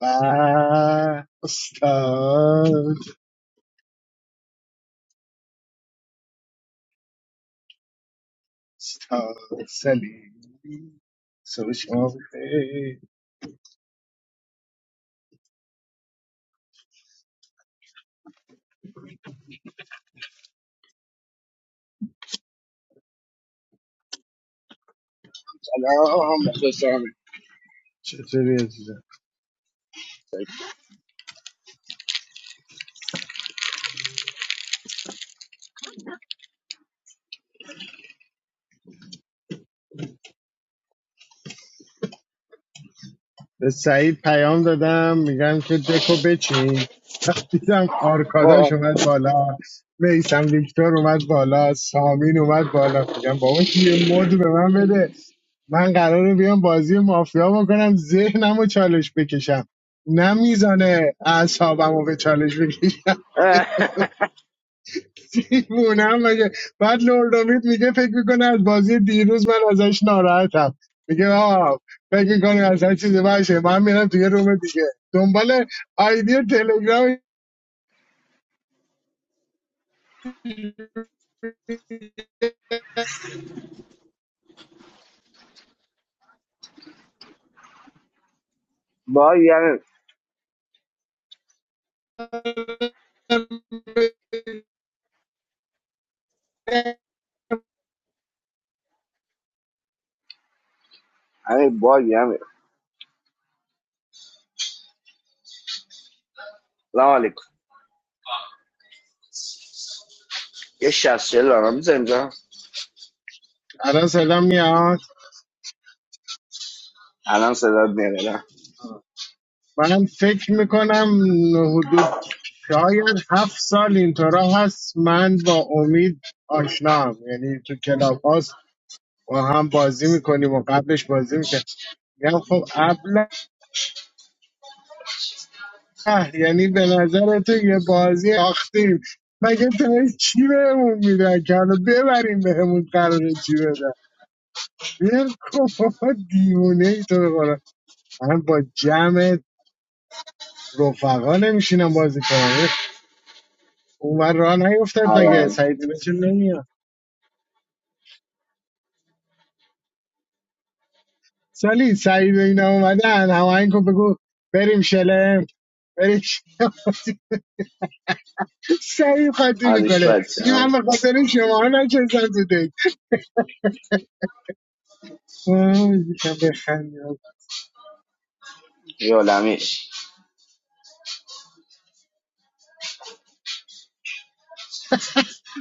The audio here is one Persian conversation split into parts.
به استاد استاد سلیم صبح شما بخیر سلام مخلصانه چطوری عزیزم سکی به سعید پیام دادم میگم که دکو بچین خب دیدم آرکاداش خب اومد بالا میسم ویکتور اومد بالا سامین اومد بالا میگم بابا یه مد به من بده من قراره بیام بازی مافیا بکنم ذهنم و چالش بکشم نه میزانه اعصابم رو به چالش بکشم دیوونم مگه بعد لوردومیت میگه فکر میکنه از بازی دیروز من ازش ناراحتم میگه آه فکر میکنه از هر چیزی باشه من میرم توی روم دیگه دنبال آیدی تلگرام باگی همین همین باگی همین سلام علیکم یه شست چهل برام میزه اینجا الان صدا میاد الان صدات میاد الان. من فکر میکنم حدود شاید هفت سال اینطورا هست من با امید آشنام یعنی تو کلاب هاست و هم بازی میکنیم و قبلش بازی میکنیم میگم خب اه، یعنی به نظر تو یه بازی آختیم مگه تا چی بهمون میدن که حالا ببریم بهمون قراره چی بدن بیر کن بابا، دیوونه ای تو بخورم من با جمع رفقا نمیشینم بازی کنم اه، اونور راه نیفتد آره مگه آره. سعید اینا چون نمیاد سالی سعید و اینا اومدن همه کن بگو بریم شلم بریم شلم. سعید خاطی حالش میکنه میگه بچم من به خاطر شما ها نچستم تو دک آه، یکم بخندیم یولمی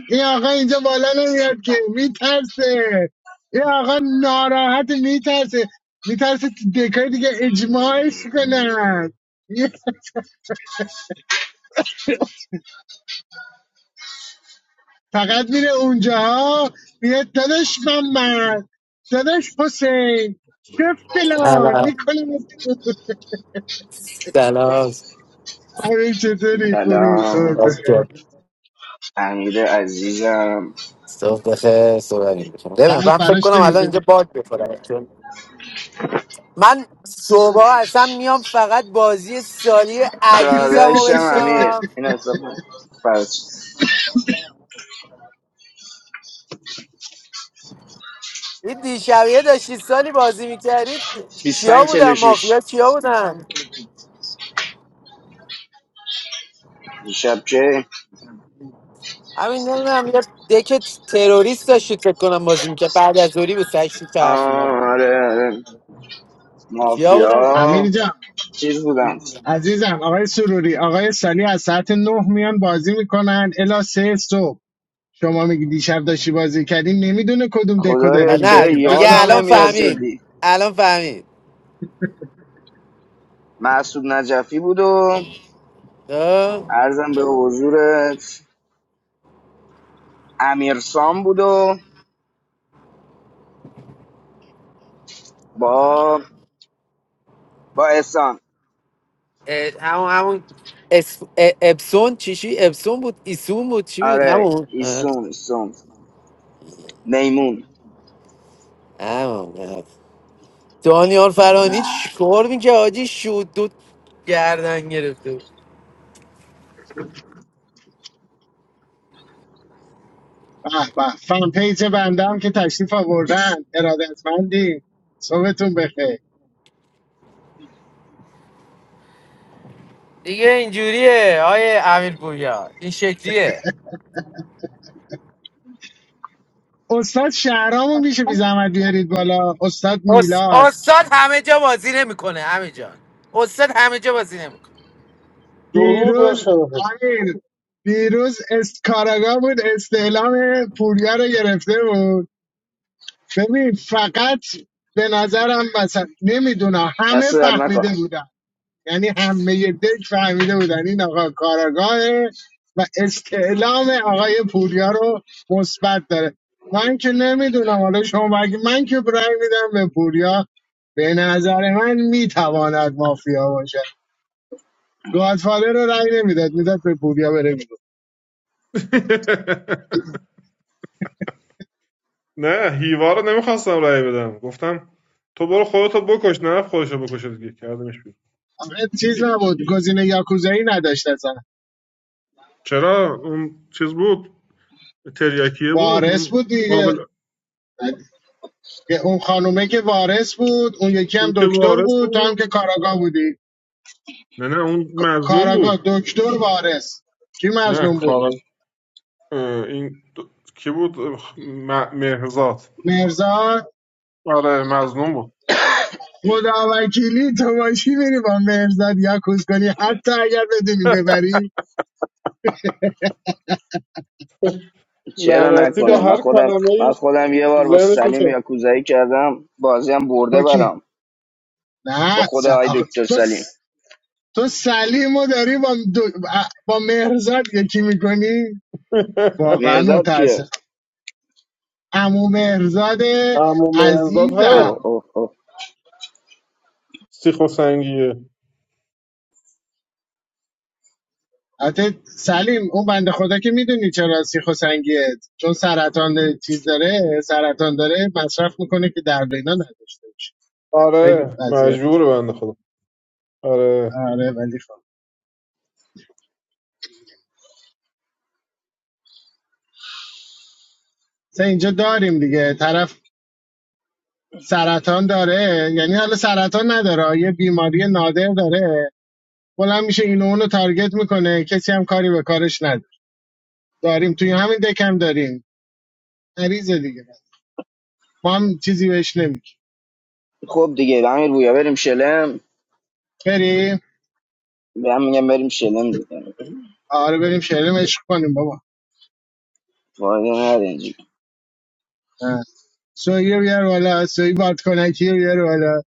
این آقا اینجا بالا نمیاد که میترسه این آقا ناراحت میترسه میترسه تو دکای دیگه اجماعش کنن فقط میره اونجا ها میره داداش محمد داداش حسین شف فلان سلام میکنه سلام امیر چطوری خوبی صحبت سلام بخیر اوکی. امیر عزیزم صبح بخیر صبح امیر بخیر نمی‌دونم، قلب من فکر براش کنم الان اینجا نمیذاری باگ بخورم چون من صبح اصلا میام فقط بازی سالی عزیزم رو داداشم بشنوم امیر این حساب فرس این دیشبیه داشتی سالی بازی میکردید کیا 25 بودن مافیا 46 کیا بودن دیشب که همین نمیدونم یه دکت تروریست داشتید فکر کنم بازی میکرد بعد از اوری بود سشتی طرف اینا بود آره آره. کیا بودن امیر مافیا جان چیز بودم عزیزم آقای سروری آقای سالی از ساعت نه میان بازی میکنن الا سه صبح شما میگی دیشب داشتی بازی کردیم نمیدونه کدوم دکو داری خدایا میگی نه چرا که باید دیگه یادم الان نمیاد مشخص فهمید کنی جدی الان فهمید معصوب نجفی بود و خب؟ ارزم به حضورت امیرسام بود و با با احسان اه، همون همون اس... اه، اپسون چیشی اپسون بود ایسون بود چی بود آره همون اه، ایسون ایسون میمون همون اه. دانیال فرانی چیکار میگه آجی شد دو گردن گرفته بود. به به فن پیج بنده هم که تشریف آوردن ارادتمندی صبحتون بخیر دیگه اینجوریه آیه امیر پویا این شکلیه استاد شهرامو میشه بی زحمت بیارید بالا استاد اس... میلاد استاد همه جا بازی نمیکنه همه جا استاد همه جا بازی نمیکنه درود بر دیروز شرفت امیر دیروز است- کاراگاه بود استعلام پوریا رو گرفته بود ببین فقط به نظرم مثلا نمیدونم همه دست درد نکن فهمیده بودن یعنی همه دک فهمیده بودن این آقا کاراگاهه و استعلام آقای پوریا رو مثبت داره من که نمیدونم حالا شما بگی من که برای میدم به پوریا به نظر من میتواند مافیا باشه گادفادر رو رأی نمیداد میداد به پوریا بره بیرون نه هیوا رو نمیخواستم رأی بدم گفتم تو برو خودتو بکش نه خودشو بکشه دیگه کردمش بیرون آخه چیز نبود گزینه یاکوزایی نداشت اصلا چرا اون چیز بود تریاکیه بود وارث اون بود دیگه قابل اون خانومه که وارث بود اون یکی هم اون که دکتر وارث بود تو هم بود که کاراگاه بودی نه نه اون مظلوم کاراگاه بود دکتر وارث کی نه مظلوم بود کار اه، این د- کی بود اه، م- مهرزاد مرزاد آره مظلوم بود خدا وکیلی تو باشی میری با مرزاد یکوز کنی حتی اگر بدونی ببری چرا لعنتی با نکنه من هر خودم کلمه من ایش خودم یه بار با ذهنش سلیم میشه یاکوزایی کردم بازی هم برده با کی برام با نه خود س- آی آخ، دکتر تو سلیم س- تو سلیمو داری با, دو- با مهرزاد یکی میکنی واقعا مرزاد که متاسفم امو مهرزاد عمو مهرزاد عزیزم هست اوه اوه اوه سیخ و سنگیه البته سلیم اون بنده خدا که میدونی چرا سیخ و سنگیه چون سرطان چیز داره سرطان داره مصرف میکنه که درد اینا نداشته باشه خیلی آره وضعیت مجبور بنده خدا آره آره ولی خب مثلا اینجا داریم دیگه طرف سرطان داره یعنی حالا سرطان نداره یه بیماری نادر داره بلند میشه اینو اونو تارگت میکنه کسی هم کاری به کارش نداره داریم توی همین دکم داریم مریض دیگه ما هم چیزی بهش نمیگیم خب دیگه امیر رویا بریم شلم بریم به هم میگم بریم شلم دیگه آره بریم شعرم عشق کنیم بابا فایده نداره اینجوری. سویی رو بیار بالا سویی بادکنکی رو بیار بالا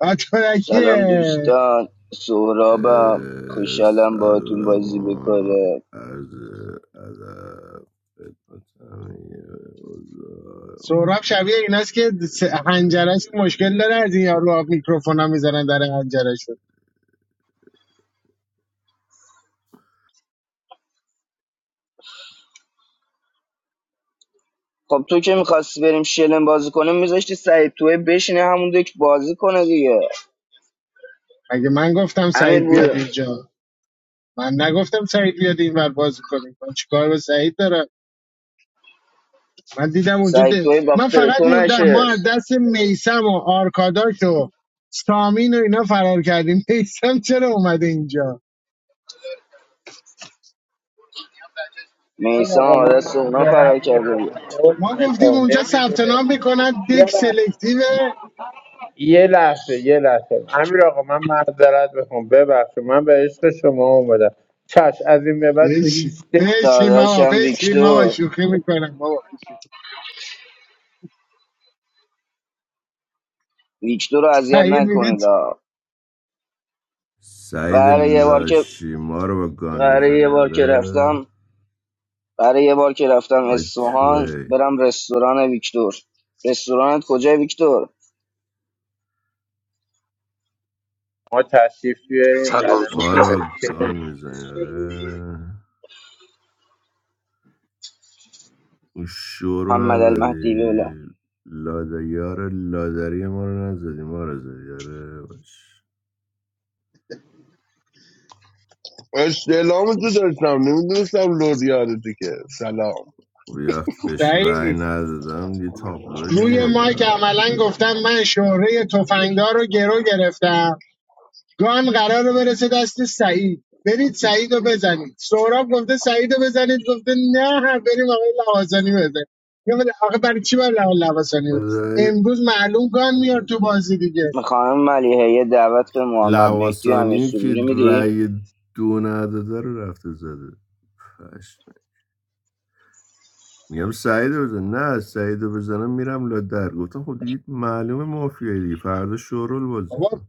بادکنکیه سلام دوستان سهرابم اه، خوشحالم باهاتون بازی سلام بکنه از ادب خدمت همه حضار. سهراب شبیه امیدوارم ایناست که س- هنجرش مشکل داره از این یارو میکروفون ها میزنن در هنجرش خب تو که میخواستی بریم شلم بازی کنیم میذاشتی سعید توی بشینه همون دک بازی کنه دیگه مگه من گفتم امیر سعید بیاد بویا اینجا من نگفتم سعید بیاد اینور بازی کنیم من چیکار به سعید دارم من دیدم اونجا سعید ده. توی من باختر فقط تو موندم ما از نشست دست میسم و آرکاداش و سامین و اینا فرار کردیم میسم چرا اومده اینجا این میسم هم آقا از من دست اونا معذرت فرار کرده دیگه میکنم ما عذر گفتیم میخوام اونجا ثبت نام نمیدونستم بکنن یه دک لحظه سلکتیو یه لحظه یه لحظه امیر آقا من معذرت میخوام ببخشید من به عشق شما اومدم چش از این به بعد تو هیچ بشین دکی بشین بابا داداشم بشین بابا ویکتور شوخی میکنم بابا بشین ویکتور رو اذیت سعید میگه نکنید چی؟ آه. سعید قراره یه بار که لاشی ما رو با گان قراره یه میزنی بار که آره رفتم قراره یه بار که رفتم آی اصفهان توی برم رستوران ویکتور رستورانت کجای ویکتور ما تشریف بیارین سلام صبح قدم ما رو بخیر با گان میزنی آره اون شو رو محمد المهدی بله نزدی لادیار لادری ما رو نزدی ما رو زدی آره باش استعلام تو داشتم نمیدونستم لور یادته که سلام خب یه وقتی بهش رأی سعید ندادم یه تابلو روی دیگه مایک یارم عملا گفتم من شهره تفنگدار رو گرو گرفتم گان قرار برسه دست سعید برید سعید رو بزنید سهراب گفته سعید رو بزنید گفته نه بریم آقای لواسانی بزنید یه ولی آخه برای چی برای آقای لواسانی بزنید؟ خدای امروز معلوم گان میاد تو بازی دیگه به خانم ملیحه دعوت به محمد مهدی و امیر لواسانی که سروری میدی رأی دو نداده رو رفته زده پشم. میگم سعید رو بزن نه سعید بزنم میرم لادر گفتم خب دیگه معلومه مافیایی دیگه فردا شورول بازی کن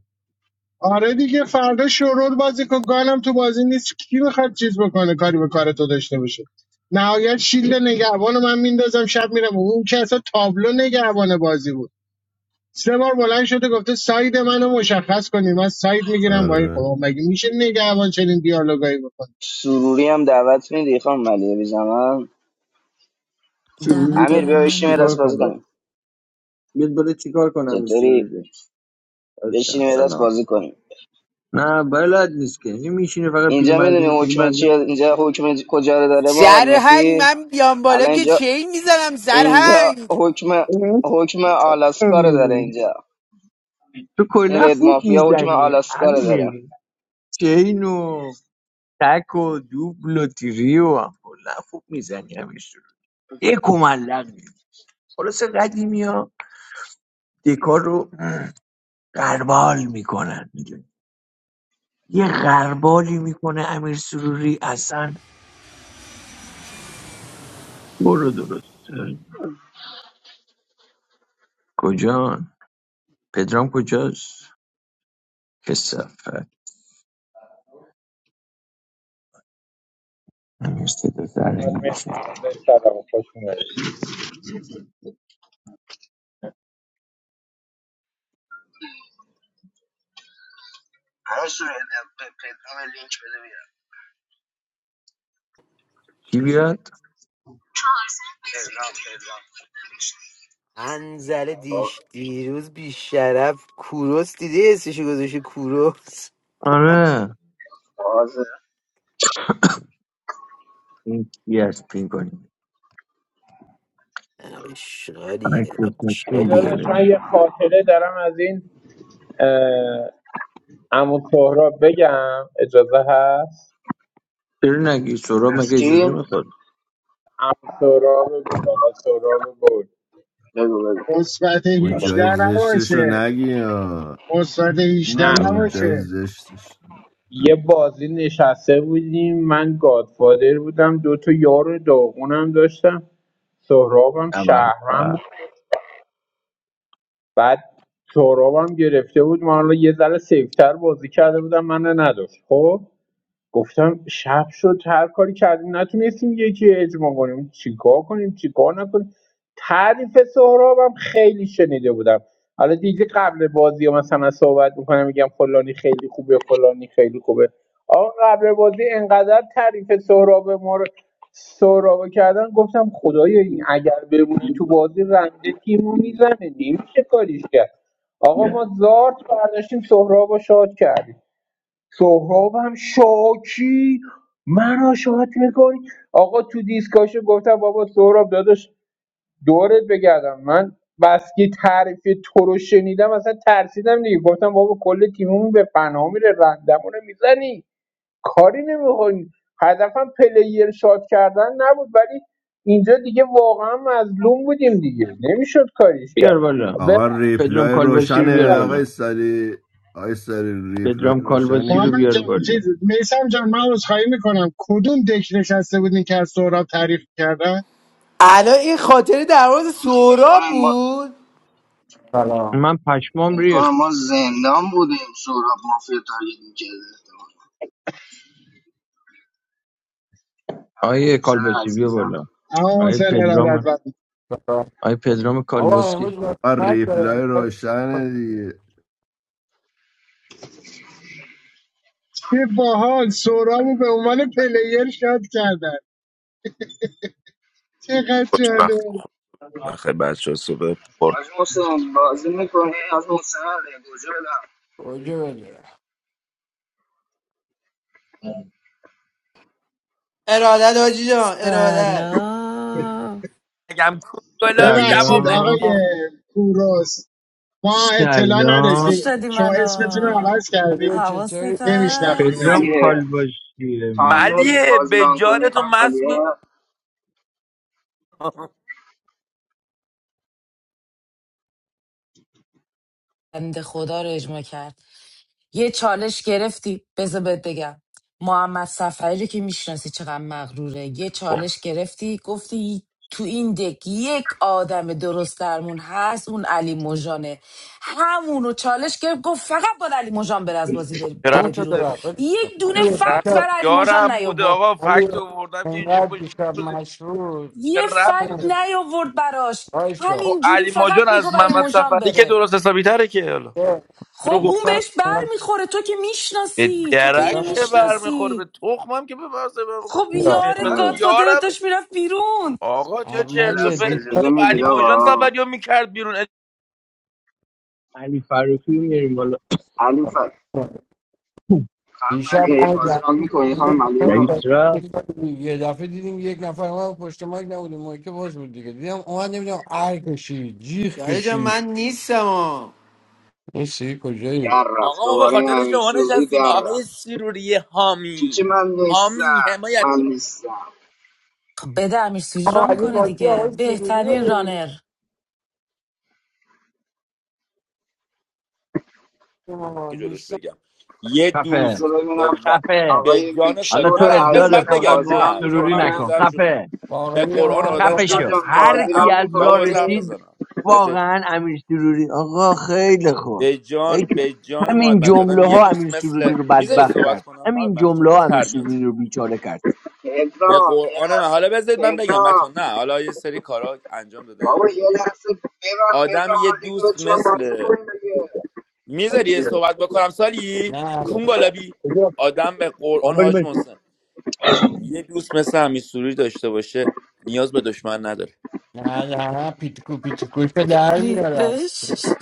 آره دیگه فردا شورول بازی کن گالم تو بازی نیست کی میخواد چیز بکنه کاری به کار تو داشته باشه نهایت شیلد نگهبان رو من میندازم شب میرم اون که اصلا تابلو نگهبان بازی بود سه بار بلند شده گفته ساید منو مشخص کنی من ساید میگیرم با این آره خب مگه میشه نگهبان چنین دیالوگایی بکنه سروری هم دعوت میدی خانم ملیحه بی زمان دعوت سروری بیاد امیر بیا دادم بگه بشینیم یه نمیاد چیکار دست بازی کنم کنیم بیاد بالا چیکار کنم این چطوری سروری بچم بشینیم یه دست سلام بازی کنیم نه بلد نیست که این میشینه فقط اینجا میدونی پیرمردونه حکم چیه پیرمردونه اینجا حکم کجا رو داره محمد سرهنگ مهدی من بیام بالا الان که اینجا چین میزنم اینجا سرهنگ حکم اه، حکم آلاسکا رو داره اینجا تو این کلا رد خوب مافیا حکم میزنی آلاسکا رو داره امیر چین و تک و دوبل و تیری و هم کلا خوب میزنی امیر سروری یک و ملق نیست. خلاص قدیمی ها دکار رو غربال میکنن میدونی یه غربالی میکنه امیر سروری اصلا برو درست کجا پدرام کجاست کثافت همین صدا زرنگ میشه سلام خوش اومدید کی بیاد انزل دیش دیروز بیشرف کوروس دیدی اسمشو گذاشته کوروس آره باز این کی از پین کنیم اشغالیه مکروفون اشغالیه داداش بیاره من یه خاطره دارم از این اه، عمو سهراب بگم اجازه هست چرا نگی سهراب از مگه کی اجازه میخواد عمو سهراب گل آقا سهراب گل بگو بگو مثبت اون 18 جای زشتش رو نباشه نگی مثبت 18 نه آره نه اون جای نباشه زشتش یه بازی نشسته بودیم من گادفادر بودم دو تا یار داغونم داشتم سهرابم اول شهرم بود بعد سهرابم گرفته بود من حالا یه ذره سیفتر بازی کرده بودم من نداشت خب گفتم شب شد هر کاری کردیم نتونستیم یکی اجماع کنیم چیکار کنیم چیکار نکنیم تعریف سهرابم خیلی شنیده بودم حالا دیگه قبل بازی ها مثلا صحبت میکنم میگم فلانی خیلی خوبه فلانی خیلی خوبه آقا قبل بازی انقدر تعریف سهراب ما رو سهراب کردن گفتم خدایا این اگر بمونه تو بازی رنده تیمو میزنه نمیشه کاریش کرد آقا ما زارت برداشتیم سهراب رو شاد کردیم سهراب هم شاکی مرا شاد میکنی آقا تو دیسکاشو گفتم بابا سهراب داداش دورت بگردم من بس که تعریف تو رو شنیدم اصلا ترسیدم دیگه گفتم بابا کل تیممون به فنا میره رندمون رو میزنی کاری نمیکنی هدفم پلیر شاد کردن نبود ولی اینجا دیگه واقعا مظلوم بودیم دیگه نمیشد کاریش بیار کرد بالا ببخش، آقا پدرام ریپلای کالباسی رو بیار روشنه ببخش. بالا آقای سری آقای سری ریپلای پدرام کالباسی روشنه رو که محمد بیار جان بالا چیز میسم جان من عذرخواهی میکنم کدوم دک نشسته بودین که از سهراب تعریف کردن الان این خاطره در مورد فکر سهراب کنم بود سلام من پشمام فکر کنم ریخت ما زندان بودیم سهراب مافیا تارگت میکرده احتمال حاج آیه محسن کالباسی بیا عزیزم بالا اما آیه حسین پدرام ارادت سلام آیه پدرام آقا کالباسی امروز با آ فرق داره ریپلای روشنه دیگه چه باحال سهرامو به عنوان پلیر شاد کردن چقدر خوشبخت و جالب خوش وقت بخور. بخیر بچه ها صبح پر حاج محسن با کنی حاج محسن عزیزم. اوجه بده ارادت حاجی جان ارادت سلام اگم گلابی جواب ببخشید آقای سلام آه، نمیدید کوروس ما اطلاع سلام فوش نداشتیم دادی شما اسمتون رو منو عوض علی کردیم حواست چطوری خانم پدرام هست نمیشناختیمتون ملیه کالباشی تایم من داری ملیه بازی به ران جان کنی تو خانم مست ملیه بود بنده خدا رو اجماع کرد یه چالش گرفتی بذار بهت بگم محمد سفری رو که میشناسی چقدر مغروره یه خب، چالش گرفتی گفتی تو این دک یک آدم درست درمون هست اون علی موجانه. همونو چالش گرفت گفت فقط باید علی مژان بره از بازی بر- چه همون بره ربطی بیرون داره چطور یک دونه چه علی ربط- فکت دیشب برای علی مژان یارم بوده نیاورد آقا علی فکت آوردم که اینجوری انقدر پشت دیشب روزی کنه. مشروط چه یه ربطی فکت داره نیاورد براش وایسا خب همینجوری علی ماجان فقط از میگفت علی محمد مژان سفری که بره درست حسابی تره که حالا یه خب رو اون گفتم دیشب بهش بر انقدر میخوره تو که به میشناسی تو که پیدا درک اینو که نکنم. برمیخوره به میشناسی تخمم که به واسه برمیخوره خب بیا به یارت من اه. گادفادرت یارم داشت میرفت بیرون آقا چه یه چرت و عملی لحظه پرت دیشب میگی اجازه خب، میدید علی ماجان آقا سفری رو میکرد بیرون علی فروخی میریم بالا علی فت خانم ملیه دیشب من بازی ران جمشید میکنی رو خانم خونه ملیه رئیس را بودم. یه دفعه دیدیم یک نفر ما پشت مایک نبودیم مایک باز بود دیگه دیدم اومد نمیدونم ار کشید جیغ دایی جان کشید من نیستم آه. این سیری کجایی؟ در رفت آقا ما به دوباره این خاطر امیر شما سروری نشستیم در آقای رفت سیروری چیچی حامی من حامی نیستم حمایت من کرد. نیستم خب بده امیر آه، ران این کنه بازی دیگه آقای سروری رو بهترین ببینیم رانر آه، که جلوش نیسان بگم یه خفه بذار دوست به, ببینم و... خفه به آقای جان حالا سالی ویکتور نه تو نه ادعا بذار بعد عزیزم رفاقت بگم بازی با ران نه چون سروری من میکنه نکن ایزم شوخی خفه به باقری قرآن آمد با آدم خفه یه خط دکتر شو جان دوست مثل هر بازی را کی ام... از راه بابا بذار میکنه حرف رسید بزنم بذار واقعا امیر سروری آقا خیلی خوب به ای جان که- به جان همین محمد مهدی. آدم جمله یه ها دوست امیر مثل سروری رو میذاری بدبخت صحبت کرد کنم محمد همین مهدی؟ چه جمله بی ها امیر تربیت سروری رو بیچاره کرد به پدرام یه قرآن من لحظه حالا بذارید من بگم بچه پدرام نه حالا یه سری کارا انجام داده بابا یه خدایی لحظه ببن آدم پدرام یه از یک تو دوست جان بازی مثل کنیم دیگه میذاری یه صحبت بکنم سالی نه کونگالابی کجا آدم به آقا قرآن بریم حاج بریم. محسن یه دوست مثل امیر سروری داشته باشه نیاز به دشمن نداره نه نه نه پیتکو پیتکوش رو در میارم ریدش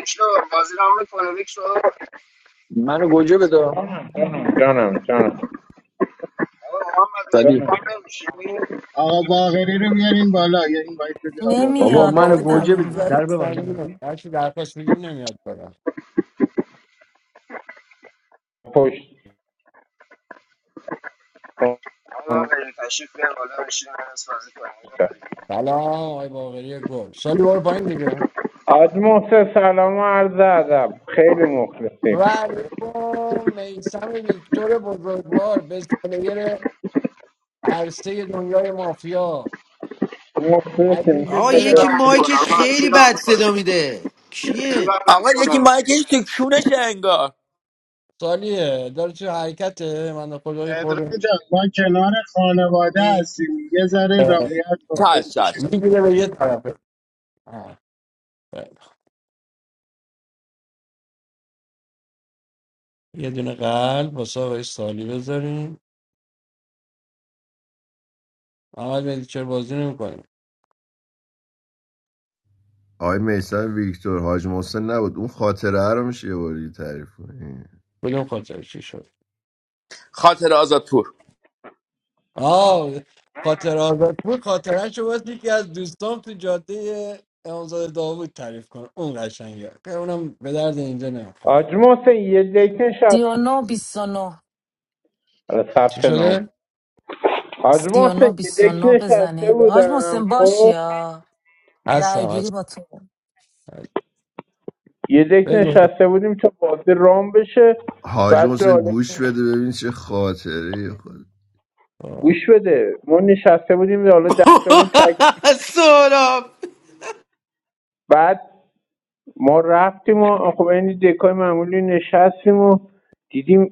دکتر بازی را میکنه دکتر بابا منو گوجه بده جانم جانم محمد مهدی سالی جانم کام نمیشینی آقا باغری رو میارین بالا یا این باید بده آقا باغری رو. بابا آقای نمیاد منو باقری دادم گوجه خطی این بده در در وایت ببندم سنگیمه هرچی درخواست میدیم نمیاد برم پشت بابا کن. بریم تشریف بیار بالا بشین از بازی کنیم سلام آقای باقری گل سالی بار پایین دیگه حاج محسن سلام و عرض ادب خیلی و مخلصیم علیکم میسم ویکتور بزرگوار بست پلیر عرصه دنیای مافیا عزیز آقا چی دل را و یکی میکنه مایکش آقا چی خیلی را بد میکنه صدا میده چی کیه را آقا یکی میکنه مایکش تو کونش انگار سالیه داره چه حرکته من خدای پدرام خورده جان ما کنار خانواده ای، هستیم یه ذره رعایت کن چش چش بشیم چش میگیره به یه طرفه آه، خیلی. یه دونه قلب واسه آقای سالی بذاریم احمد مهدی چرا بازی نمیکنیم آقای میسن ویکتور حاج محسن نبود اون خاطره رو میشه یه بار دیگه تعریف کنی کدوم خاطر چی شد خاطر آزاد پور آه خاطر آزاد بود خاطرش رو باید یکی از دوستام تو جاده امامزاده داوود تعریف کنه اون قشنگه که اونم به درد اینجا نمیخوره حاج محسن یه دک سی نشست و نو بیست و نو حالا چی ثبت نام شده؟ کن. حاج سی و محسن نو یه بیست و دک نو نشسته بزنید حاج بودم محسن باشی خب یا رای هستم گیری هستم با تو هستم. یه دک بگو نشسته بودیم تا بازی رام بشه حاج بعد محسن جالب گوش بده ببین چه خاطره خود آه. گوش بده ما نشسته بودیم حالا دهتامون تک سهراب بعد ما رفتیم و خب این دکای معمولی نشستیم و دیدیم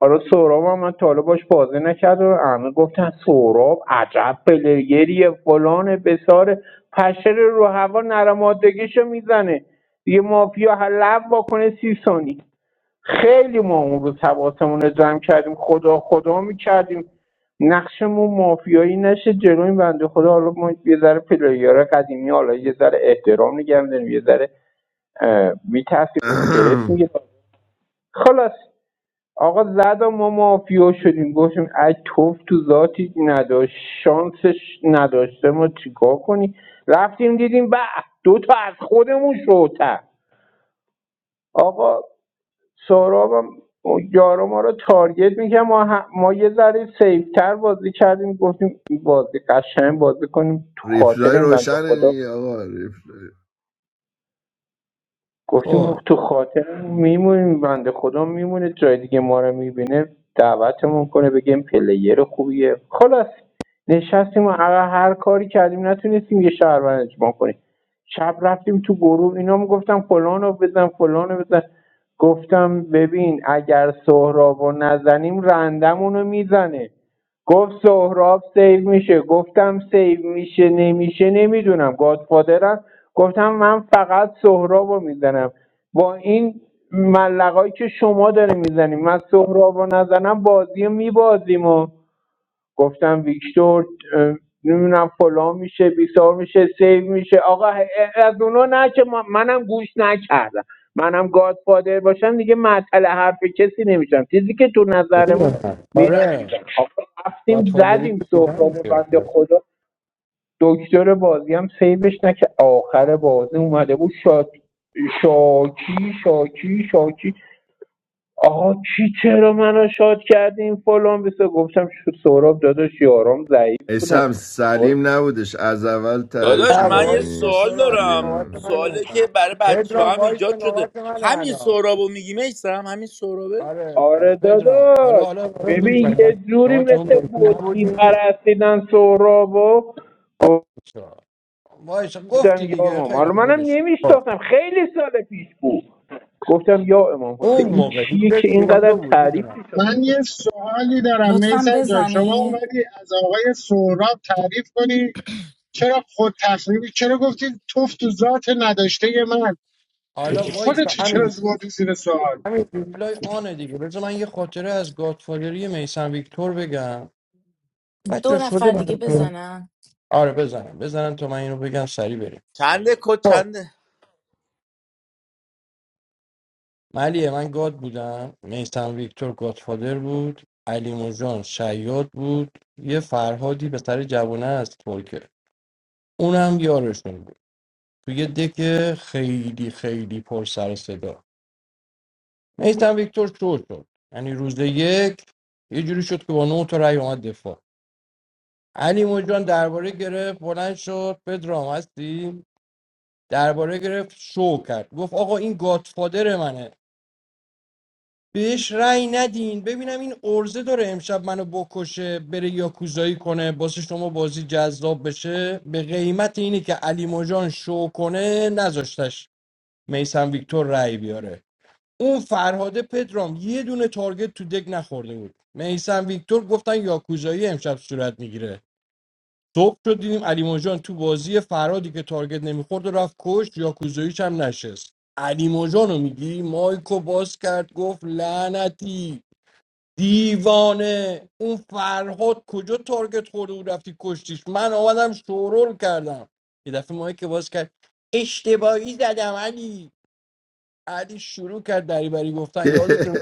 آره سهراب هم من تا حالا باش بازی نکرد و همه گفتن سهراب عجب پلگریه فلان بساره، پشر رو هوا نرمادگیشو میزنه یه مافیا هر لب واکنه سی ثانی خیلی ما اون روز حواسمون رو جمع کردیم خدا خدا میکردیم نقشمون مافیایی نشه جلوی بنده خدا حالا ما یه ذره پلیگرهای قدیمی حالا یه ذره احترام نگه می‌داریم، یه ذره میترسیم استرس میگیره خلاص آقا زد ما مافیا شدیم گفتیم ای توف تو ذاتی نداشت شانسش نداشته ما چیکار کنی رفتیم دیدیم به دو تا از خودمون شوتر آقا سهراب هم یارو ما رو تارگت میکنه ما, هم- ما یه ذره سیفتر بازی کردیم گفتیم بازی قشنگ بازی کنیم تو خاطر ریپلای این بنده روشنه خدا دیگه آقا ریپلای گفتیم خب تو خاطرمون میمونیم بنده خدا میمونه جای دیگه ما رو میبینه دعوتمون کنه بگیم پلیر خوبیه خلاص نشستیم و هر هر کاری کردیم نتونستیم یه شهروند اجماع کنیم شب رفتیم تو گروه اینا میگفتم فلانو بزن فلانو بزن گفتم ببین اگر سهراب رو نزنیم رندمون رو میزنه گفت سهراب سیو میشه گفتم سیو میشه نمیشه نمیدونم گادفادرم گفتم من فقط سهراب رو میزنم با این ملقایی که شما داره میزنیم من سهراب رو نزنم بازی رو میبازیم و گفتم ویکتور نمیدونم فلان میشه بیسار میشه سیو میشه آقا از اونا نه که منم گوش نکردم منم گادفادر باشم دیگه معطل حرف کسی نمیشم چیزی که تو نظرمون بگو. میرم آره میگم آقا رفتیم گادفادری زدیم تو دیدم سهرامو که بنده خدا دکتر بازی هم سیوش نه که آخر بازی اومده بود شاد شاکی شاکی شاکی آقا کی چرا منو شاد کردین فلان بسه گفتم شو سهراب داداش یارام ضعیف بودن اسم سلیم نبودش از اول تعریف داداش نه من یه وایس تا میکنی سوال سورا دارم نوبت سلیم منه سواله که برای بچه پدرام هم وایس تا ایجاد شده نوبت منه همین الان سهرابو میگی میسم همین سهرابه آره آره آره پدرام حالا داداش حالا برو گوش ببین کن. یه جوری شما تو اون مثل بازی بوت نبودی میپرستیدن سهراب و وایس گفتم گفتی یا دیگه امام خیلی حالا خوب منم بدش خب. نمیشتاختم خیلی سال پیش بود گفتم یا امام حسین اون این موقع چیه که هیتلر اینقدر دو بود تعریف میدونم من میشه یه سوالی دارم لطفا میسم جان شما بزنید اومدی از آقای سهراب تعریف کنی چرا خود تصمیم چرا گفتید توف تو ذات نداشته من حالا وایس تا خودتو چرا همین زوردی زیر سوال همین ریپلای آنه دیگه بذار من یه خاطره از گادفادری میسن ویکتور بگم دو بچه شده نفر دیگه براتون بزنن آره بزنم بزنم تا من اینو بگم سری بریم چنده کد خب، چنده ملیه من گاد بودم میسم ویکتور گادفادر بود علی موجان شیاد بود یه فرهادی به سر جوانه از ترکه اونم یارشون بود تو یه دک خیلی خیلی پر سر و صدا میسم ویکتور شو شد یعنی روز یک یه جوری شد که با نه تا رأی اومد دفاع علی موجان درباره گرفت بلند شد پدرام هستی درباره گرفت شو کرد گفت آقا این گادفادر منه بهش رأی ندین ببینم این ارزه داره امشب منو بکشه بره یاکوزایی کنه واسه شما بازی جذاب بشه به قیمت اینی که علی مجان شو کنه نذاشتش میسم ویکتور رأی بیاره اون فرهاده پدرام یه دونه تارگت تو دک نخورده بود میسم ویکتور گفتن یاکوزایی امشب صورت میگیره صبح شد دیدیم علی مجان تو بازی فرهادی که تارگت نمیخورد و رفت کشت یاکوزاییش هم نشست علی مجانو میگی مایکو باز کرد گفت لعنتی دیوانه اون فرهاد کجا تارگت خورده و رفتی کشتیش من آمدم شورول کردم یه دفعه ماهی که باز کرد اشتباهی زدم علی علی شروع کرد دریبری گفتن یادتون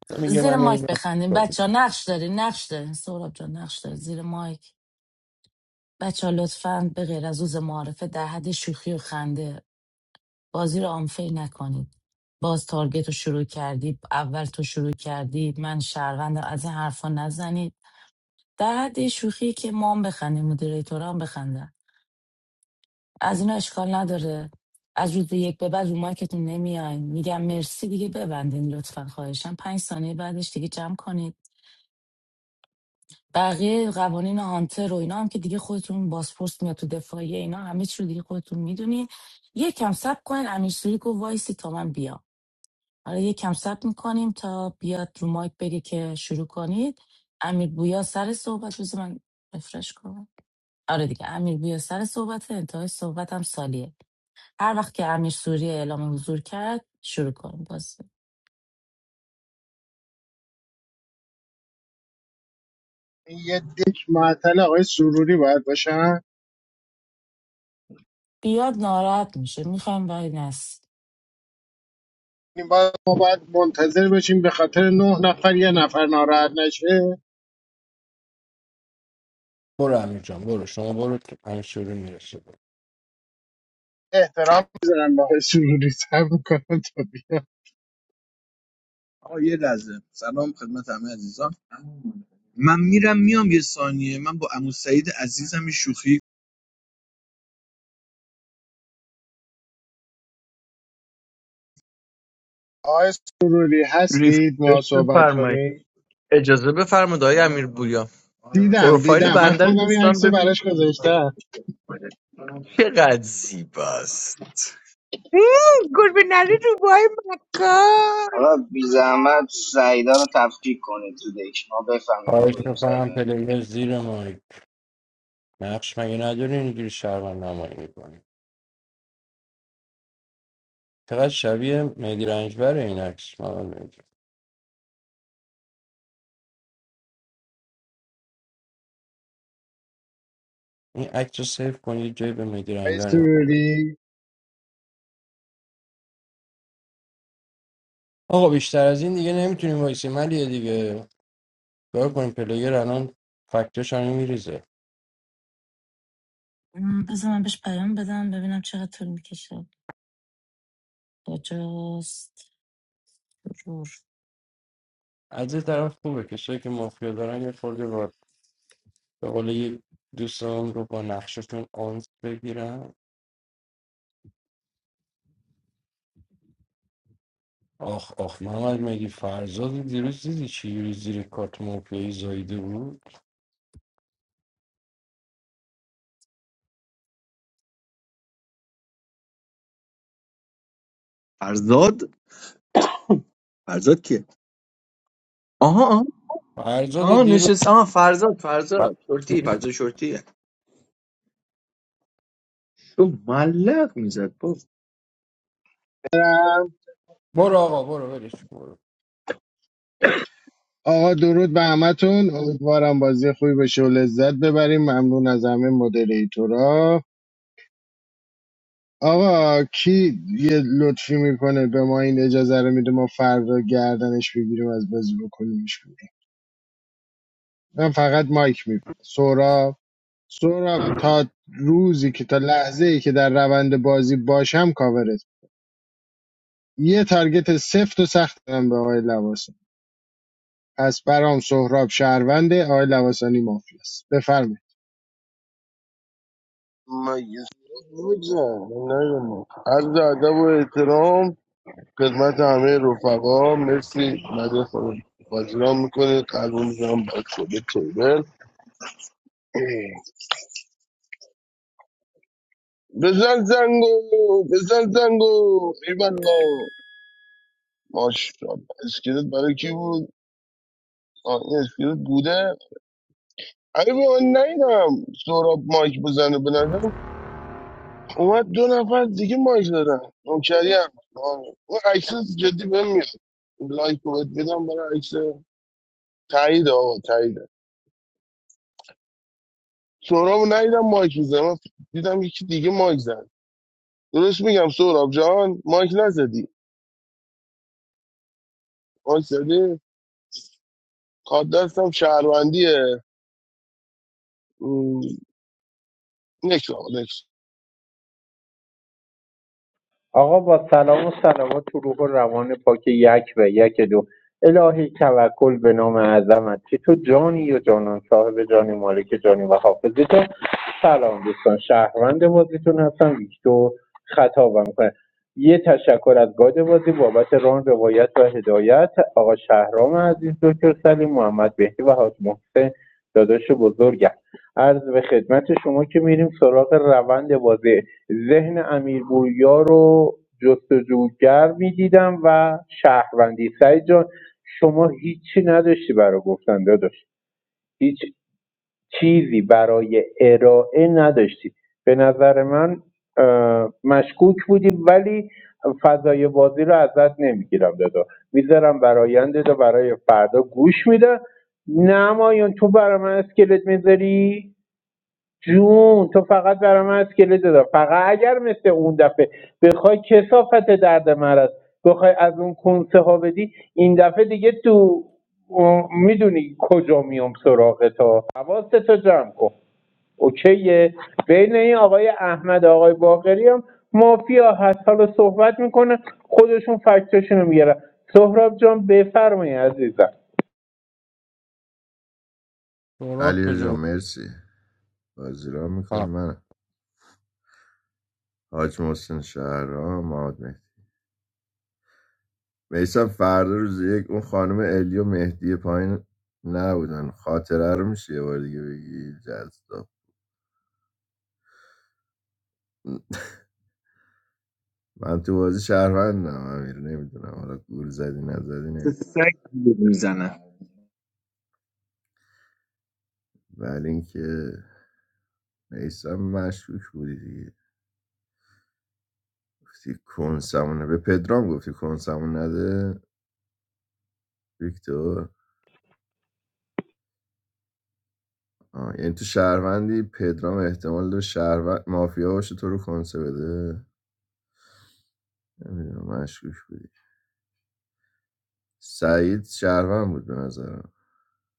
شما میگه زیر من مایک نمیدونم بخندیم بچه ها نقش دارین نقش دارین سهراب جان نقش دارین زیر مایک بچه ها لطفا به غیر از روز معارفه در حد شوخی و خنده بازی رو آنفیل نکنید باز تارگت رو شروع کردی اول تو شروع کردی من شهروندم از این حرفا نزنید در حد شوخی که ما هم بخندیم مدیریتورا هم بخندن از اینا اشکال نداره از روز یک به بعد رو مایکتون نمیاین میگم مرسی دیگه ببندین لطفا خواهشم پنج ثانیه بعدش دیگه جمع کنید بقیه قوانین هانتر و اینا هم که دیگه خودتون بازپرس میاد تو دفاعیه اینا همه چی رو دیگه خودتون میدونین یک کم صبر کنین امیر سوریکو وایسی تا من بیام حالا یک کم صبر میکنیم تا بیاد رو مایک بگه که شروع کنید امیر بویا سر صحبت روز من رفرش کنم آره دیگه امیر بویا سر صحبت انتهای صحبت هم سالیه هر وقت که امیر سوری اعلام حضور کرد شروع کنیم باز این یه دک معطل آقای سروری باید باشن بیاد ناراحت میشه میخوام وای نس این باید ما باید منتظر باشیم به خاطر نه نفر یه نفر ناراحت نشه برو امیر جان برو شما برو که همین شروع میرسه احترام میذارم به آقای سروری سر میکنم تا بیا سلام عزیزان من میرم میام یه ثانیه من با عمو سعید عزیزم یه شوخی آقای سروری هستید ما ریفرش صحبت بفرمایید کنیم اجازه بفرمایید آقای امیر بویا دیدم پروفایل دیدم من بنده رو خودم این دوستان عکس رو ببینید براش گذاشتم چقدر زیباست مم، گربه نره رو بای آقا مکار بی زحمت سعیدا رو تفکیک کنید تو دک ما بفهمیم خواهش کدوم میکنم سعیدا پلیر زیر مایک نقش مگه نداری اینجوری شرمن نمایی میکنی چقدر شبیه مهدی رنجبر این عکس من نمی‌دونم. این عکس رو سیف کنید جای به مهدی آقای رنجبر نشون بدید. سروری آقا بیشتر از این دیگه نمیتونیم وایسیم علیه دیگه کار کنیم پلیر الان فکتاش همه میریزه بذار من بهش پیام بدم ببینم چقدر طول میکشه کجاست رور از یه طرف خوبه کسایی که مافیا دارن یه خورده با به قول یک دوستان رو با نقششون آنس بگیرن آخ آخ محمد مگه فرزاد دیروز دیدی چی زیر کارت مافیایی زایده بود فرزاد فرزاد کیه آها آها فرزاد آها، دیروز نشست آها فرزاد فرزاد شورتی فرزاد شورتی تو ملق میزد با برو آقا برو ولش کن، برو آقا درود به همتون امیدوارم بازی خوبی بشه و لذت ببریم ممنون از همه مدریتورا آقا کی یه لطفی میکنه به ما این اجازه رو میده ما فردا گردنش بگیریم از بازی بکنیمش بیرون من فقط مایک میبونه سوراب سوراب تا روزی که تا لحظه ای که در روند بازی باشم کاورت یه تارگت سفت و سخت دارم به آقای لواسانی پس برام سهراب شهرونده آقای لواسانی مافیاست بفرمایید مگه بودم نه عرض ادب و احترام خدمت همه رفقا مرسی مده خود بازیران میکنه قلبون میزنم برای خود تیبل بزن زنگو بزن زنگو ایوالا ماشاءالله اسکلت برای کی بود آه، این اسکلت بوده علی بابا من نیدم سهراب مایک بزنه به نظرم اومد دو نفر دیگه مایک دادن نوکری هم آره. اون عکس جدی بهم میاد لایک رو بهت بدم برای عکس تایید آقا تایید سهراب ندیدم مایک میزنه من دیدم یکی دیگه مایک زد درست میگم سهراب جان مایک نزدی مایک زدی کار دستم شهروندیه م، نکس آقا نکس آقا با سلام و سلامات تو روح و روان پاک یک و یک دو الهی توکل به نام عظمت که تو جانی و جانان صاحب جانی مالک جانی و حافظی تو سلام دوستان شهروند بازیتون هستم ویکتور خطابم کنه یه تشکر از گاد بازی بابت ران روایت و هدایت آقا شهرام عزیز دکتر سلیم محمد بهتی و حاج محسن داداش بزرگم عرض به خدمت شما که میریم سراغ روند بازی ذهن امیرپوریا رو جستجوگر میدیدم و شهروندی سعید جان شما هیچی نداشتی برای گفتن داداش هیچ چیزی برای ارائه نداشتی به نظر من اه، مشکوک بودی ولی فضای بازی رو ازت نمیگیرم دادا میذارم برای آینده برای فردا گوش میدم نمایان تو برای من اسکلت میذاری جون تو فقط برای من اسکلت دار فقط اگر مثل اون دفعه بخوای کسافت درد مرض بخوای از اون کنسه ها بدی این دفعه دیگه تو میدونی کجا میام سراغ تا حواستو جمع کن اوکیه بین این آقای احمد و آقای باقری هم مافیا هست حالا صحبت میکنه خودشون فکتاشونو میگیرن سهراب جان بفرمایید عزیزم سهراب علی کجا جان بود مرسی بازیران میکنی آه. من حاج محسن شهرام محمد میسم فردا روز یک اون خانم الی و مهدی پایین نبودن خاطره رو میشه یه بار دیگه بگی جذاب من تو بازی شهروندم امیر نمیدونم حالا گول زدی نزدی نمیدونم سگ میزنه ولی اینکه میسم مشکوک بودی دیگه گفتی کنسمونه به پدرام گفتی کنسمون نده ویکتور آه. یعنی تو شهروندی پدرام احتمال داره شهروند مافیا باشه تو رو کنسه بده نمیدونم مشکوک بودی سعید شهروند بود به نظرم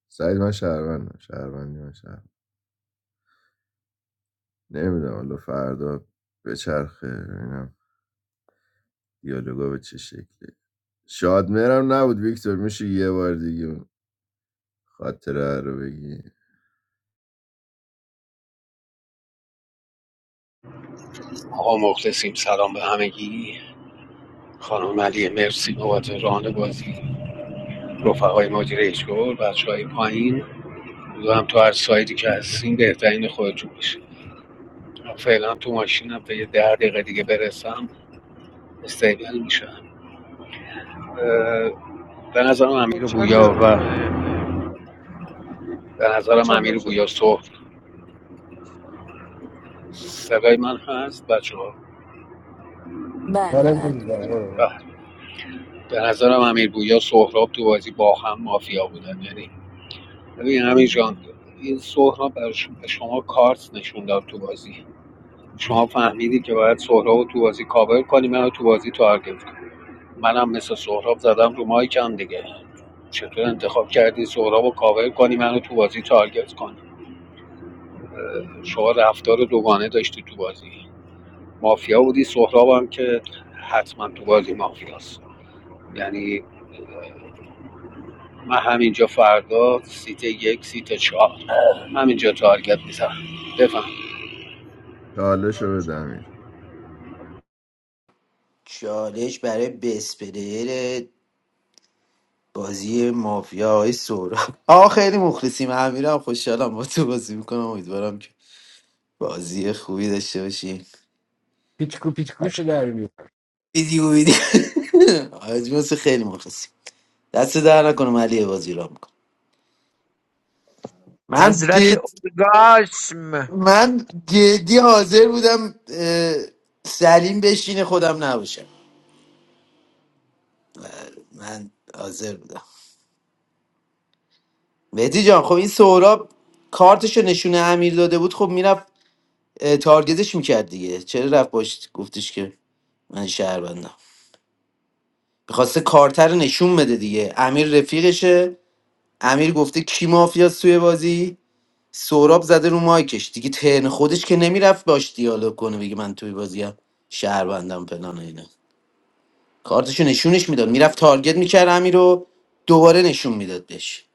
سعید من شهروندم شهروندی من شهروند نمیدونم حالا فردا به چرخه ببینم دیالوگا به چه شکله شاد مهرم نبود ویکتور میشه یه بار دیگه اون خاطره رو بگی آقا مخلصیم سلام به همگی خانم علی مرسی بابت ران بازی رفقای مدیر ایشگور بچه های پایین هم تو هر سایدی که هستیم بهترین خودتون میشه فعلا تو ماشینم تا یه ده دقیقه دیگه برسم استیبل میشم اه، به نظرم امیر Coach بویا Chandler, و eh, به Coach نظرم Chandler امیر also. بویا صحب صدای من هست بچه ها؟ بله آره بله برو برو به به نظرم امیر بویا سهراب تو بازی با هم مافیا بودن یعنی ببین همین جان این سهراب به شما کارت نشون داد تو بازی شما فهمیدی که باید سهراب رو تو بازی کاور کنی منو تو بازی تارگت کنی منم مثل سهراب زدم رو مایکم دیگه چطور انتخاب کردی سهراب رو کاور کنی منو تو بازی تارگت کنی شما رفتار دوگانه داشتی تو بازی مافیا بودی سهراب هم که حتما تو بازی مافیاست یعنی من همینجا فردا سیت یک سیت چهار همینجا تارگت میزنم بفهم چالشو بده امیر چالش برای بسپلیر بازی مافیا های سورا آقا خیلی مخلصیم امیرم خوشحالم با تو بازی میکنم امیدوارم که بازی خوبی داشته باشیم پیچکو پیچکوشو در بیار. ویدیو ویدیو حاج محسن خیلی مخلصیم دست در نکنم علی بازی را میکنم من حضرت جد... اورگاسم من جدی حاضر بودم اه، سلیم بشین خودم نباشم من حاضر بودم مهدی جان خب این سهراب کارتشو نشونه امیر داده بود خب میرفت اه، تارگتش میکرد دیگه چرا رفت باش گفتش که من شهروندم میخواسته کارتر رو نشون بده دیگه امیر رفیقشه امیر گفته کی مافیاست توی بازی سوراب زده رو مایکش دیگه تن خودش که نمیرفت باش دیالوگ کنه بگه من توی بازی هم شهروندم فلان و اینا کارتشو نشونش میداد میرفت تارگت میکرد امیر رو دوباره نشون میداد بهش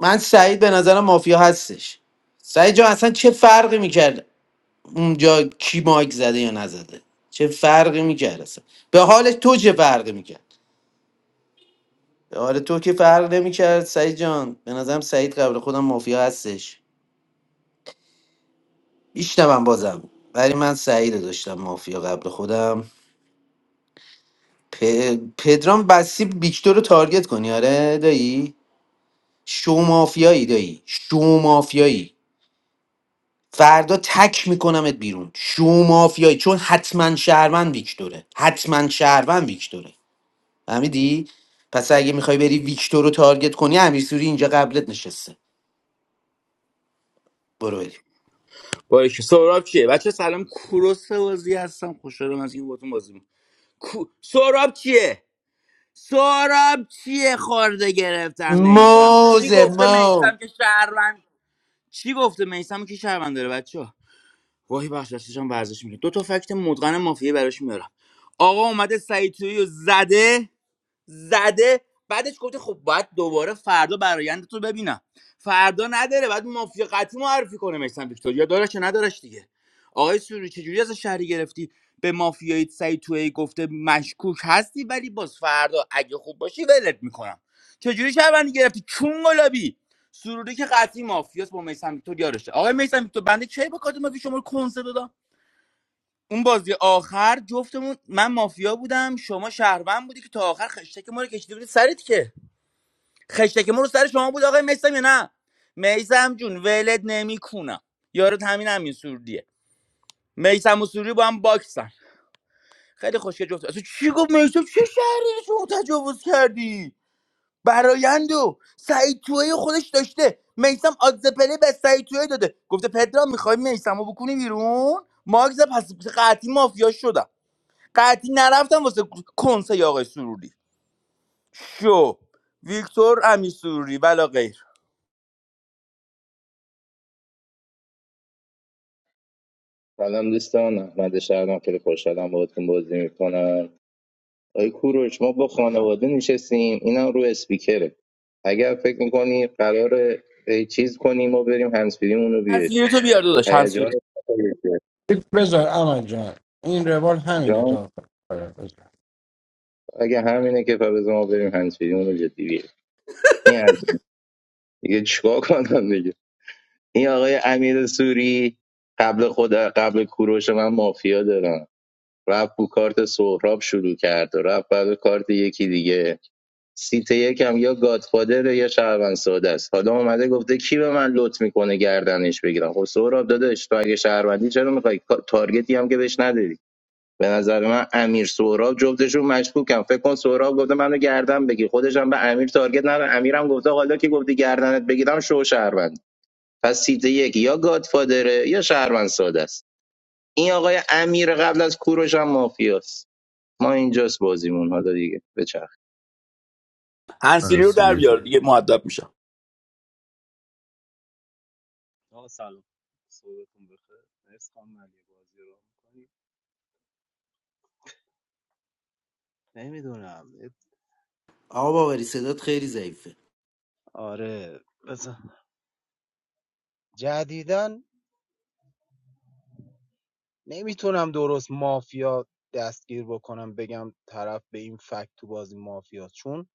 من سعید به نظرم مافیا هستش سعید جان اصلا چه فرقی میکرد اونجا کی مایک زده یا نزده چه فرقی میکرد اصلا به حال تو چه فرقی میکرد آره تو که فرق نمیکرد سعید جان به نظرم سعید قبل خودم مافیا هستش میشنوم بازم ولی من سعید رو داشتم مافیا قبل خودم پ... پدرام بسی ویکتور رو تارگت کنی آره دایی شو مافیایی دایی شو مافیایی فردا تک میکنمت بیرون شو مافیایی چون حتما شهروند ویکتوره حتما شهروند ویکتوره فهمیدی پس اگه میخوای بری ویکتور رو تارگت کنی امیر سوری اینجا قبلت نشسته برو بریم. باشه سهراب چیه بچه سلام کوروس بازی هستم خوشحالم از این باتون بازی می‌کنم. کو... سهراب چیه سارب چیه خورده گرفتم میستم چی موزه گفته مو میستم که شهروند چی گفته میستم که شهروند داره بچه ها واهی بخش دستشان ورزش میکنه دو تا فکت مدغن مافیه براش میارم آقا اومده سعید تویی رو زده زده بعدش گفته خب باید دوباره فردا برایند تو ببینم فردا نداره بعد مافیا قطعی معرفی کنه میسن ویکتوریا دارش یا ندارش دیگه آقای سوری چجوری از شهری گرفتی به مافیایی سعید توی گفته مشکوک هستی ولی باز فردا اگه خوب باشی ولت میکنم چجوری شهروندی گرفتی چون گلابی سروری که قطعی مافیاس با میسن ویکتور یارشه آقای میسن ویکتور بنده چه با کادو مافی شما رو کنسه دادم اون بازی آخر جفتمون من مافیا بودم شما شهروند بودی که تا آخر خشتک ما رو کشیده بودی سرت که خشتک ما رو سر شما بود آقای میسم یا نه میسم جون ولد نمیکنم یارو همین همین سوردیه میسم و سوری با هم باکسن خیلی خوشگل جفت اصلا چی گفت میسم چه شهری شما تجاوز کردی برایندو سعید توی خودش داشته میسم آدزپلی به سعید توی داده گفته پدرام میخوای میسمو بکنی بیرون ماگز پس قطعی مافیا شدم قطعی نرفتم واسه کنسه آقای سروری شو ویکتور امیر سروری ولا غیر سلام دوستان احمد شهرام خیلی خوشحالم باهاتون بازی میکنم آقای کوروش ما با خانواده نشستیم اینا رو اسپیکره اگر فکر میکنی قرار چیز کنیم ما بریم هنسفیریمون رو بیاریم هنسیری تو بیار داداش هنسیری هیجان بذار اما جان این روال همینه جان تا آخر آره، بذار اگه همینه که بذار ما بریم هنسفیریمون رو جدی بیاریم این از این. دیگه چیکار کنم دیگه این آقای امیر سوری قبل خود قبل کوروش من مافیا دارم رفت بو کارت سهراب شروع کرد و رفت بعد کارت یکی دیگه سیت یکم یا گادفادره یا شهروند ساده است حالا اومده گفته کی به من لط میکنه گردنش بگیرم خب سهراب داداش تو اگه شهروندی چرا میخوای تارگتی هم که بهش نداری به نظر من امیر سهراب جفتشون مشکوکم فکر کن سهراب گفته منو گردن بگیر خودش هم به امیر تارگت نداره امیرم گفته حالا که گفتی گردنت بگیرم شو شهروند پس سیت یک یا گادفادره یا شهروند ساده است این آقای امیر قبل از کوروش هم مافیاست ما اینجاست بازیمون حالا دیگه بچ من هنسیری رو در سیبیلیت بیار بده. دیگه مؤدب میشم آقا سلام صحبتون بخیر مرسی خانم علی بازی رو میکنی نمیدونم آقا باوری صدات خیلی ضعیفه آره بزن جدیدن نمیتونم درست مافیا دستگیر بکنم بگم طرف به این فکت تو بازی مافیا چون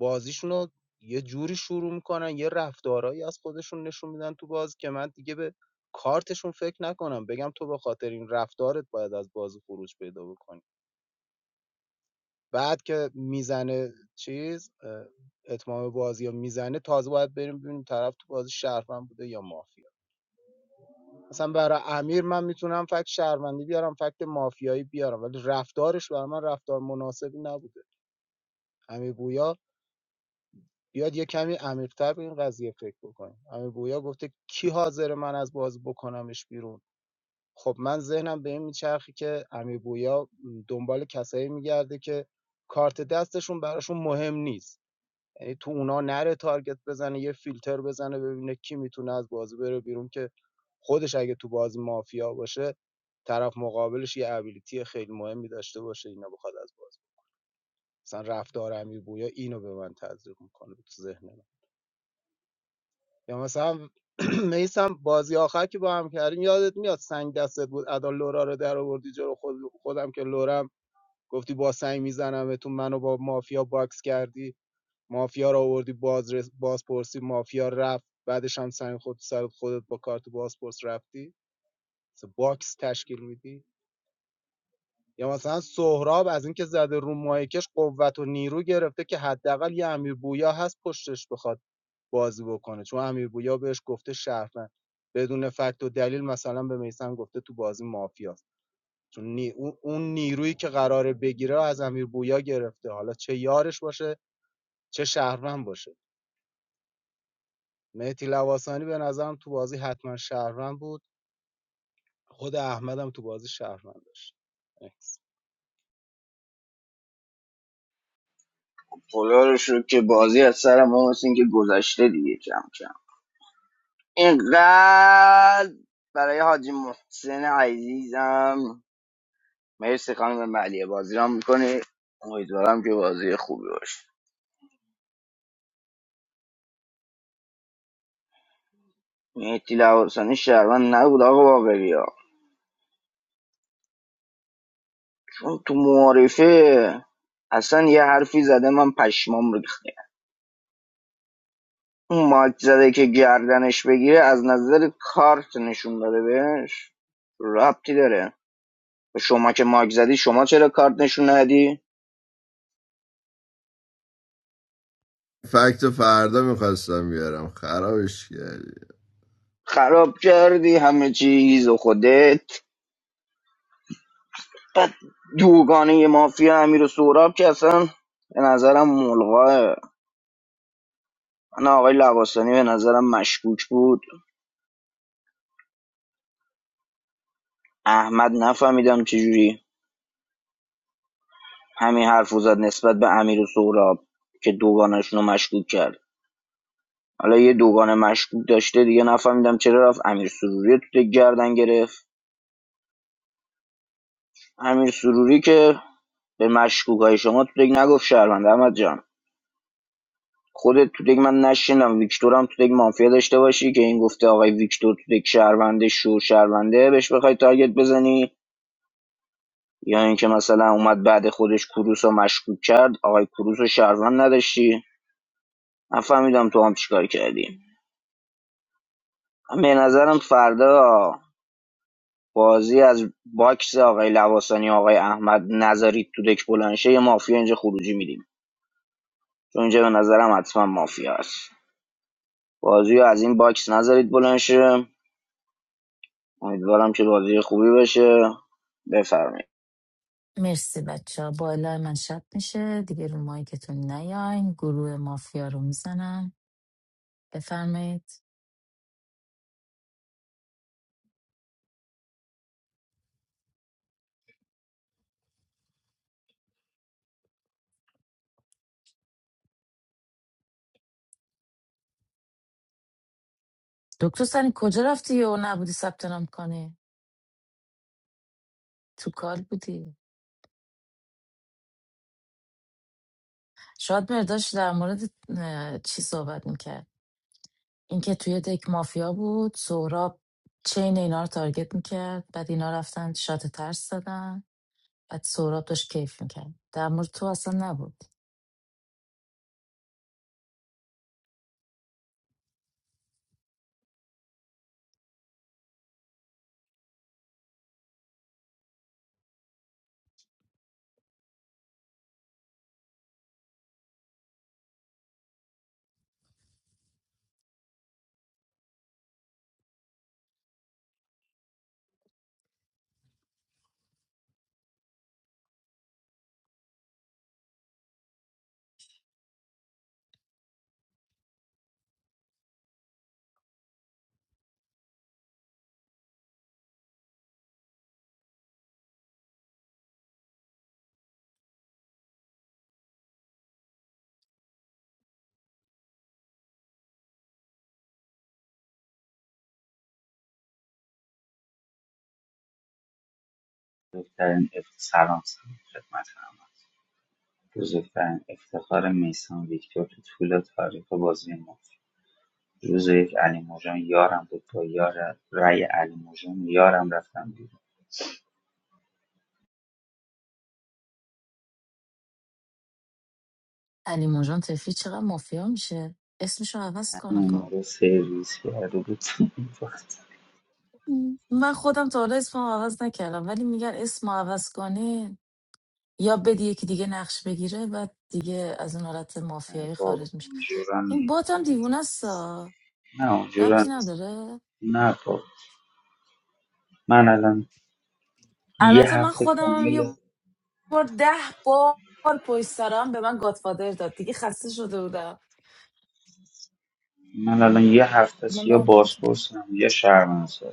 بازیشون رو یه جوری شروع میکنن یه رفتارهایی از خودشون نشون میدن تو بازی که من دیگه به کارتشون فکر نکنم بگم تو به خاطر این رفتارت باید از بازی خروج پیدا بکنی بعد که میزنه چیز اه، اتمام بازی یا میزنه تازه باید بریم ببینیم طرف تو بازی شهروند بوده یا مافیا مثلا برای امیر من میتونم فکت شهروندی بیارم فکت مافیایی بیارم ولی رفتارش برای من رفتار مناسبی نبوده امیر بویا بیاد یه کمی عمیق‌تر به این قضیه فکر بکنیم امیر بویا گفته کی حاضر من از بازی بکنمش بیرون خب من ذهنم به این میچرخه که امیر بویا دنبال کسایی میگرده که کارت دستشون براشون مهم نیست یعنی تو اونا نره تارگت بزنه یه فیلتر بزنه ببینه کی میتونه از بازی بره بیرون که خودش اگه تو بازی مافیا باشه طرف مقابلش یه ابیلیتی خیلی مهمی داشته باشه اینا بخواد از بازی بره. مثلا رفتار امیر بویا اینو به من تزریق میکنه تو ذهن من یا مثلا میسم بازی آخر که با هم کردیم یادت میاد سنگ دستت بود ادا لورا رو در آوردی جلو خود خودم که لورم گفتی با سنگ میزنم تو منو با مافیا باکس کردی مافیا رو آوردی باز بازپرسی مافیا رفت بعدش هم سنگ خود سر خودت با کارت بازپرس رفتی مثل باکس تشکیل میدی یا مثلا سهراب از اینکه زده رو مایکش قوت و نیرو گرفته که حداقل یه امیر بویا هست پشتش بخواد بازی بکنه چون امیر بویا بهش گفته شهروند بدون فکت و دلیل مثلا به میسم گفته تو بازی مافیاست چون نی- اون نیرویی که قراره بگیره از امیر بویا گرفته حالا چه یارش باشه چه شهروند باشه مهدی لواسانی به نظرم تو بازی حتما شهروند بود خود احمدم تو بازی شهروند داشت Thanks. خدا رو شکر که بازی از سر ما مثل اینکه گذشته دیگه کم کم اینقدر برای حاجی محسن عزیزم مرسی خانم ملیه بازی را میکنه امیدوارم که بازی خوبی باشه مهدی لواسانی شهروند نبود آقا باقری ها چون تو معارفه اصلا یه حرفی زده من پشمام ریخته اون مایک زده که گردنش بگیره از نظر کارت نشون داده بهش ربطی داره شما که ماک زدی شما چرا کارت نشون ندی فکت رو فردا میخواستم بیارم خرابش کردی خراب کردی همه چیز و خودت بعد دوگانه یه مافیا امیر و سهراب که اصلا به نظرم ملغاه من آقای لباسانی به نظرم مشکوک بود احمد نفهمیدم چجوری همین حرف رو زد نسبت به امیر و سهراب که دوگانشون رو مشکوک کرد حالا یه دوگانه مشکوک داشته دیگه نفهمیدم چرا رفت امیر سروری تو دک گردن گرفت امیر سروری که به مشکوک شما تو دک نگفت شهروند احمد جان خودت تو دک من نشینم ویکتور هم تو دک مافیا داشته باشی که این گفته آقای ویکتور تو دک شهرونده شو شهرونده بهش بخوای تارگت بزنی یا اینکه مثلا اومد بعد خودش کروس رو مشکوک کرد آقای کروس رو شهروند نداشتی نفهمیدم تو هم چیکار کردی من به نظرم فردا بازی از باکس آقای لواسانی آقای احمد نظری تو دک بلنشه یه مافیا اینجا خروجی میدیم چون اینجا به نظرم حتما مافیا است بازی رو از این باکس نذارید بلنشه امیدوارم که بازی خوبی باشه بفرمایید مرسی بچه ها با الهی من شب میشه دیگه رو مایکتون نیاین گروه مافیا رو میزنم بفرمایید دکتر سنی کجا رفتی و نبودی ثبت نام کنی تو کار بودی شاید مرداش در مورد اه، چی صحبت میکرد اینکه توی دک مافیا بود سهراب چین اینا رو تارگت میکرد بعد اینا رفتن شات ترس دادن بعد سهراب داشت کیف میکرد در مورد تو اصلا نبود بزرگترین اف... سلام سلام خدمت همه بزرگترین افتخار میسان ویکتور تو طول تاریخ بازی ما روز یک علی موجان یارم بود با یار رای علی موجان یارم رفتم بیرون علی موجان تفلی چقدر مافیا میشه اسمشو عوض کنه همین ما خب رو سرویس کرده بود من خودم تا حالا اسمم عوض نکردم ولی میگن اسم عوض کنه یا بدی یکی دیگه نقش بگیره و دیگه از اون حالت نه مافیایی بابا خارج میشه اونجورا این بات نیست هم دیوونه است آ. نه اونجورا ربطی نیست نداره نه بابا من الان یه البته من هفته خودم هم یه کامل بار ده بار پشت سر هم به من گاتفادر داد دیگه خسته شده بودم من الان یه هفته است من یا برم ببینم بازپرسم یا شرمنسار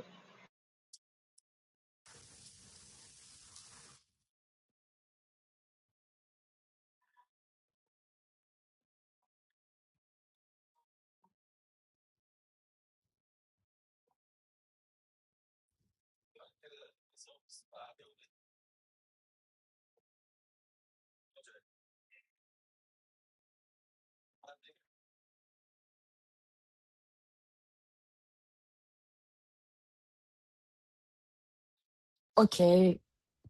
اوکی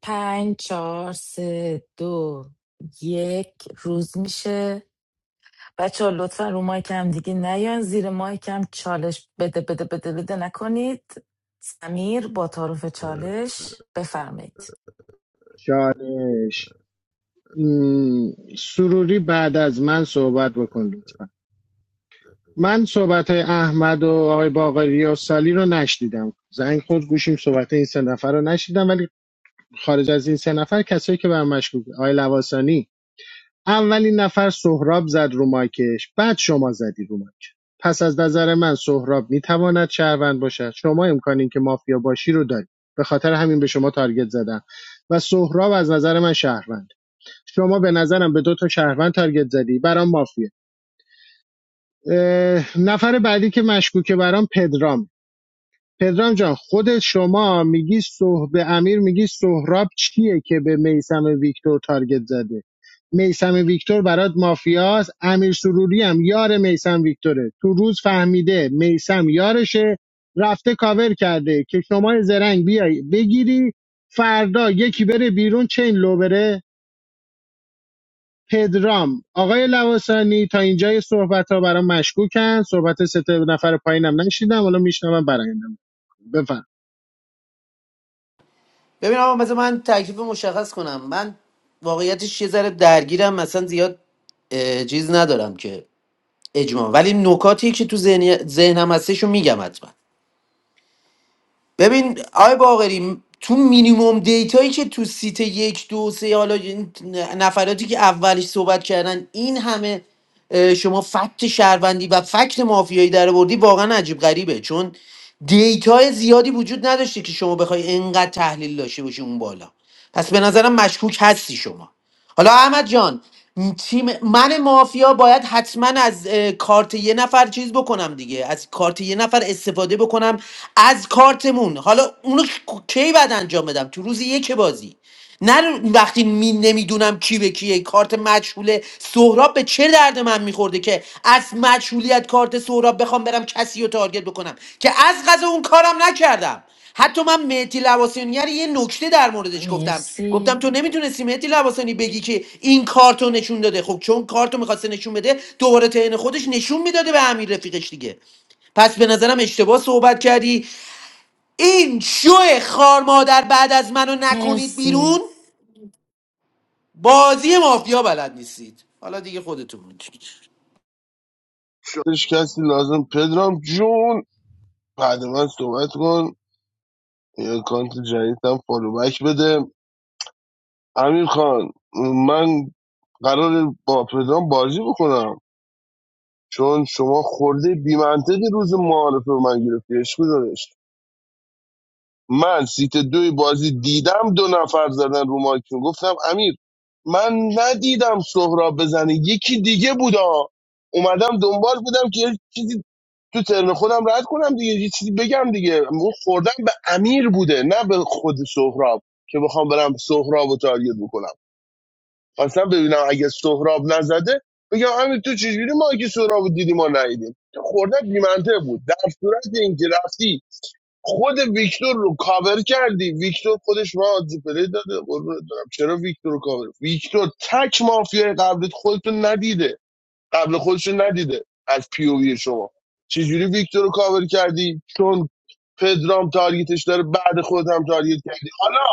پنج چهار سه دو یک روز میشه بچه ها لطفا رو مایکم دیگه نیان زیر مایکم چالش بده بده بده بده نکنید سمیر با تعارف چالش بفرمایید چالش م، سروری بعد از من صحبت بکن لطفا من صحبت های احمد و آقای باقری و سالی رو نشدیدم زنگ خود گوشیم صحبت این سه نفر رو نشدیدم ولی خارج از این سه نفر کسایی که بر مشکوک آقای لواسانی اولین نفر سهراب زد رو مایکش بعد شما زدی رو مایک پس از نظر من سهراب میتواند شهروند باشد شما امکان این که مافیا باشی رو داری به خاطر همین به شما تارگت زدم و سهراب از نظر من شهروند شما به نظرم به دو تا شهروند تارگت زدی برام مافیه نفر بعدی که مشکوکه برام پدرام پدرام جان خود شما میگی صح به امیر میگی سهراب چیه که به میسم ویکتور تارگت زده میسم ویکتور برات مافیاست امیر سروری هم یار میسم ویکتوره تو روز فهمیده میسم یارشه رفته کاور کرده که شما زرنگ بیای بگیری فردا یکی بره بیرون چین لو بره پدرام آقای لواسانی تا اینجای صحبت ها برام مشکوکن صحبت سه تا نفر پایینم نشیدم حالا میشنوم برایندم بفهم ببین آقا مثلا من تکلیف مشخص کنم من واقعیتش یه ذره درگیرم مثلا زیاد اه، چیز ندارم که اجماع ولی نکاتی که تو ذهنی- ذهنم هستشو میگم حتما ببین آقای باقری تو مینیموم دیتایی که تو سیت یک دو سه حالا این نفراتی که اولش صحبت کردن این همه اه، شما فکت شهروندی و فکت مافیایی در آوردی واقعا عجیب غریبه چون دیتای زیادی وجود نداشته که شما بخوای انقدر تحلیل داشته باشی اون بالا پس به نظرم مشکوک هستی شما حالا احمد جان م- تیم من مافیا باید حتما از اه، کارت یه نفر چیز بکنم دیگه از کارت یه نفر استفاده بکنم از کارتمون حالا اونو کی کی بعد انجام بدم تو روز یک بازی نه رو- وقتی می نمیدونم کی به کیه کارت مجهوله سهراب به چه درد من میخورده که از از مجهولیت کارت سهراب بخوام برم کسی رو تارگت بکنم که از غذا اون کارم نکردم حتی من مهدی لواسانی رو یه نکته در موردش گفتم گفتم مرسی تو نمیتونستی مهدی لواسانی بگی که این کارتو نشون داده خب چون کارتو میخواسته نشون بده دوباره تهن خودش نشون میداده به امیر رفیقش دیگه پس به نظرم اشتباه صحبت کردی این شو خار مادر بعد از منو نکنید مرسی بیرون بازی مافیا بلد نیستید حالا دیگه خودتون میدونید داشت کسی لازم پدرام جون بعد من صحبت کن یه کانت جدیدم فالو بک بده امیر خان من قرار با پدرام بازی بکنم چون شما خورده بیمنطقی روز معارفه به من گرفتی عشق داشت من سیت دوی بازی دیدم دو نفر زدن رو مایکون گفتم امیر من ندیدم سهراب بزنه یکی دیگه بودا اومدم دنبال بودم که یه چیزی تو ترن خودم رد کنم دیگه یه چیزی بگم دیگه اون خوردم به امیر بوده نه به خود سهراب که بخوام برم سهراب و تارگت بکنم خواستم ببینم اگه سهراب نزده بگم همین تو چجوری ما که سهراب رو دیدیم ما ندیدیم خورده بیمنطق بود در صورت اینکه رفتی خود ویکتور رو کاور کردی ویکتور خودش ما آدزی پلی داده قربونت برم چرا ویکتور رو کاور ویکتور تک مافیای قبلیت خودتون ندیده قبل خودش ندیده از پیووی شما چجوری ویکتور رو کاور کردی چون پدرام تارگتش داره بعد خود هم تارگت کردی حالا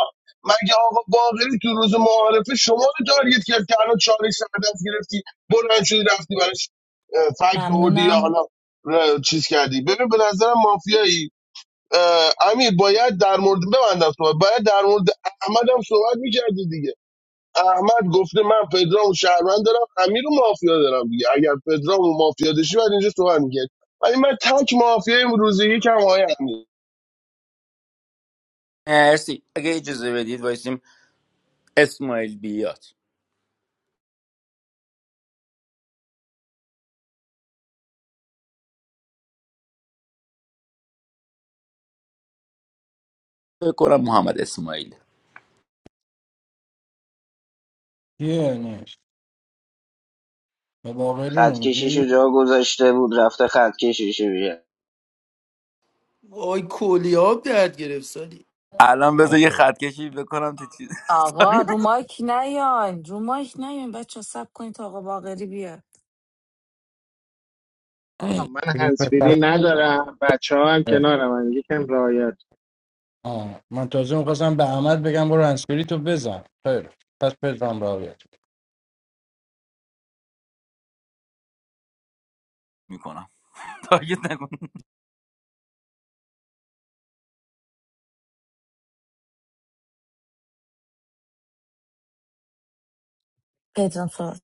مگه آقا باقری تو روز معارفه شما رو تارگت کرد که الان چالش سر گرفتی بلند شدی رفتی براش اه، فکت آوردی یا حالا ممنونم چیز کردی ببین به نظرم مافیایی اه، امیر باید در مورد ببندم صحبت باید در مورد احمد هم صحبت میکردی دیگه احمد گفته من پدرام و شهروند دارم امیر و مافیا دارم دیگه اگر پدرام و مافیا داشتی بعد اینجا صحبت میکرد ولی من تک مافیا امروزی یکم آقای امیر مرسی اگه اجازه بدید وایسیم اسماعیل بیاد فکر کنم محمد اسماعیل یه نیست و باقری رو خط میگی کشیشو جا گذاشته بود رفته خط کشیشو بیه وای کلیاب درد گرفت سالی. الان بذار یه آخه خط کشی بکنم تو چیز آقا رو مایک نیان رو مایک نیان بچه سب کنید تا آقا باقری بیاد من اگه پسر هنسفیری ندارم بچه ها هم کنارم هم. یکم رایت آه. من تازه میخواستم به احمد بگم برو انسکری تو بزن خیر پس پدرم راویت میکنم تاگت پدرام فر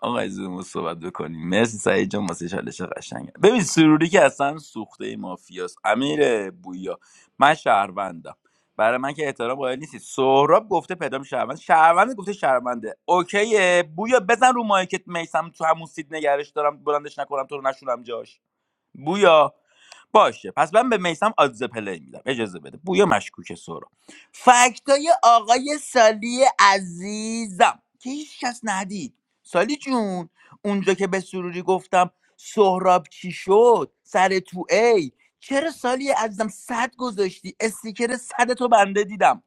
آقای زومو صحبت بکنیم مرسی سعید جان واسه چالش قشنگه ببین سروری که اصلا سوخته مافیاست امیر بویا من شهروندم برای من که احترام قائل نیستی سهراب گفته پدرام شهروند شهروند گفته شهرونده اوکیه بویا بزن رو مایکت میسم تو همون سید نگرش دارم بلندش نکنم تو رو نشونم جاش بویا باشه پس من به میسم آدز پلی میدم اجازه بده بویا مشکوک سورا فکتای آقای سالی عزیزم که هیچ کس ندید سالی جون اونجا که به سروری گفتم سهراب چی شد سر تو ای چرا سالی عزیزم صد گذاشتی استیکر صد تو بنده دیدم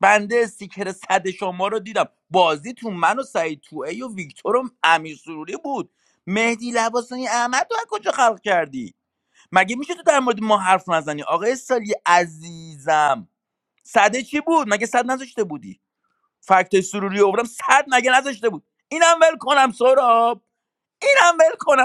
بنده استیکر صد شما رو دیدم بازی تو من و سعید تو ای و ویکتور و امیر سروری بود مهدی لباسانی احمد تو از کجا خلق کردی مگه میشه تو در مورد ما حرف نزنی آقای سالی عزیزم صده چی بود مگه صد نذاشته بودی فکت سروری آوردم صد مگه نذاشته بود اینم ول کنم سراب اینم ول کنم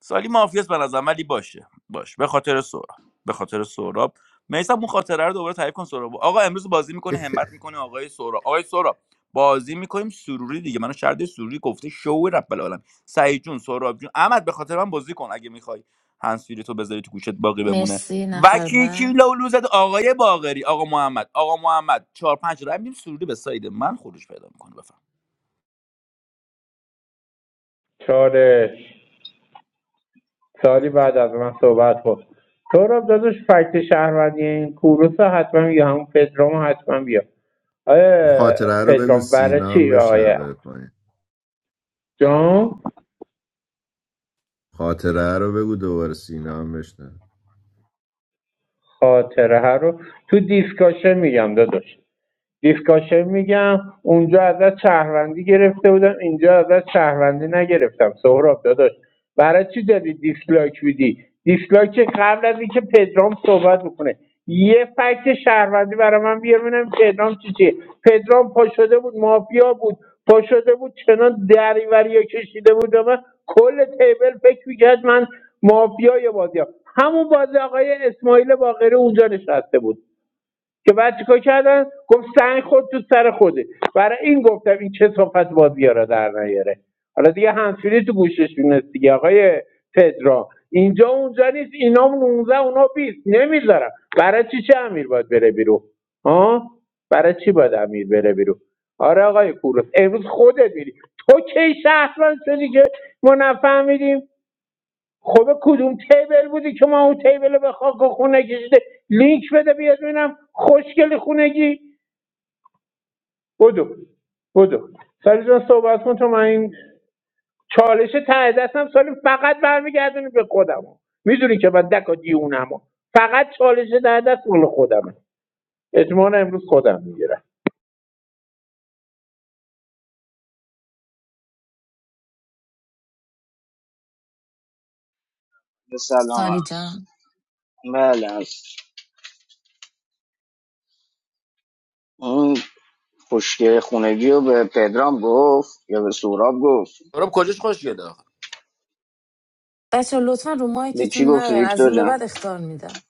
سالی مافیاست به نظرم ولی باشه باش به خاطر سهراب به خاطر سهراب میسم اون خاطره رو دوباره تعریف کن سهراب آقا امروز بازی میکنه همت میکنه آقای سهراب آقای سهراب بازی میکنیم سروری دیگه منو شرده سروری گفته شو رب العالم سعید جون سهراب جون احمد به خاطر من بازی کن اگه میخوای هنسفیری تو بذاری تو گوشت باقی بمونه مرسی و نفر کی کی بعد لولو زد آقای باقری آقا محمد آقا محمد چهار پنج رای میدیم سروری به ساید من خروج پیدا میکنه بفهم چاره سالی بعد از من صحبت کن سهراب داداش فکت شهروندی این کوروس حتما بیا همون پدرام حتما بیا آیا خاطره رو بگو پدرام برای سینا هم چی آیا بشنوه پایین جان خاطره رو بگو دوباره سینا هم بشنوه خاطره ها رو تو دیسکاشه میگم داداش دیسکاشن میگم اونجا ازت شهروندی گرفته بودم اینجا ازت شهروندی نگرفتم سهراب داداش برای چی داری دیسلایک میدی دیسلایک قبل از اینکه پدرام صحبت بکنه یه فکت شهروندی برای من بیار ببینم پدرام چی چیه پدرام پا شده بود مافیا بود پا شده بود چنان دریوریا کشیده بود و من کل تیبل فکر میکرد من مافیای بازی هم. همون بازی آقای اسماعیل باقری اونجا نشسته بود که بعد چیکار کردن گفت سنگ خود تو سر خوده برای این گفتم این چه صفت بازی ها را در نیاره حالا دیگه همسفیری تو گوشش میونست دیگه آقای پدرا اینجا اونجا نیست اینا 19 اونا 20 نمیذارم برای چی چه امیر باید بره بیرون ها برای چی باید امیر بره بیرون آره آقای کوروس امروز خودت میری تو کی شهروند شدی که ما نفهمیدیم خب کدوم تیبل بودی که ما اون تیبل رو به خاک خونه کشیده لینک بده بیاد ببینم خوشگل خونگی بدو بدو سالی جان صحبت کن تو من این چالش ته دستم سالی فقط برمیگردونی به خودم میدونی که من دکا دیونم فقط چالش ته دست مال خودمه اجمان امروز خودم میگیرم سلام سالی عرض. جان بله از اون خشکه خونگی رو به پدرام گفت یا به سوراب گفت سهراب کجاش خوشگله آخه بچه لطفا رو به مایکتون کی گفت نیاین از ویکتور این به بعد جان اختار میدم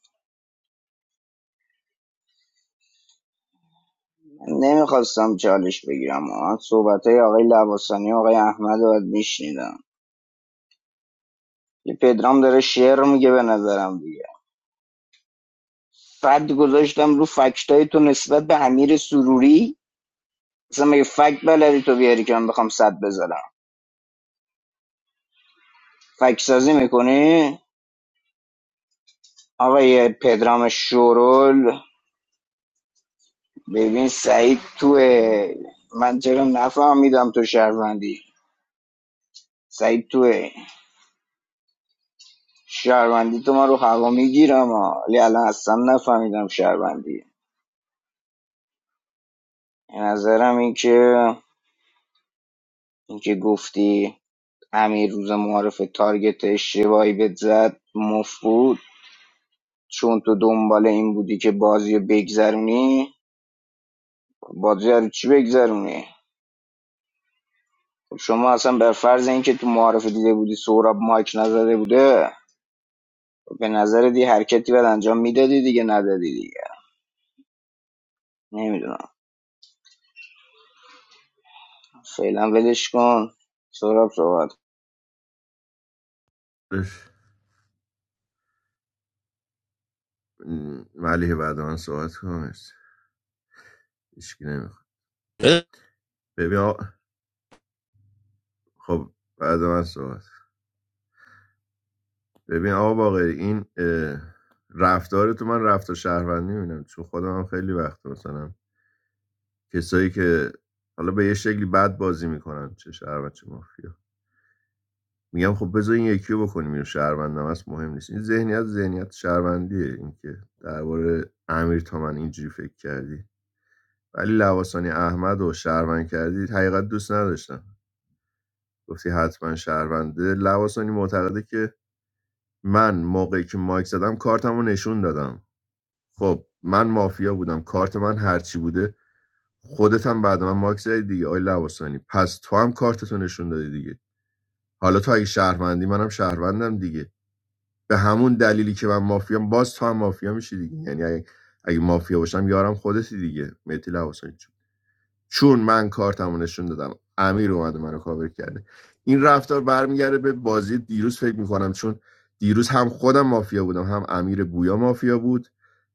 نمیخواستم چالش بگیرم اما صحبت های آقای لباسانی و آقای احمد رو باید میشنیدم پدرام داره شعر میگه به نظرم دیگه فد گذاشتم رو فکتای تو نسبت به امیر سروری اصلا مگه فکت بلدی تو بیاری که من بخوام صد بذارم فکت سازی میکنی آقای پدرام شورول ببین سعید توه من چرا نفهمیدم تو شهروندی سعید توه شهروندی تو ما رو هوا میگیرم ها. ولی الان اصلا نفهمیدم شهروندی به نظرم این که این که گفتی امیر روز معارف تارگت اشتباهی بهت زد مفت بود چون تو دنبال این بودی که بازی رو بگذرونی بازی رو چی بگذرونی شما اصلا بر فرض اینکه تو معارف دیده بودی سهراب مایک نزده بوده به نظر دی حرکتی باید انجام میدادی دیگه ندادی دیگه نمیدونم فعلا ولش کن سهراب صحبت کن. اش. م، ملیحه بعد من صحبت کنم هیچکی نمیخواد ببین آ خب بعد من صحبت ببین آقا باقری این اه، رفتار تو من رفتار شهروندی میبینم چون خودم هم خیلی وقت مثلا کسایی که حالا به یه شکلی بد بازی میکنن چه شهروند چه مافیا میگم خب بذار این یکی رو بکنیم اینو شهروندم هست مهم نیست این ذهنیت ذهنیت شهروندیه اینکه درباره امیر تا من اینجوری فکر کردی ولی لواسانی احمد رو شهروند کردی حقیقت دوست نداشتم گفتی حتما شهرونده لواسانی معتقده که من موقعی که مایک زدم کارتم رو نشون دادم خب من مافیا بودم کارت من هرچی بوده خودت هم بعد من مایک زدی دیگه آی لواسانی پس تو هم کارتتو نشون دادی دیگه حالا تو اگه شهروندی منم شهروندم دیگه به همون دلیلی که من مافیام باز تو هم مافیا میشی دیگه یعنی اگه, اگه مافیا باشم یارم خودتی دیگه مهدی لواسانی چون من کارتمو نشون دادم امیر اومده منو کاور کرده این رفتار برمیگرده به بازی دیروز فکر میکنم چون دیروز هم خودم مافیا بودم هم امیر بویا مافیا بود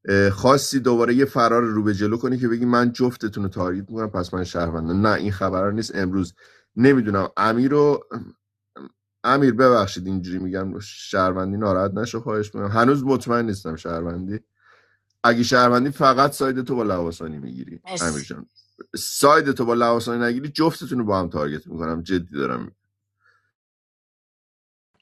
اه، خواستی دوباره یه فرار رو به جلو کنی که بگی من جفتتون رو تارگت میکنم پس من شهروندم نه این خبرها نیست امروز نمیدونم امیر رو امیر ببخشید اینجوری میگم شهروندی ناراحت نشو خواهش میکنم هنوز مطمئن نیستم شهروندی اگه شهروندی فقط ساید تو با لواسانی میگیری امیر مرسی جان ساید تو با لواسانی نگیری جفتتون رو با هم تارگت میکنم جدی دارم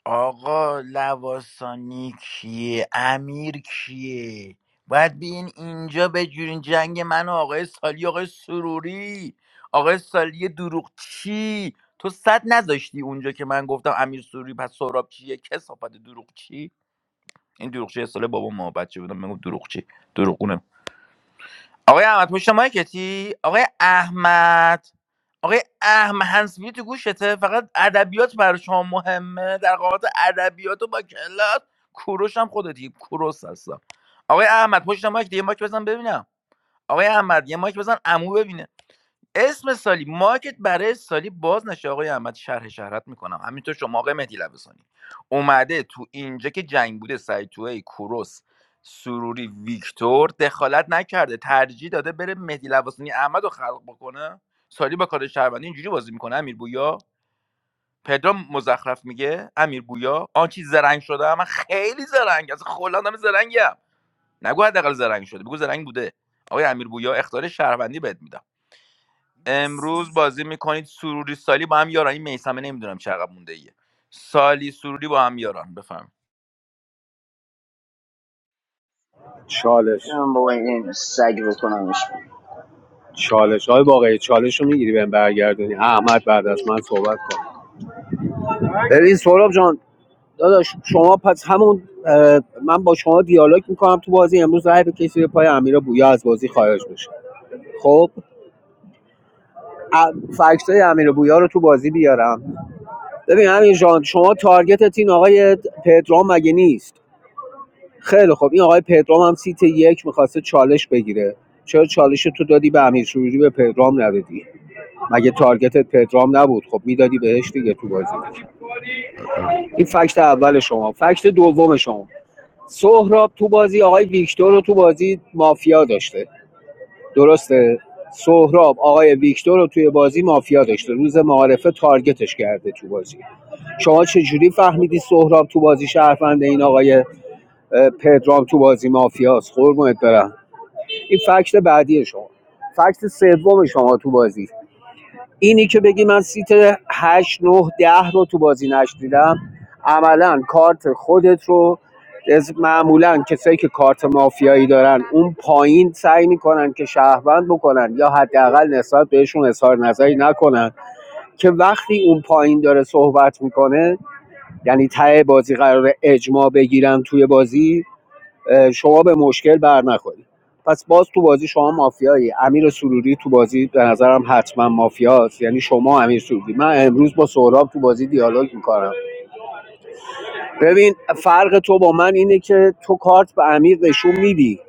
آقا لواسانی کیه امیر کیه باید بیاین اینجا بجورین جنگ من و آقای سالی آقای سروری آقای سالی دروغ چی تو صد نذاشتی اونجا که من گفتم امیر سروری پس سهراب چیه کسافت دروغ چی این دروغ چی سال بابا ما بچه بودم میگم دروغ چی آقای احمد پشت مایکتی آقای احمد آقای احمد هنسفیری تو گوشته فقط ادبیات برای شما مهمه در قامت ادبیات و با کلاس کوروش هم خودتی کوروس هستم آقای احمد پشت مایک یه مایک بزن ببینم آقای احمد یه مایک بزن عمو ببینه اسم سالی مارکت برای سالی باز نشه آقای احمد شرح شهرت میکنم همینطور شما آقای مهدی لبسانی اومده تو اینجا که جنگ بوده سعید توهی کوروس سروری ویکتور دخالت نکرده ترجیح داده بره مهدی لباسانی احمد رو خلق بکنه سالی با کار شهروندی اینجوری بازی میکنه امیر بویا پدرام مزخرف میگه امیر بویا آن چیز زرنگ شده من خیلی زرنگ از خلا آدم زرنگم نگو حداقل زرنگ شده بگو زرنگ بوده آقای امیر بویا اختار شهروندی بهت میدم مرسی امروز بازی میکنید سروری سالی با هم یاران این میسمه نمیدونم چه عقب مونده ایه سالی سروری با هم یاران بفهم چالش من بابا این سگ بکنمش بیرون. چالش های واقعی چالش رو میگیری بهم برگردونی احمد بعد از من صحبت کن ببین سهراب جان داداش شما پس همون من با شما دیالوگ میکنم تو بازی امروز رای به کسی به پای امیر بویا از بازی خارج بشه خب فکت های امیر بویا رو تو بازی بیارم ببین امیر جان شما تارگتت این آقای پدرام مگه نیست خیلی خب این آقای پدرام هم سیت یک میخواسته چالش بگیره چرا چالش تو دادی به امیر شوری به پدرام ندادی مگه تارگتت پدرام نبود خب میدادی بهش دیگه تو بازی این فکت اول شما فکت دوم شما سهراب تو بازی آقای ویکتور رو تو بازی مافیا داشته درسته سهراب آقای ویکتور رو توی بازی مافیا داشته روز معارفه تارگتش کرده تو بازی شما چجوری فهمیدی سهراب تو بازی شهروند این آقای پدرام تو بازی مافیاست قربونت برم این فکت بعدی شما فکت سوم شما تو بازی اینی که بگی من سیت هشت 9 10 رو تو بازی نشنیدم عملا کارت خودت رو از- معمولا کسایی که کارت مافیایی دارن اون پایین سعی میکنن که شهروند بکنن یا حداقل نسبت بهشون اظهار نظری نکنن که وقتی اون پایین داره صحبت میکنه یعنی ته بازی قرار اجماع بگیرن توی بازی شما به مشکل بر نخورید پس باز تو بازی شما مافیایی امیر سروری تو بازی به نظرم حتما مافیاست یعنی شما امیر سروری من امروز با سهراب تو بازی دیالوگ میکنم ببین فرق تو با من اینه که تو کارت به امیر نشون میدی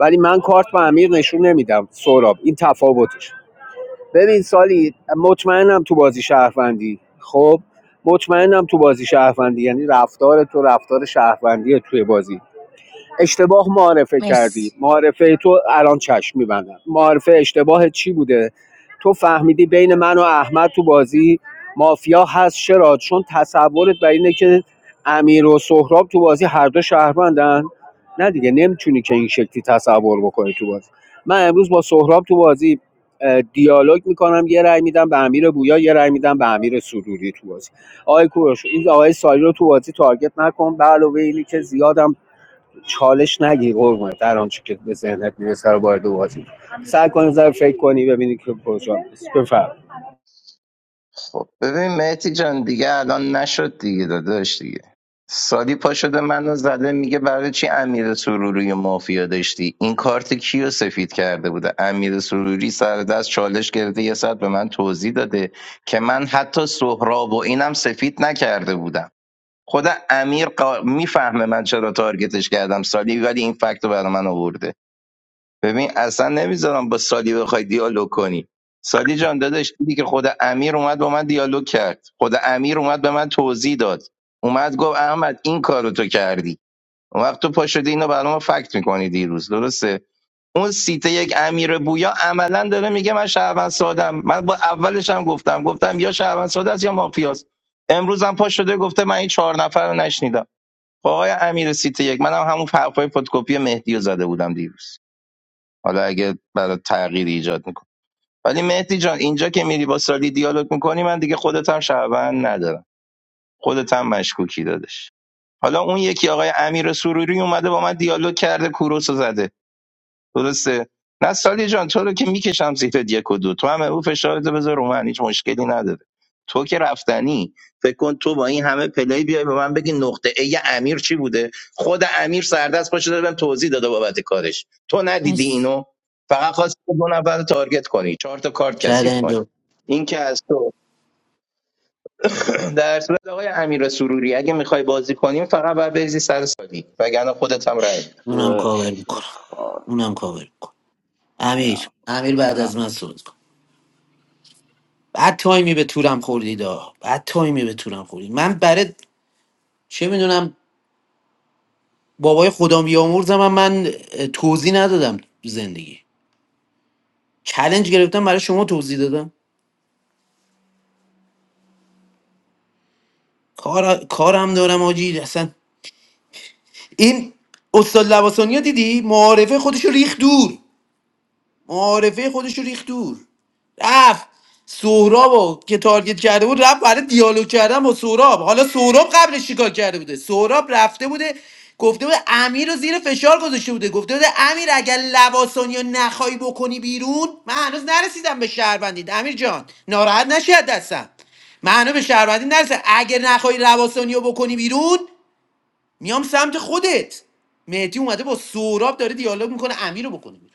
ولی من کارت به امیر نشون نمیدم سهراب این تفاوتش ببین سالی مطمئنم تو بازی شهروندی خب مطمئنم تو بازی شهروندی یعنی رفتار تو رفتار شهروندیه توی بازی اشتباه معرفه کردی مرسی معرفه تو الان چشم میبندم معرفه اشتباه چی بوده تو فهمیدی بین من و احمد تو بازی مافیا هست چرا چون تصورت بر اینه که امیر و سهراب تو بازی هر دو شهروندن نه دیگه نمیتونی که این شکلی تصور بکنی تو بازی من امروز با سهراب تو بازی دیالوگ میکنم یه رأی میدم به امیر بویا یه رأی میدم به امیر سروری تو بازی آقای کوروش این آقای سالی رو تو بازی تارگت نکن به علاوه اینی که زیادم چالش نگیر قربونه در آنچه که به ذهنت میرسه رو وارد بازی سعی کن یه ذره فکر کنی ببینی که کجا میرسی بفهم خب ببین مهتی جان دیگه الان نشد دیگه داداش دیگه سالی پا شده منو زده میگه برای چی امیر سروری و مافیا داشتی این کارت کیو سفید کرده بوده امیر سروری سر دست چالش گرفته یه ساعت به من توضیح داده که من حتی سهراب و اینم سفید نکرده بودم خود امیر قا... میفهمه من چرا تارگتش کردم سالی ولی این فکت رو برای من آورده ببین اصلا نمیذارم با سالی بخوای دیالوگ کنی سالی جان داداش دیدی که خود امیر اومد با من دیالوگ کرد خود امیر اومد به من توضیح داد اومد گفت احمد این کارو تو کردی اون وقت تو پا شدی اینو برام فکت میکنی دیروز درسته اون سیت یک امیر بویا عملا داره میگه من شهروند سادم من با اولش هم گفتم گفتم یا شهروند ساده است یا مافیاست امروز هم پا شده گفته من این چهار نفر رو نشنیدم با آقای امیر سیت یک منم هم همون حرفای فتوکپی مهدی رو زده بودم دیروز حالا اگه برای تغییر ایجاد میکنه ولی مهدی جان اینجا که میری با سالی دیالوگ میکنی من دیگه خودت هم شهروند ندارم خودت هم مشکوکی دادش حالا اون یکی آقای امیر سروری اومده با من دیالوگ کرده کوروس رو زده درسته نستعلی جان تو رو که میکشم زیرت یک و دو تو هم او فشارتو بذار رو من هیچ مشکلی نداره تو که رفتنی فکر کن تو با این همه پلی بیای به من بگی نقطه ای امیر چی بوده خود امیر سردست پاشو دادم توضیح داده بابت کارش تو ندیدی مرسی اینو فقط خواست دو نفر رو تارگت کنی چهار تا کارت کثیف چلنج کنی این که از تو در صورت آقای امیر سروری اگه میخوای بازی کنیم فقط باید بریزی سر سالی وگرنه خودت هم رای میدم اونم شوه، کاور شوه میکنم خار. اونم کاور میکنم امیر برم امیر بعد از برم من صحبت کن بعد تایمی به تورم خوردید آه. بعد تایمی به تورم خوردید من برای چه میدونم بابای خدا بیامرزم هم من اه، توضیح ندادم تو زندگی چلنج گرفتم برای شما توضیح دادم کار کارم دارم آجی اصلا این استاد لباسانی دیدی معارفه خودش رو ریخ دور معارفه خودش رو ریخت دور رفت سهراب که تارگت کرده بود رفت برای دیالوگ کردن با سهراب حالا سهراب قبلش چیکار کرده بوده سهراب رفته بوده گفته بوده امیر رو زیر فشار گذاشته بوده گفته بوده امیر اگر لواسانی رو نخوای بکنی بیرون من هنوز نرسیدم به شهروندید امیر جان ناراحت نشی از دستم من هنوز به شهروندی نرسیدم اگر نخوای لواسانی رو بکنی بیرون میام سمت خودت مهدی اومده با سهراب داره دیالوگ میکنه امیر رو بکنه بیرون.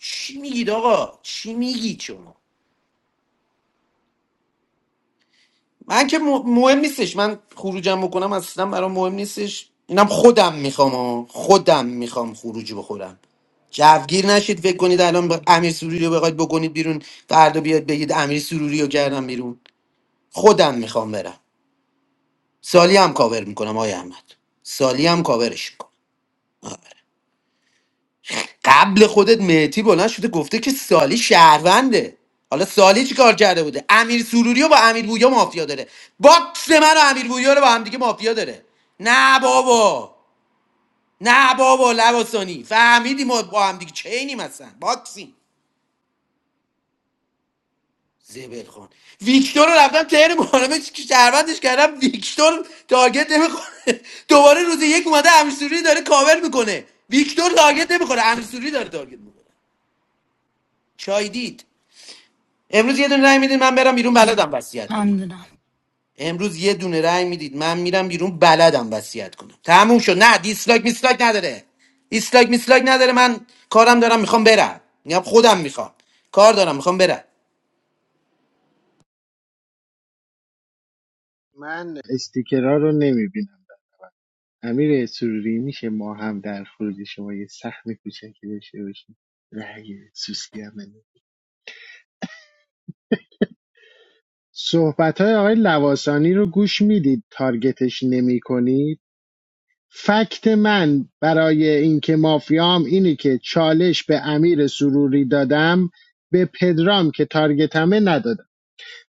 چی میگید آقا چی میگید شما من که م- مهم نیستش من خروجم بکنم اصلا برام مهم نیستش اینم خودم میخوام آه. خودم میخوام خروجی بخورم جوگیر نشید فکر کنید الان با امیر سروری رو بخواید بکنید بیرون فردا بیاد بگید امیر سروری رو کردم بیرون خودم میخوام برم سالی هم کاور میکنم آقای احمد سالی هم کاورش می‌کنم. قبل خودت مهتی بلند شده گفته که سالی شهرونده حالا سالی چی کار کرده بوده امیر سروری رو با امیر بویا مافیا داره باکس من و امیر بویا رو با هم دیگه مافیا داره نه بابا نه بابا لباسانی فهمیدیم ما با هم دیگه چینیم اصلا باکسیم زبل خون ویکتور رو رفتم تهر محرمه که شهروندش کردم ویکتور تارگت نمیخوره دوباره روز یک اومده امیر سروری داره کاور میکنه ویکتور تارگت نمیخوره امیر سروری داره تارگت میکنه چای دید امروز یه دونه رای میدید من برم بیرون بلدم وصیت کنم ممنونم امروز یه دونه رای میدید من میرم بیرون بلدم وصیت کنم تموم شد نه دیسلایک میسلایک نداره دیسلایک میسلایک نداره من کارم دارم میخوام برم میگم خودم میخوام کار دارم میخوام برم من استیکرها رو نمیبینم امیر سروری میشه ما هم در خروج شما یه سهم کوچکی داشته باشیم رأی سوسکی هم بده. صحبت های آقای لواسانی رو گوش میدید تارگتش نمی فکت من برای اینکه مافیام اینه که چالش به امیر سروری دادم به پدرام که تارگتمه ندادم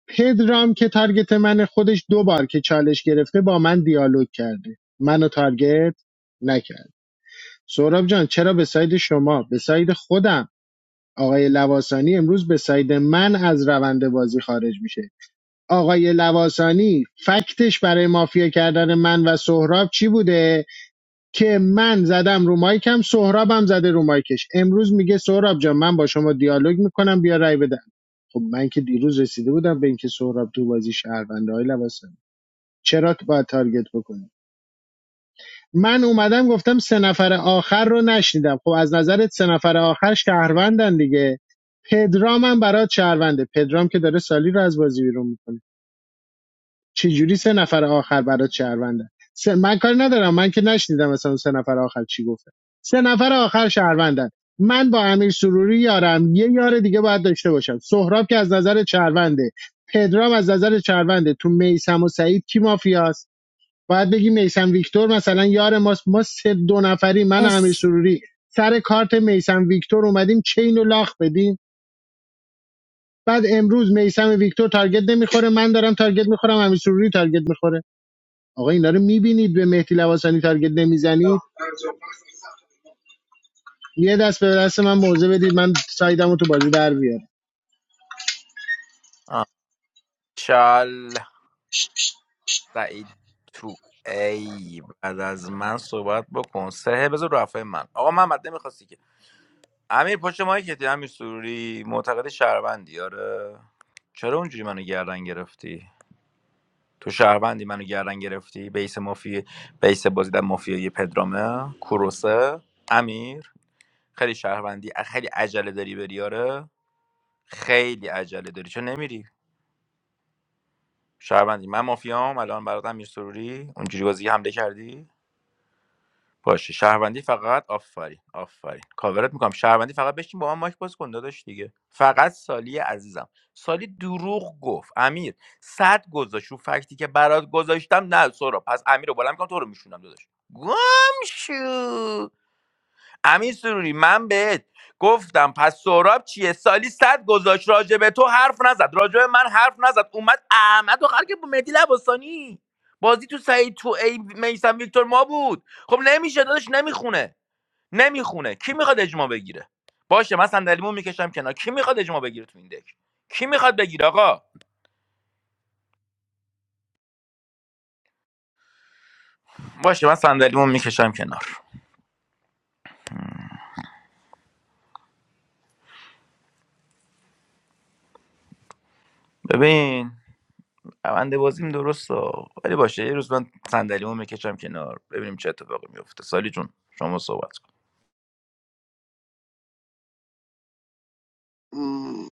پدرام که تارگت من خودش دو بار که چالش گرفته با من دیالوگ کرده منو تارگت نکرد سهراب جان چرا به ساید شما به ساید خودم آقای لواسانی امروز به ساید من از روند بازی خارج میشه آقای لواسانی فکتش برای مافیا کردن من و سهراب چی بوده که من زدم رو مایکم سهرابم زده رو مایکش امروز میگه سهراب جان من با شما دیالوگ میکنم بیا رای بدم خب من که دیروز رسیده بودم به اینکه سهراب تو بازی شهرونده های لباسم چرا باید تارگت بکنی من اومدم گفتم سه نفر آخر رو نشنیدم خب از نظرت سه نفر آخر شهروندن دیگه پدرام هم برات شهرونده پدرام که داره سالی رو از بازی بیرون میکنه چجوری سه نفر آخر برات شهروندن سه... من کاری ندارم من که نشنیدم مثلا سه نفر آخر چی گفته؟ سه نفر آخر شهروندن من با امیر سروری یارم یه یار دیگه باید داشته باشم سهراب که از نظر شهرونده پدرام از نظر شهرونده تو میسم و سعید کی مافیاست باید بگی میسم ویکتور مثلا یار ماست ما سه دو نفری من و امیر مرسی سروری سر کارت میسم ویکتور اومدیم چین و لاخ بدیم بعد امروز میسم ویکتور تارگت نمیخوره من دارم تارگت میخورم امیر سروری تارگت میخوره آقا اینا رو میبینید به مهدی لواسانی تارگت نمیزنید یه دست به دست من موزه بدید من سایدم رو تو بازی در بیارم چال سعید تو ای بعد از من صحبت بکن سه بذار رفعه من آقا محمد نمیخواستی که امیر پشت مایی که امیر سروری معتقد شهروندی آره چرا اونجوری منو گردن گرفتی تو شهروندی منو گردن گرفتی بیس مافی بیس بازی در مافیای پدرامه کوروسه امیر خیلی شهروندی خیلی عجله داری بری آره خیلی عجله داری چون نمیری شهروندی من مافیام الان برات امیر سروری اونجوری بازی حمله کردی باشه شهروندی فقط آفرین آفرین کاورت میکنم شهروندی فقط بشین با من مایک باز کن داداش دیگه فقط سالی عزیزم سالی دروغ گفت امیر صد گذاشت رو فکتی که برات گذاشتم نه سورا پس امیر رو بالا میکنم تو رو میشونم داداش گم شو امین سروری من بهت گفتم پس سهراب چیه سالی صد گذاشت راجبه تو حرف نزد راجبه من حرف نزد اومد احمد و که با مهدی لباسانی بازی تو سعید تو ای میسم ویکتور ما بود خب نمیشه داداش نمیخونه نمیخونه کی میخواد اجماع بگیره باشه من صندلیمو میکشم کنار کی میخواد اجماع بگیره تو این دک کی میخواد بگیره آقا باشه من صندلیمو میکشم کنار ببین روند بازیم درسته ولی باشه یه روز من صندلیمو میکشم کنار ببینیم چه اتفاقی میفته سالی جون شما صحبت کن م،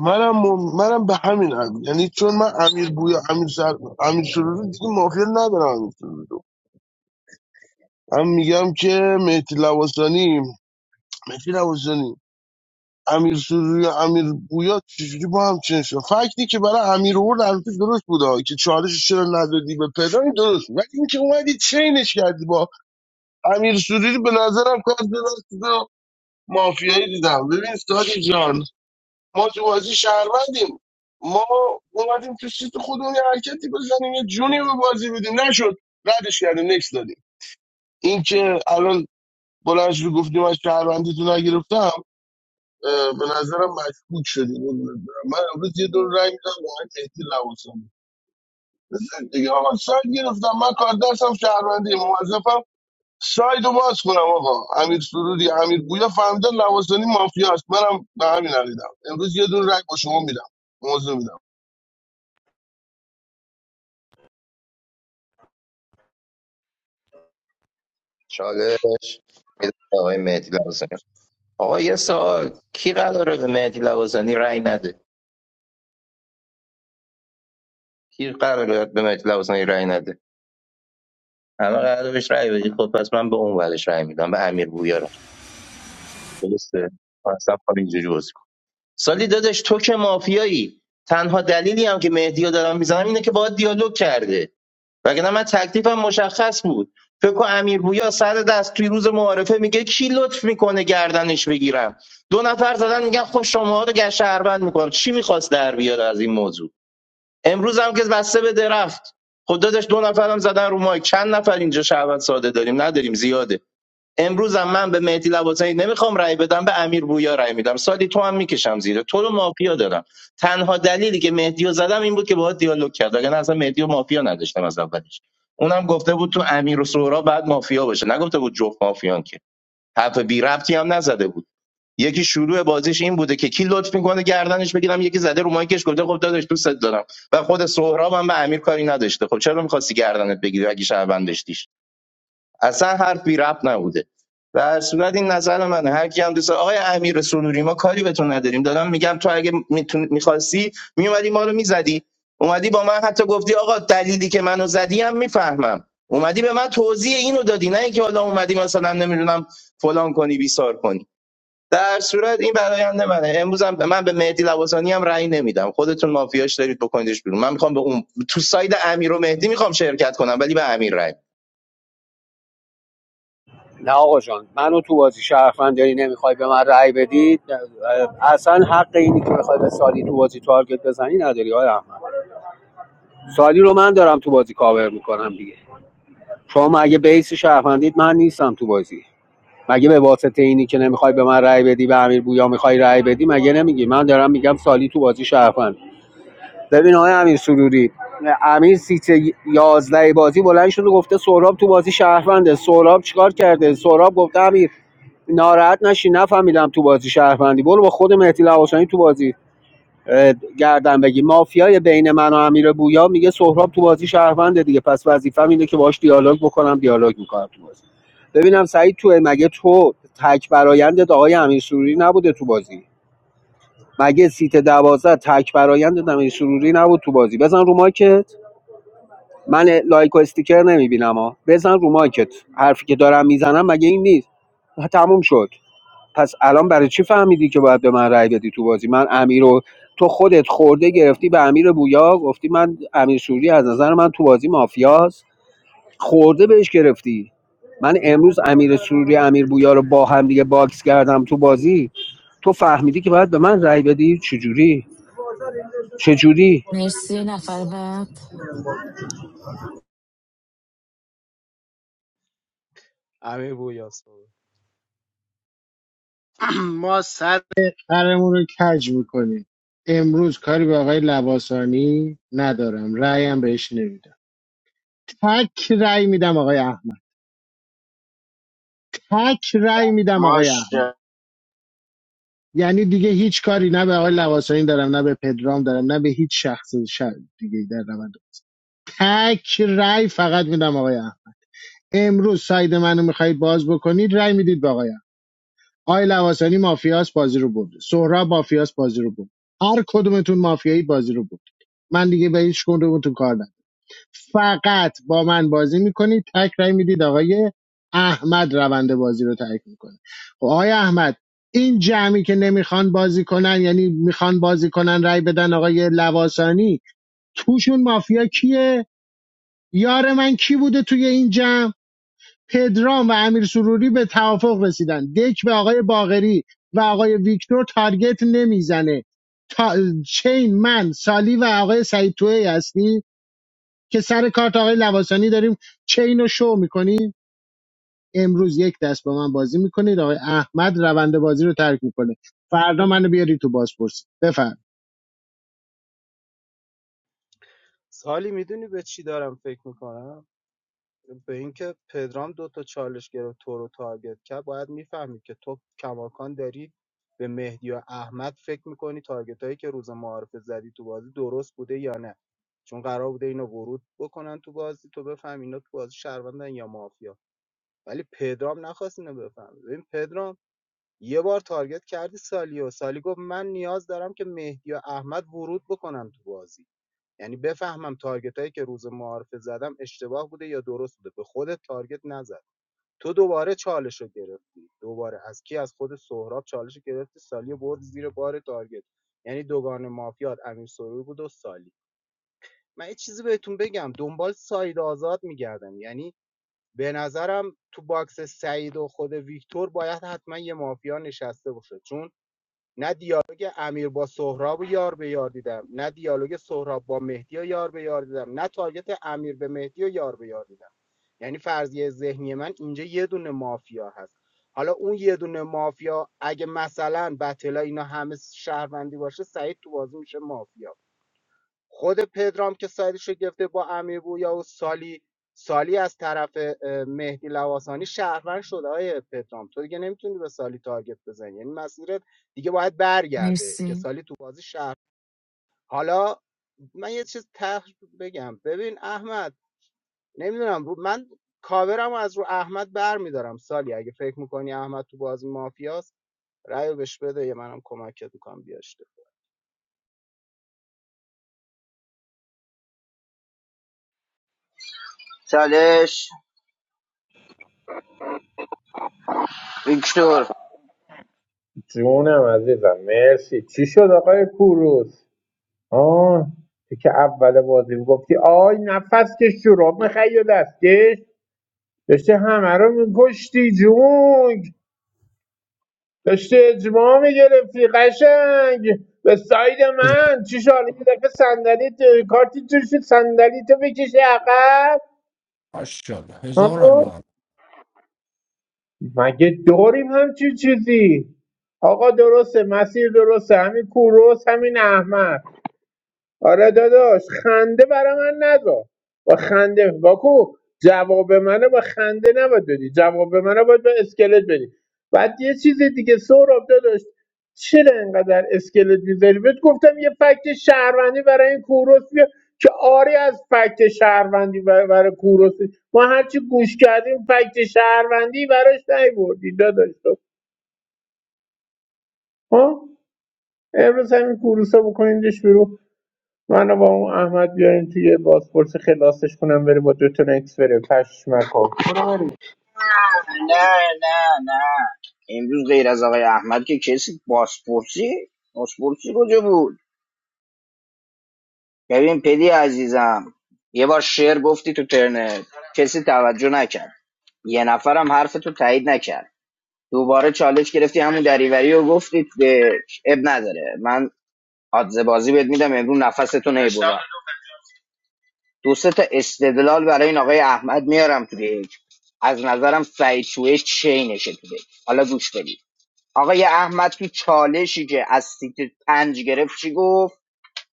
منم منم به همین هم یعنی چون من امیر بویا امیر سر امیر سرور رو دیگه مافیا ندارم امیر سرور رو. من میگم که مهدی لواسانی مهدی لواسانی امیر سروری و امیر بویا چجوری با هم چنین شد فکتی که برای امیر اورد البته درست بوده که چالش چرا ندادی به پدر این درست بود. ولی اینکه اومدی چینش کردی با امیر سروری به نظرم کار درست و مافیایی دیدم ببین سادی جان ما تو بازی شهروندیم ما اومدیم تو سیت خودمون یه حرکتی بزنیم یه جونی به بازی بدیم نشد ردش کردیم نکس دادیم اینکه الان بلند شدی گفتیم از شهروندی تو نگرفتم اه، به نظرم مشکوک شدی قربونت برم. من امروز یه دور رای میدم به آقای مهدی لواسانی بزن دیگه آقا ساید گرفتم من کار دستم شهروندی موظفم ساید رو باز کنم آقا امیر سرودی امیر گویا فهمیدن لواسانی مافیاست منم به همین عقیدم امروز یه دور رای با شما میدم موضوع میدم چالش میدم آقای مهدی لازم آقا یه کی قراره به مهدی لواسانی رأی نده کی قراره به مهدی لواسانی رأی نده همه قراره بهش رأی بدی خب پس من به اون ورش رأی میدم به امیر بویا رأی درسته من اصلا کار اینجوری بازی کن سالی دادش تو که مافیایی تنها دلیلی هم که مهدی رو دارم میزنم اینه که باهات دیالوگ کرده وگرنه من تکلیفم مشخص بود فکر کن امیر بویا سر دست توی روز معارفه میگه کی لطف میکنه گردنش بگیرم دو نفر زدن میگن خب شما رو گشربند میکنم چی میخواست در بیاره از این موضوع امروز هم که بسته به درخت خب داداش دو نفرم زدن رو مایک چند نفر اینجا شهروند ساده داریم نداریم زیاده امروز هم من به مهدی لواسانی نمیخوام رأی بدم به امیر بویا رأی میدم سالی تو هم میکشم زیره تو رو مافیا دارم تنها دلیلی که مهدیو رو زدم این بود که باهات دیالوگ کرد اگر اصلا مهدی و مافیا نداشتم از اولش اونم گفته بود تو امیر و سورا بعد مافیا باشه نگفته بود جفت مافیان که حرف بی ربطی هم نزده بود یکی شروع بازیش این بوده که کی لطف میکنه گردنش بگیرم یکی زده رو مایکش گفته خب داداش دوست دارم و خود سهراب هم به امیر کاری نداشته خب چرا میخواستی گردنت بگیری اگه شهروند داشتیش اصلا حرف بی ربط نبوده در صورت این نظر منه هر کی هم دوست داره. آقای امیر سنوری ما کاری به تو نداریم دادم میگم تو اگه میخواستی میومدی ما رو میزدی اومدی با من حتی گفتی آقا دلیلی که منو زدی هم میفهمم اومدی به من توضیح اینو دادی نه اینکه حالا اومدی مثلا نمیدونم فلان کنی بیسار کنی در صورت این برآیند منه امروز هم من به مهدی لواسانی هم رأی نمیدم خودتون مافیاش دارید بکنیدش بیرون من میخوام به اون تو ساید امیر و مهدی میخوام شرکت کنم ولی به امیر رأی نه آقا جان منو تو بازی شرفمند داری نمیخوای به من رأی بدید اصلا حق اینی که بخوای به سالی تو بازی تارگت بزنی نداری آقا احمد سالی رو من دارم تو بازی کاور میکنم دیگه شما مگه بیس شرفندید من نیستم تو بازی مگه به واسطه اینی که نمیخوای به من رأی بدی به امیر بویا میخوای رأی بدی مگه نمیگی من دارم میگم سالی تو بازی شرفند ببین آقای امیر سروری امیر سیت یازده بازی بلند شده گفته سهراب تو بازی شهرونده سهراب چیکار کرده سهراب گفته امیر ناراحت نشی نفهمیدم تو بازی شهروندی برو با خود مهدی لواسانی تو بازی اه، گردن بگی مافیای بین من و امیر بویا میگه سهراب تو بازی شهرونده دیگه پس وظیفه‌م اینه که باش دیالوگ بکنم دیالوگ میکنم تو بازی ببینم سعید تو مگه تو تک برایندت آقای امیر سروری نبوده تو بازی مگه سیت دوازده تک برایند نمیر سروری نبود تو بازی بزن رو ماکت من لایک و استیکر نمیبینم ها بزن رو ماکت حرفی که دارم میزنم مگه این نیست تموم شد پس الان برای چی فهمیدی که باید به من رأی بدی تو بازی من امیر رو تو خودت خورده گرفتی به امیر بویا گفتی من امیر سوری از نظر من تو بازی مافیاست خورده بهش گرفتی من امروز امیر سروری امیر بویا رو با هم دیگه باکس کردم تو بازی تو فهمیدی که باید به من رأی بدی چجوری چجوری؟ مرسی نفر بعد امیر بویاس ما سر قرمون رو کج میکنیم امروز کاری به آقای لواسانی ندارم رأیم بهش نمیدم تک رأی میدم آقای احمد تک رأی میدم آقای ماش احمد یعنی دیگه هیچ کاری نه به آقای لواسانی دارم نه به پدرام دارم نه به هیچ شخص ش... دیگه در روند تک رأی فقط میدم آقای احمد امروز ساید منو میخواهید باز بکنید رأی میدید به آقای آی لواسانی مافیاس بازی رو برده سهراب مافیاس بازی رو برد هر کدومتون مافیایی بازی رو برد من دیگه به هیچ کدومتون کار ندارم فقط با من بازی میکنید تک رای میدید آقای احمد روند بازی رو ترک میکنه خب آقای احمد این جمعی که نمیخوان بازی کنن یعنی میخوان بازی کنن رای بدن آقای لواسانی توشون مافیا کیه یار من کی بوده توی این جمع پدرام و امیر سروری به توافق رسیدن دک به آقای باقری و آقای ویکتور تارگت نمیزنه تا... چین من سالی و آقای سعید توهی هستی که سر کارت آقای لواسانی داریم چین رو شو میکنیم امروز یک دست با من بازی میکنید آقای احمد روند بازی رو ترک میکنه فردا منو بیاری تو بازپرسی بفرم سالی میدونی به چی دارم فکر میکنم به اینکه پدرام دو تا چالش گرفت تو رو تارگت کرد باید میفهمید که تو کماکان داری به مهدی و احمد فکر میکنی تارگت هایی که روز معارفه زدی تو بازی درست بوده یا نه چون قرار بوده اینو ورود بکنن تو بازی تو بفهم اینا تو بازی شهروندن یا مافیا ولی پدرام نخواست اینو بفهمه ببین پدرام یه بار تارگت کردی سالیو سالی گفت من نیاز دارم که مهدی و احمد ورود بکنن تو بازی یعنی بفهمم تارگت هایی که روز معارفه زدم اشتباه بوده یا درست بوده به خودت تارگت نزد تو دوباره چالش رو گرفتی دوباره از کی از خود سهراب چالش رو گرفتی سالیو برد زیر بار تارگت یعنی دوگان مافیات امیر سروری بود و سالی من یه چیزی بهتون بگم دنبال ساید آزاد میگردم یعنی به نظرم تو باکس سعید و خود ویکتور باید حتما یه مافیا نشسته باشه چون نه دیالوگ امیر با سهراب رو یار به یار دیدم نه دیالوگ سهراب با مهدی رو یار به یار دیدم نه تارگت امیر به مهدی رو یار به یار دیدم یعنی فرضیه ذهنی من اینجا یه دونه مافیا هست حالا اون یه دونه مافیا اگه مثلا بتلا اینا همه شهروندی باشه سعید تو بازی میشه مافیا خود پدرام که سایدش رو گرفته با امیر بویا و سالی سالی از طرف اه، مهدی لواسانی شهروند شده های پدرام تو دیگه نمیتونی به سالی تارگت بزنی یعنی مسیرت دیگه باید برگرده که مرسی سالی تو بازی شهر حالا من یه چیز ته بگم ببین احمد نمیدونم رو من کاورم رو از رو احمد بر میدارم سالی اگه فکر میکنی احمد تو بازی مافیاست رأی رو بهش بده یه منم کمکت میکنم بیاشته چالش ویکتور جونم عزیزم مرسی چی شد آقای کوروس آه تو که اول بازی گفتی آی نفس که شراب مخیل است داشتی همه رو میکشتی جونگ داشتی اجماع میگرفتی قشنگ به ساید من چی شد یه دفعه صندلی کارتی توش صندلی تو بکشی عقب ماشاءالله هزار ها؟ الله مگه داریم همچین چیزی آقا درسته مسیر درسته همین کوروس همین احمد آره داداش خنده برا من نذار با خنده باکو جواب منو با خنده نباید بدی جواب منو باید با اسکلت بدی بعد یه چیز دیگه سهراب داداش چرا انقدر اسکلت میذاری بهت گفتم یه فکت شهروندی برای این کوروس بیا که آری از فکت شهروندی بر- برای کوروس ما هرچی گوش کردیم فکت شهروندی براش نیوردی داداش تو ها امروز همین کوروسا بکنیدش بیرون منو با اون احمد بیارین توی بازپرس خلاصش کنم بره با دو تا نکس بره پشمکو نه نه نه امروز غیر از آقای احمد که کسی باسپورسی باسپورسی کجا بود ببین پدی عزیزم یه بار شعر گفتی تو ترنت کسی توجه نکرد یه نفرم حرف تو تایید نکرد دوباره چالش گرفتی همون دریوری و گفتی به اب نداره من آدزه بازی بهت میدم امروز نفستو نیبودم دو سه تا استدلال برای این آقای احمد میارم تو دیگ از نظرم سعید شویش چینشه تو دیگ حالا گوش بدید آقای احمد تو چالشی که از سیت پنج گرفت چی گفت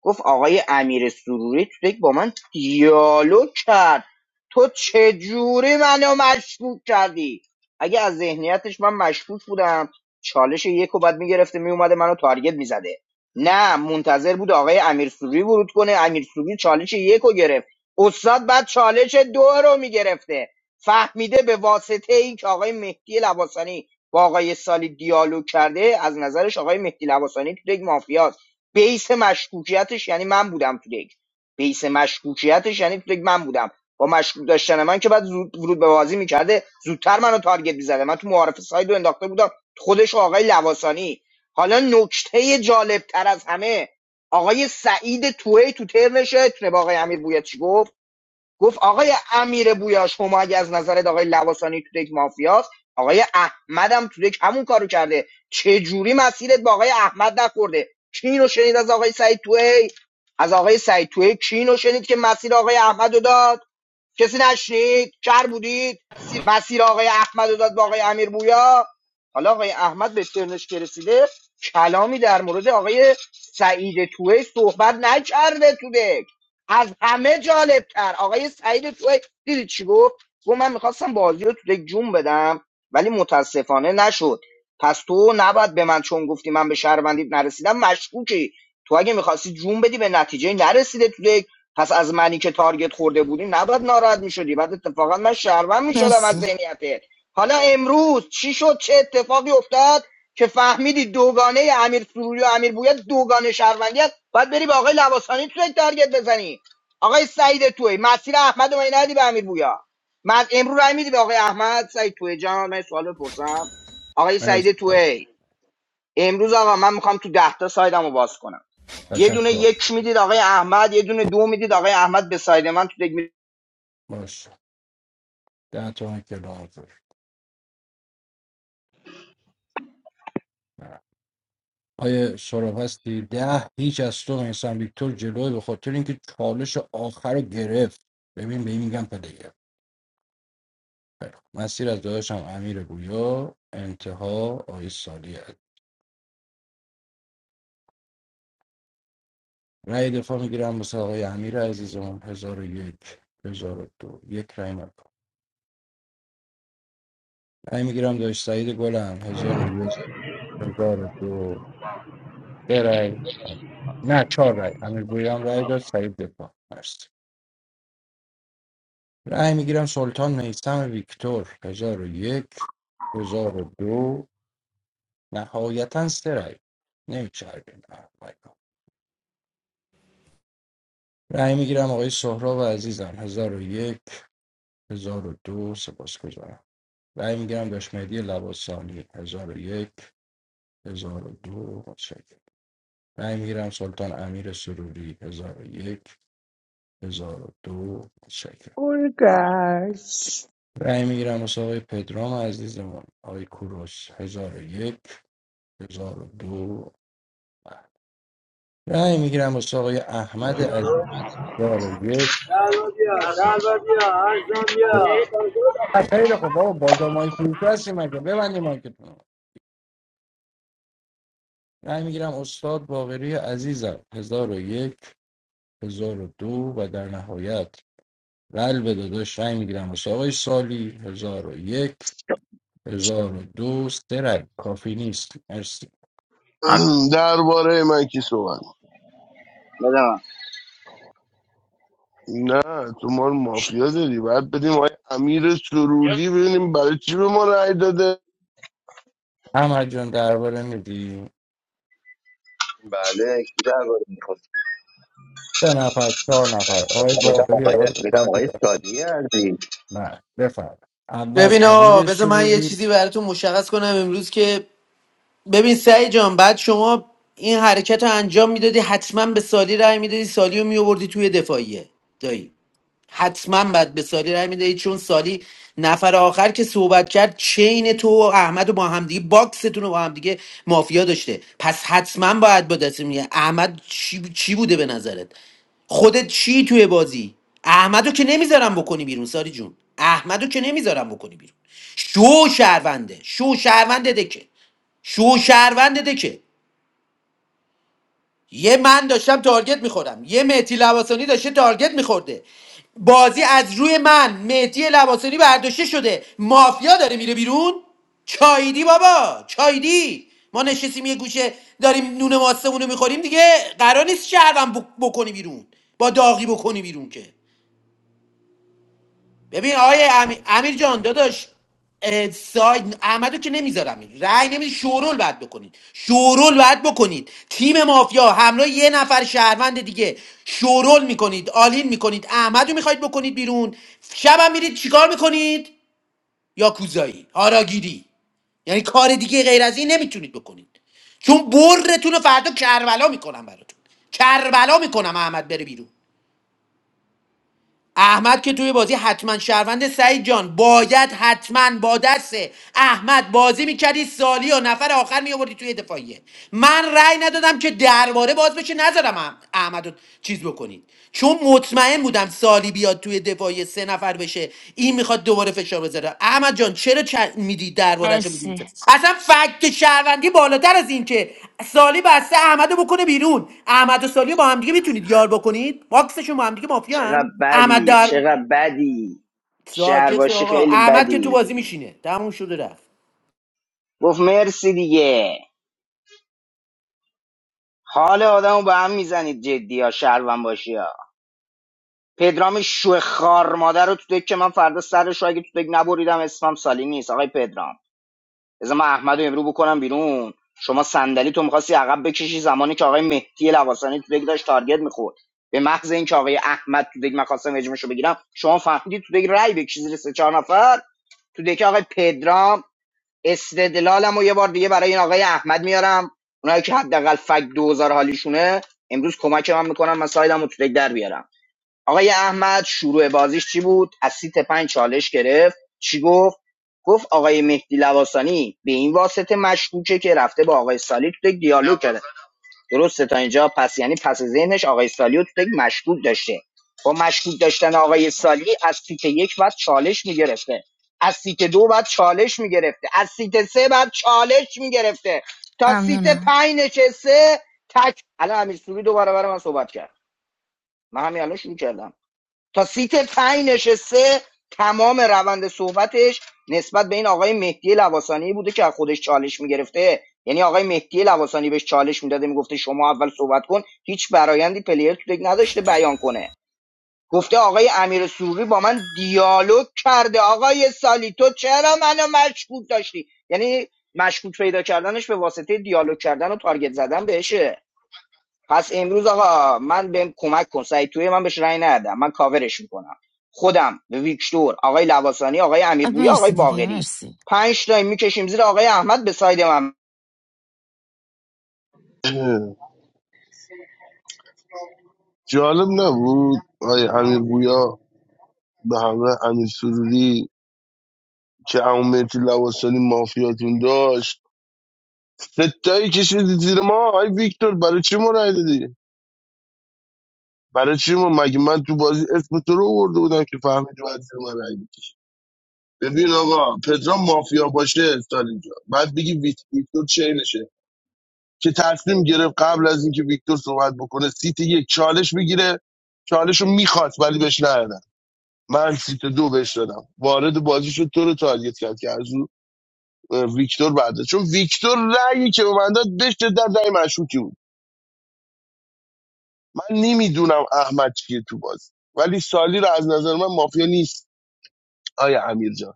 گفت آقای امیر سروری تو یک با من دیالوگ کرد تو چجوری منو مشکوک کردی اگه از ذهنیتش من مشکوک بودم چالش یک و بعد میگرفته میومده منو تارگت میزده نه منتظر بود آقای امیر سروری ورود کنه امیر سروری چالش یک رو گرفت استاد بعد چالش دو رو میگرفته فهمیده به واسطه این که آقای مهدی لباسانی با آقای سالی دیالوگ کرده از نظرش آقای مهدی لباسانی تو یک مافیاست بیس مشکوکیتش یعنی من بودم تو لیگ بیس مشکوکیتش یعنی تو لیگ من بودم با مشکوک داشتن من که بعد زود ورود به بازی میکرده زودتر منو تارگت میزده من تو معارف سایدو رو انداخته بودم خودش آقای لواسانی حالا نکته جالب تر از همه آقای سعید توهی تو ترنش تونه با آقای امیر بویا چی گفت گفت آقای امیر بویا شما اگه از نظرت آقای لواسانی تو یک مافیاست آقای احمدم تو یک همون کارو کرده چه جوری مسیرت با آقای احمد نخورده کی اینو شنید از آقای سعید توهی از آقای سعید توهی کی اینو شنید که مسیر آقای احمد داد کسی نشنید کر بودید مسیر آقای احمد رو داد با آقای امیر بویا حالا آقای احمد به ترنش که رسیده کلامی در مورد آقای سعید توی صحبت نکرده تو دک از همه جالبتر آقای سعید توی دیدی چی گفت گفت من میخواستم بازی رو تو دک جون بدم ولی متاسفانه نشد پس تو نباید به من چون گفتی من به شهروندیت نرسیدم مشکوکی تو اگه میخواستی جون بدی به نتیجه نرسیده تو پس از منی که تارگت خورده بودی نباید ناراحت میشدی بعد اتفاقا من شهروند میشدم از مرسی ذهنیته حالا امروز چی شد چه اتفاقی افتاد که فهمیدی دوگانه امیر سروری و امیر بویا دوگانه شهروندی است باید بری به آقای لواسانی توی تارگت بزنی آقای سعید توی مسیر احمد و ندی به امیر بویا من امروز رای میدی به آقای احمد سعید توی جان من یه سوال بپرسم آقای مرسی سعید توی امروز آقا من میخوام تو ده تا سایدمو باز کنم یه دونه تشکر یک میدید آقای احمد یه دونه دو میدید آقای احمد به ساید من تو دک می- باش ده تا هم که لازم آیه سراب هستی ده هیچ از تو میسن ویکتور جلوی به خاطر اینکه چالش آخر رو گرفت ببین به این میگم پدر خیلی خوب. مسیر از داداشم امیر گویا انتها آقای سالی عزیز رأی دفاع میگیرم واسه آقای امیر عزیزمون هزار و یک هزار و دو یک رأی مکن رأی میگیرم داشت سعید گلم هزار و یک هزار و دو سه رأی نه چهار رأی امیر گویا هم رأی داد سعید دفاع مرسی رأی میگیرم سلطان میسم ویکتور هزار و یک هزار و دو نهایتا سه رأی نمیچربیم رأی میگیرم آقای سهراب عزیزم هزار و یک هزار و دو سپاسگزارم رأی میگیرم داش مهدی لواسانی هزار و یک هزار و دو متشکرم رأی میگیرم سلطان امیر سروری هزار و یک هزار و دو متشکرم گرگش رأی میگیرم واسه آقای پدرام عزیزمون آقای کوروش هزار و یک هزار و دو رأی میگیرم واسه آقای احمد عزیز هزار و یک خیلی خب بابا بازار مایک فروش مگه ببندی مایکتون رای میگیرم استاد باقری عزیزم هزار و یک هزار و دو و در نهایت قلب داداش رأی میگیرم واسه آقای سالی هزار و یک هزار و دو سه رأی کافی نیست مرسی ام- درباره من کی صحبت بده نه تو ما رو مافیا داری باید بدیم آقای امیر سرودی ببینیم برای چی به ما رای داده احمد جان درباره میدی بله کی درباره میخواد؟ سه نفر چهار نفر آقای باقری آقای سالی نه بفرم اول ببین آقا امیر بذار من یه سروری چیزی براتون مشخص کنم امروز که ببین سعی جان بعد شما این حرکت رو انجام میدادی حتما به سالی رای میدادی سالی رو میآوردی توی دفاعیه دایی حتما باید به سالی رای میدهید چون سالی نفر آخر که صحبت کرد چین تو و احمد و با همدیگه باکستون رو با همدیگه مافیا داشته پس حتما باید با دست میگه احمد چی, چی بوده به نظرت خودت چی توی بازی احمدو که نمیذارم بکنی بیرون ساری جون احمدو که نمیذارم بکنی بیرون شو شهرونده شو شهرونده دکه شو شهرونده دکه یه من داشتم تارگت میخورم یه مهدی لواسانی داشته تارگت میخورده بازی از روی من مهدی لواسانی برداشته شده مافیا داره میره بیرون چایدی بابا چایدی ما نشستیم یه گوشه داریم نون ماستمون رو میخوریم دیگه قرار نیست شهرم بکنی بیرون با داغی بکنی بیرون که ببین آقای امیر, امیر جان داداش اه، ساید احمدو که نمیذارم رأی نمیدی شورول باید بکنید شورول باید بکنید تیم مافیا همراه یه نفر شهروند دیگه شورول میکنید آلین میکنید احمدو میخواید بکنید بیرون شبم میرید چیکار میکنید یاکوزایی هاراگیری یعنی کار دیگه غیر از این نمیتونید بکنید چون برتون رو فردا کربلا میکنم براتون کربلا میکنم احمد بره بیرون احمد که توی بازی حتما شهروند سعید جان باید حتما با دست احمد بازی میکردی سالی و نفر آخر میآوردی توی دفاعیه من رأی ندادم که درباره باز بشه نذارم اح- احمد رو چیز بکنید چون مطمئن بودم سالی بیاد توی دفاعیه سه نفر بشه این میخواد دوباره فشار بذاره احمد جان چرا چ... میدی درباره تو می‌دی؟ مرسی اصلا فکت شهروندی بالاتر از این که سالی بسته احمد بکنه بیرون احمد و سالی رو با همدیگه میتونید یار بکنید باکسشون با همدیگه مافیان چقدر احمد بدی در چقدر بدی شهر ساکت شو باشی آقا خیلی احمد که تو بدی بازی میشینه تموم شده رفت گفت مرسی دیگه حال آدمو به هم میزنید جدی ها شهروند باشی ها پدرام شوه خار مادر رو تو دک که من فردا سرش رو اگه تو دک نبریدم اسمم سالی نیست آقای پدرام بذار من احمدو رو امرو بکنم بیرون شما صندلی تو میخواستی عقب بکشی زمانی که آقای مهدی لواسانی تو دک داشت تارگت میخورد به محض اینکه آقای احمد تو دک من خواستم اجمهش بگیرم شما فهمیدی تو دک رای بکشی زیر سه چهار نفر تو دک آقای پدرام استدلالم و یه بار دیگه برای این آقای احمد میارم اونایی که حداقل فک دو هزار حالیشونه امروز کمک من میکنن من سایدم رو تو دک در بیارم آقای احمد شروع بازیش چی بود از سیت پنج چالش گرفت چی گفت گفت آقای مهدی لواسانی به این واسطه مشکوکه که رفته با آقای سالی تو یک دیالوگ کرده درسته تا اینجا پس یعنی پس ذهنش آقای سالی رو تو یک مشکوک داشته با مشکوک داشتن آقای سالی از سیت یک بعد چالش میگرفته از سیت دو بعد چالش میگرفته از سیت سه بعد چالش میگرفته تا سیت ممنونم پنج نشسته تک الان امیر سوری دوباره برای من صحبت کرد من همین الان شروع کردم تا سیت پنج نشسته تمام روند صحبتش نسبت به این آقای مهدی لواسانی بوده که از خودش چالش میگرفته یعنی آقای مهدی لواسانی بهش چالش میداده میگفته شما اول صحبت کن هیچ برایندی پلیر تو دک نداشته بیان کنه گفته آقای امیر سروری با من دیالوگ کرده آقای سالی تو چرا منو مشکوک داشتی یعنی مشکوک پیدا کردنش به واسطه دیالوگ کردن و تارگت زدن بهشه پس امروز آقا من بهم کمک کن سعید توی من بهش رأی ندادم من کاورش میکنم خودم به ویکتور آقای لواسانی آقای آه، امیر بویا آقای مرسی دیگه باقری مرسی پنج تا میکشیم زیر آقای احمد به ساید من جالب نبود آقای امیر گویا به همراه امیر سروری که عمومیتی لواسانی مافیاتون داشت ستایی کشیدی زیر ما آی ویکتور برای چی ما رای دادی برای چی ما مگه من تو بازی اسم تو رو آورده بودم که فهمیدی باید زیر من رای بکشی ببین آقا پدرام مافیا باشه سال اینجا بعد بگی ویت- ویکتور چه نشه که تصمیم گرفت قبل از اینکه ویکتور صحبت بکنه سیت یک چالش بگیره چالش رو میخواست ولی بهش ندادن من سیت دو بهش دادم وارد بازی شد تو رو تارگت کرد که ویکتور بعده چون ویکتور رأیی که به من داد به شدت رأی مشکوکی بود من نمیدونم احمد چیه تو بازی ولی سالی رو از نظر من مافیا نیست آیا امیر جان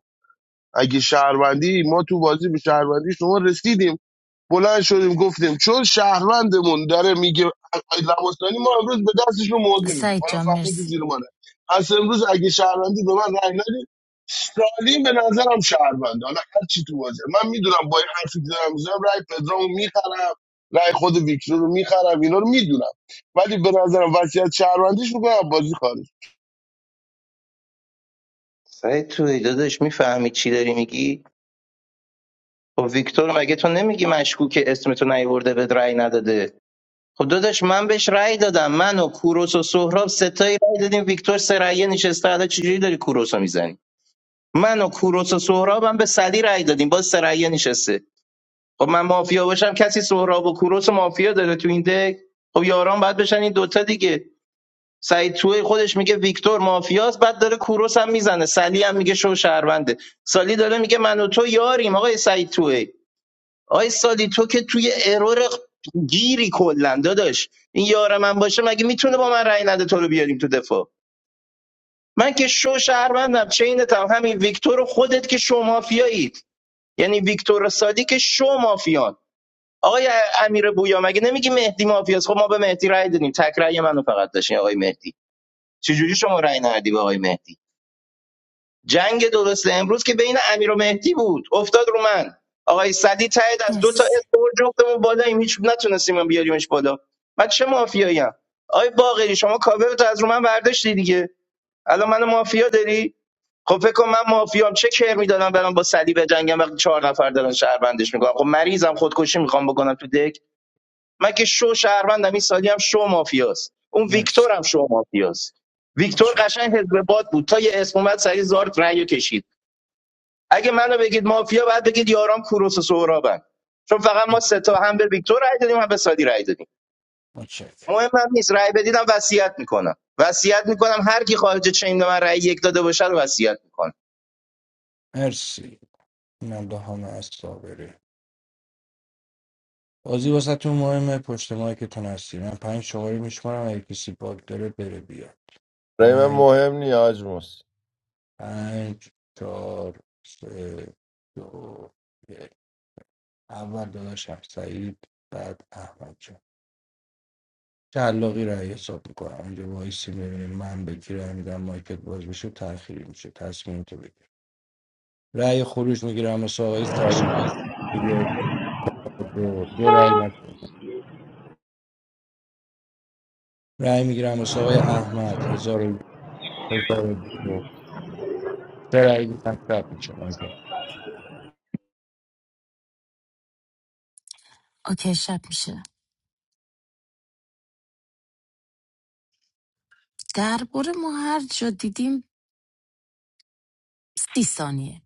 اگه شهروندی ما تو بازی به شهروندی شما رسیدیم بلند شدیم گفتیم چون شهروندمون داره میگه لباسانی ما امروز به دستش رو موضوع میدیم سعید حالا جان فهمیدی مرسی زیر منه پس امروز اگه شهروندی به من رأی ندید سالیم به نظرم شهرونده حالا هر چی تو واجه من میدونم با این حرفی که دارم میزنم رأی پدرامو میخرم رأی خود ویکتور رو میخرم اینا رو میدونم ولی به نظرم وضعیت شهروندیش میکنم بازی خارج سعید توی داداش میفهمی چی داری میگی خب ویکتور مگه تو نمیگی مشکوک تو نیورده به رأی نداده خب داداش من بهش رأی دادم من و کوروس و سهراب ستایی رأی دادیم ویکتور سه رأیه نشسته حالا چجوری داری کوروسو میزنی من و کوروس و سهراب هم به سلی رأی دادیم باز سه رأیه نشسته خب من مافیا باشم کسی سهراب و کوروس و مافیا داره تو این دک خب یاران باید بشن این دوتا دیگه سعید توی خودش میگه ویکتور مافیاست بعد داره کوروس هم میزنه سلی هم میگه شو شهرونده سالی داره میگه من و تو یاریم آقای سعید توی آقای سالی تو که توی ارور گیری کلا داداش این یار من باشه مگه میتونه با من رأی نده تو رو بیاریم تو دفاع من که شو شهروندم چینتم همین ویکتور و خودت که شو مافیایید یعنی ویکتور و سالی که شو مافیان آقای امیر بویا مگه نمیگی مهدی مافیاست خب ما به مهدی رأی دادیم تک رأی منو فقط داشتین آقای مهدی چجوری شما رأی ندادی به آقای مهدی جنگ درست امروز که بین امیر و مهدی بود افتاد رو من آقای سدی تایید از دو تا مرسی اسکور جفتمون بالاییم هیچ نتونستیم بیاریمش بالا من چه مافیایی آقای باقری شما کاورتو از رو من برداشتی دیگه الان منو مافیا داری خب فکر کن من مافیام چه کر میدادم برام با سلی بجنگم وقتی چهار نفر دارن شهر بندش میکنم خب مریضم خودکشی میخوام بکنم تو دک من که شو شهروندم این سالی هم شو مافیاست اون مرسی ویکتور هم شو مافیاست ویکتور متشکرم قشنگ حزب باد بود تا یه اسم اومد سری زارت رأیو کشید اگه منو بگید مافیا بعد بگید یارام کوروس و سهرابن چون فقط ما سه تا هم به ویکتور رأی دادیم هم به سالی رأی دادیم متشکرم مهم هم نیست رأی بدیدم وصیت میکنم وصیت میکنم هر کی خارج چین به من رأی یک داده باشه رو وصیت میکنم مرسی اینم دهان از صابری بازی واسهتون مهمه پشت مایکتون هستی من پنج شماره میشمارم اگه کسی باگ داره بره بیا برای من پنج مهم نی حاج موس پنج چهار سه دو یک اول داداشم سعید بعد احمد جان تعلاقی رو حساب میکنم اونجا وایسی میبینیم من بگیرم میدم مایکت باز بشه تأخیری میشه تصمیم تو بگیر رأی خروج میگیرم واسه آقای سعید یک دو دو رأی من رأی میگیرم واسه آقای احمد هزار و- یک، هزار و دو. سرعی دیدم شب میشه مایکا اوکی شب میشه درباره ما هر جا دیدیم سی ثانیه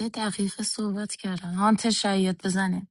یه دقیقه صحبت کردن هانتر شاید بزنه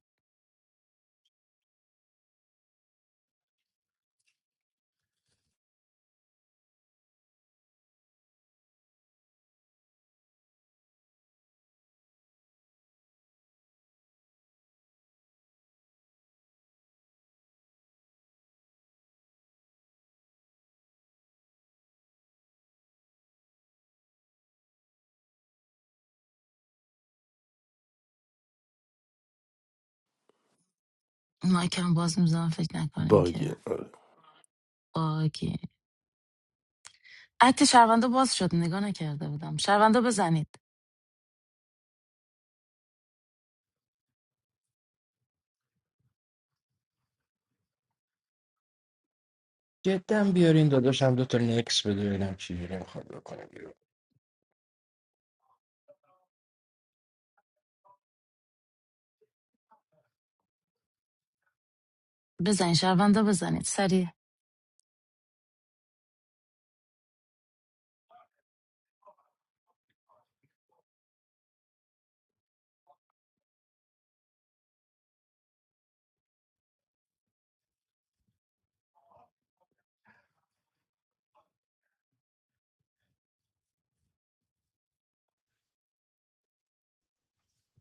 مایکم باز میزنم فکر نکنین باگه که آره. باگین. عکت شهروندا باز شد نگاه نکرده بودم شهروندا بزنید جدا بیارین داداشم دو تا نکس بده ببینم چی جوری میخواد بکنه بیرون بزنید شهروندا بزنید سریع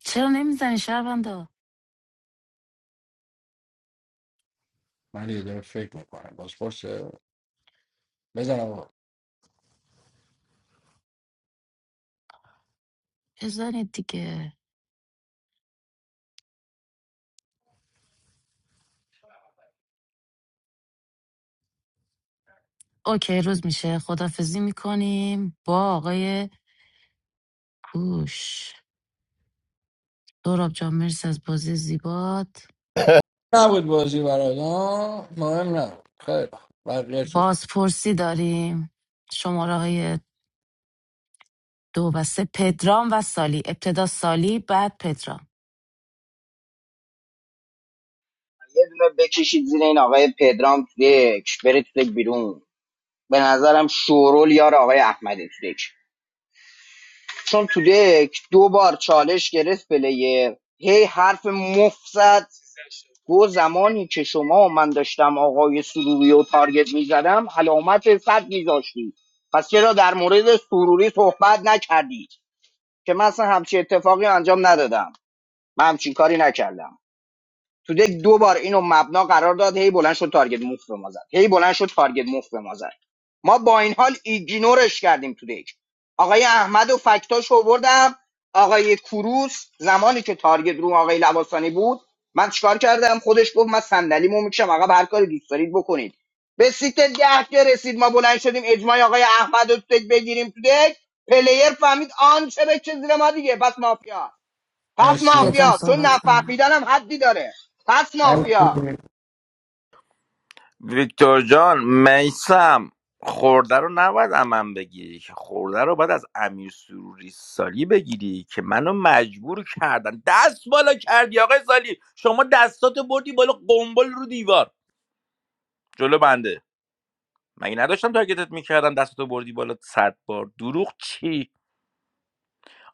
چرا نمیزنید شهروندا من یه داره فکر میکنم باز پرسه بزنم آقا بزنید دیگه اوکی روز میشه خدافزی میکنیم با آقای کوش دوراب جان مرسی از بازی زیبات نبود بازی برات ها مهم نبود خیلی خوب. بقیه شد بازپرسی داریم شماره های دو و سه پدرام و سالی ابتدا سالی بعد پدرام یه دونه بکشید زیر این آقای پدرام تو یک برید تو یک بیرون به نظرم شورول یار آقای احمد تو یک چون تو دک دو بار چالش گرفت پلیر هی حرف مفت گو زمانی که شما و من داشتم آقای سروری و تارگت میزدم علامت صد میذاشتی پس چرا در مورد سروری صحبت نکردی که من اصلا همچین اتفاقی انجام ندادم من همچین کاری نکردم تو دک دو بار اینو مبنا قرار داد هی بلند شد تارگت موف به ما زد هی بلند شد تارگت موف به ما زد ما با این حال ایگنورش کردیم تو دک آقای احمد و فکتاش آوردم آقای کوروس زمانی که تارگت رو آقای لباسانی بود من چیکار کردم خودش گفت من صندلیمو میکشم آقا هر کاری دوست دارید بکنید به سیت ده که رسید ما بلند شدیم اجماع آقای احمد رو تو دک بگیریم تو دک پلیر فهمید آن چه به چه زیر ما دیگه بس مافیا پس مرسی پدرام مافیا چون صحبت کنم نفهمیدنم حدی داره پس مافیا مرسی ویکتور جان میسم خورده رو نباید امن بگیری که خورده رو باید از امیر سروری سالی بگیری که منو مجبور کردن دست بالا کردی آقای سالی شما دستاتو بردی بالا قنبل رو دیوار جلو بنده مگه نداشتم تارگتت میکردم دستاتو بردی بالا صد بار دروغ چی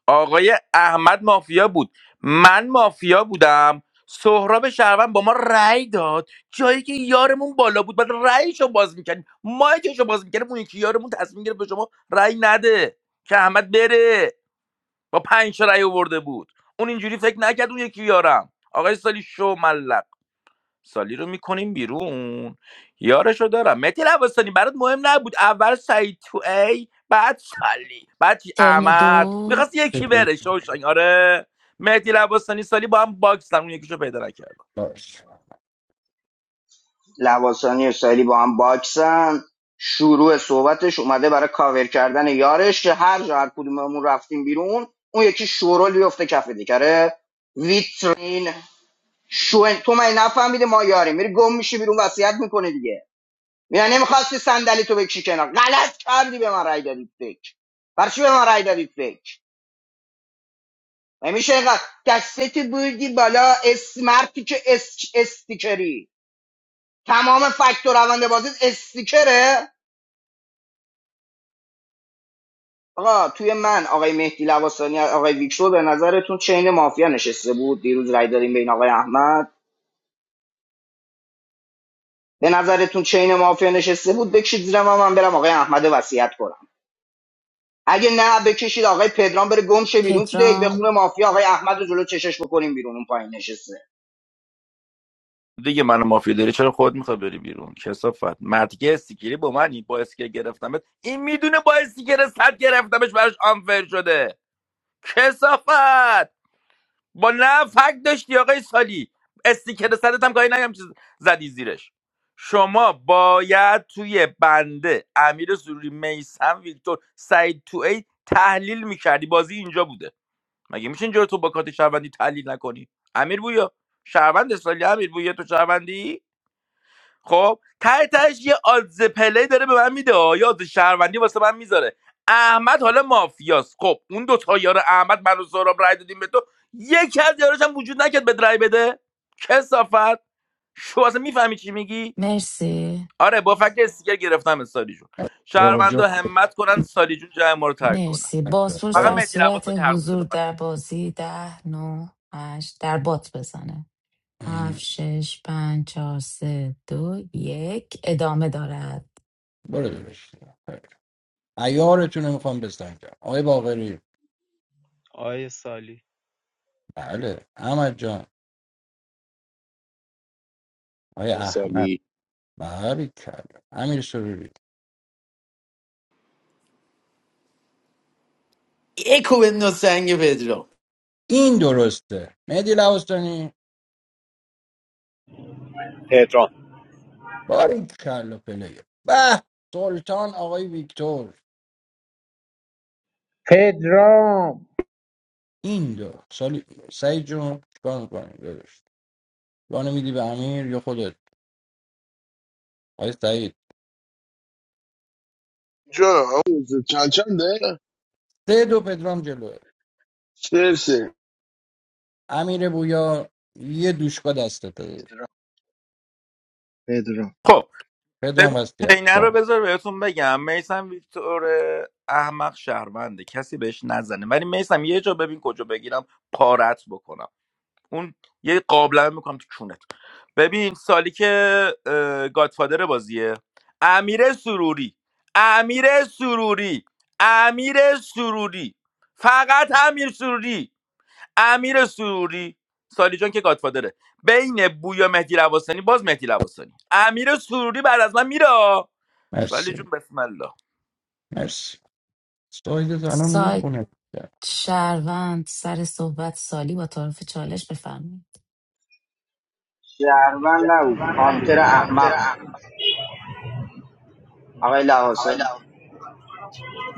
آقای احمد مافیا بود من مافیا بودم سهراب شهروند با ما رأی داد جایی که یارمون بالا بود بعد رأیشو باز میکردیم مایکشو باز میکردیم اون یکی یارمون تصمیم گرفت به شما رأی نده که احمد بره با پنج تا رأی آورده بود اون اینجوری فکر نکرد اون یکی یارم آقای سالی شو ملق سالی رو میکنیم بیرون یارش رو دارم متی لباسانی برات مهم نبود اول سعید تو ای بعد سالی بعد چی ترن احمد دو میخواست یکی مرسی. بره شوشنگ آره مهدی لباسانی سالی با هم باکسن اون یکیشو پیدا نکردم باش لواسانی اسرائیلی با هم باکسن شروع صحبتش اومده برای کاور کردن یارش که هر جا هر کدوممون رفتیم بیرون اون یکی شورول بیفته کف دیگره ویترین شو تو من نفهمیده ما یاری میری گم میشی بیرون وصیت میکنه دیگه میگن نمیخواستی صندلی تو بکشی کنار غلط کردی به من رای دادی فکر برای چی به من رای دادی فکر و میشه اینقدر دستت بردی بالا اسمرتی که اس... استیکری تمام فاکتور روند بازی استیکره آقا توی من آقای مهدی لواسانی آقای ویکتور به نظرتون چین مافیا نشسته بود دیروز رای دادیم بین آقای احمد به نظرتون چین مافیا نشسته بود بکشید زیر ما من برم آقای احمد رو وصیت کنم اگه نه بکشید آقای پدرام بره گم شه بیرون تو دیگ پدرام بخونه مافیا آقای احمد رو جلو چشش بکنیم بیرون اون پایین نشسته دیگه منو مافیا داری چرا خود میخوای بری بیرون کسافت مردی که استیکری با منی با اسکر گرفتمت این میدونه با استیکر صد گرفتمش براش آنفر شده کسافت با نه فکت داشتی آقای سالی استیکر سرت هم گاهی نگم چیز زدی زیرش شما باید توی بنده امیر سروری میسم ویکتور سعید تو ای تحلیل میکردی بازی اینجا بوده مگه میشه اینجا رو تو با کارت شهروندی تحلیل نکنی امیر بویا شهروند سالی امیر بویا تو شهروندی خب ته تهش یه آدز پلی داره به من میده آه. یه آدز شهروندی واسه من میذاره احمد حالا مافیاست خب اون دو تا یار احمد من و سهراب رای دادیم به تو یکی از یاراش هم وجود نکرد به رای بده کسافت شو اصلا میفهمی چی میگی مرسی آره با فکر استیکر گرفتم از سالی جون یا آقا شهروندا جفت همت کنن سالی جون جای ما رو ترک کنن مرسی بزنید. بازپرس فقط در مهدی صورت لواسانی حق داره حضور ببره در بازی ده نو هشت در بات بزنه هفت خیلی. شش پنج چهار سه دو یک ادامه دارد برو داداش خیلی. عیارتون رو میخوام بزنم آقای باقری آیه سالی بله احمد جان آقای آقای احمد سالی بله کرد امیر سروری اکو بنداز سنگ پدرام این درسته مهدی لواسانی تهران باری کلا پلیر به سلطان آقای ویکتور پدرام این دو سالی سعید جون چیکار میکنی درست وانه میدی به امیر یا خودت آقای سعید جان چند چنده سه دو پدرام جلوه سه سه. امیر بویا یه دوشکا دستته پدرام. پدرام خب پدرام ببین وسیعت چینه رو کن بذار بهتون بگم میسم ویکتور احمق شهرونده کسی بهش نزنه ولی میسم یه جا ببین کجا بگیرم پارت بکنم اون یه قابلمه میکنم تو چونت ببین سالی که اه، گادفادر بازیه امیر سروری امیر سروری امیر سروری فقط امیر سروری امیر سروری سالی جان که گادفادره بین بویا مهدی لواسانی باز مهدی لواسانی امیر سروری بعد از من میره سالی جون مرسی بسم الله مرسی سایدت الان سایت میخونه شهروند سر صحبت سالی با تعارف چالش بفرمایید شهروند نبود هانتر احمق بود آقای لواسانی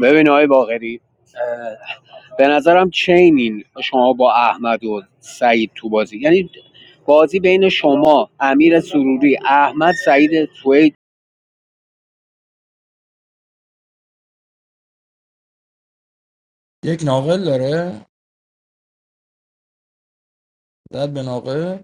ببین آقای باقری به نظرم چینین شما با احمد و سعید تو بازی یعنی بازی بین شما امیر سروری احمد سعید توی یک ناقل داره زد به ناقل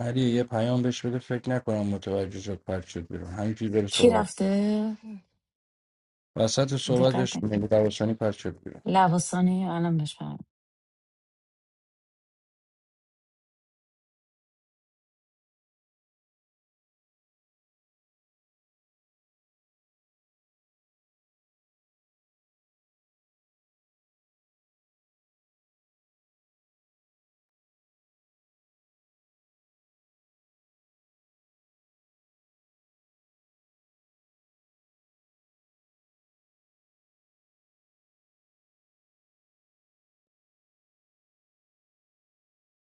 علی یه پیام بهش بده فکر نکنم متوجه شد پرت شد بیرون همینجوری بره کی صحبت رفته وسط دقت صحبتش نکرد ملی روشانی پرت شد بیرون لواسانی الان بفرم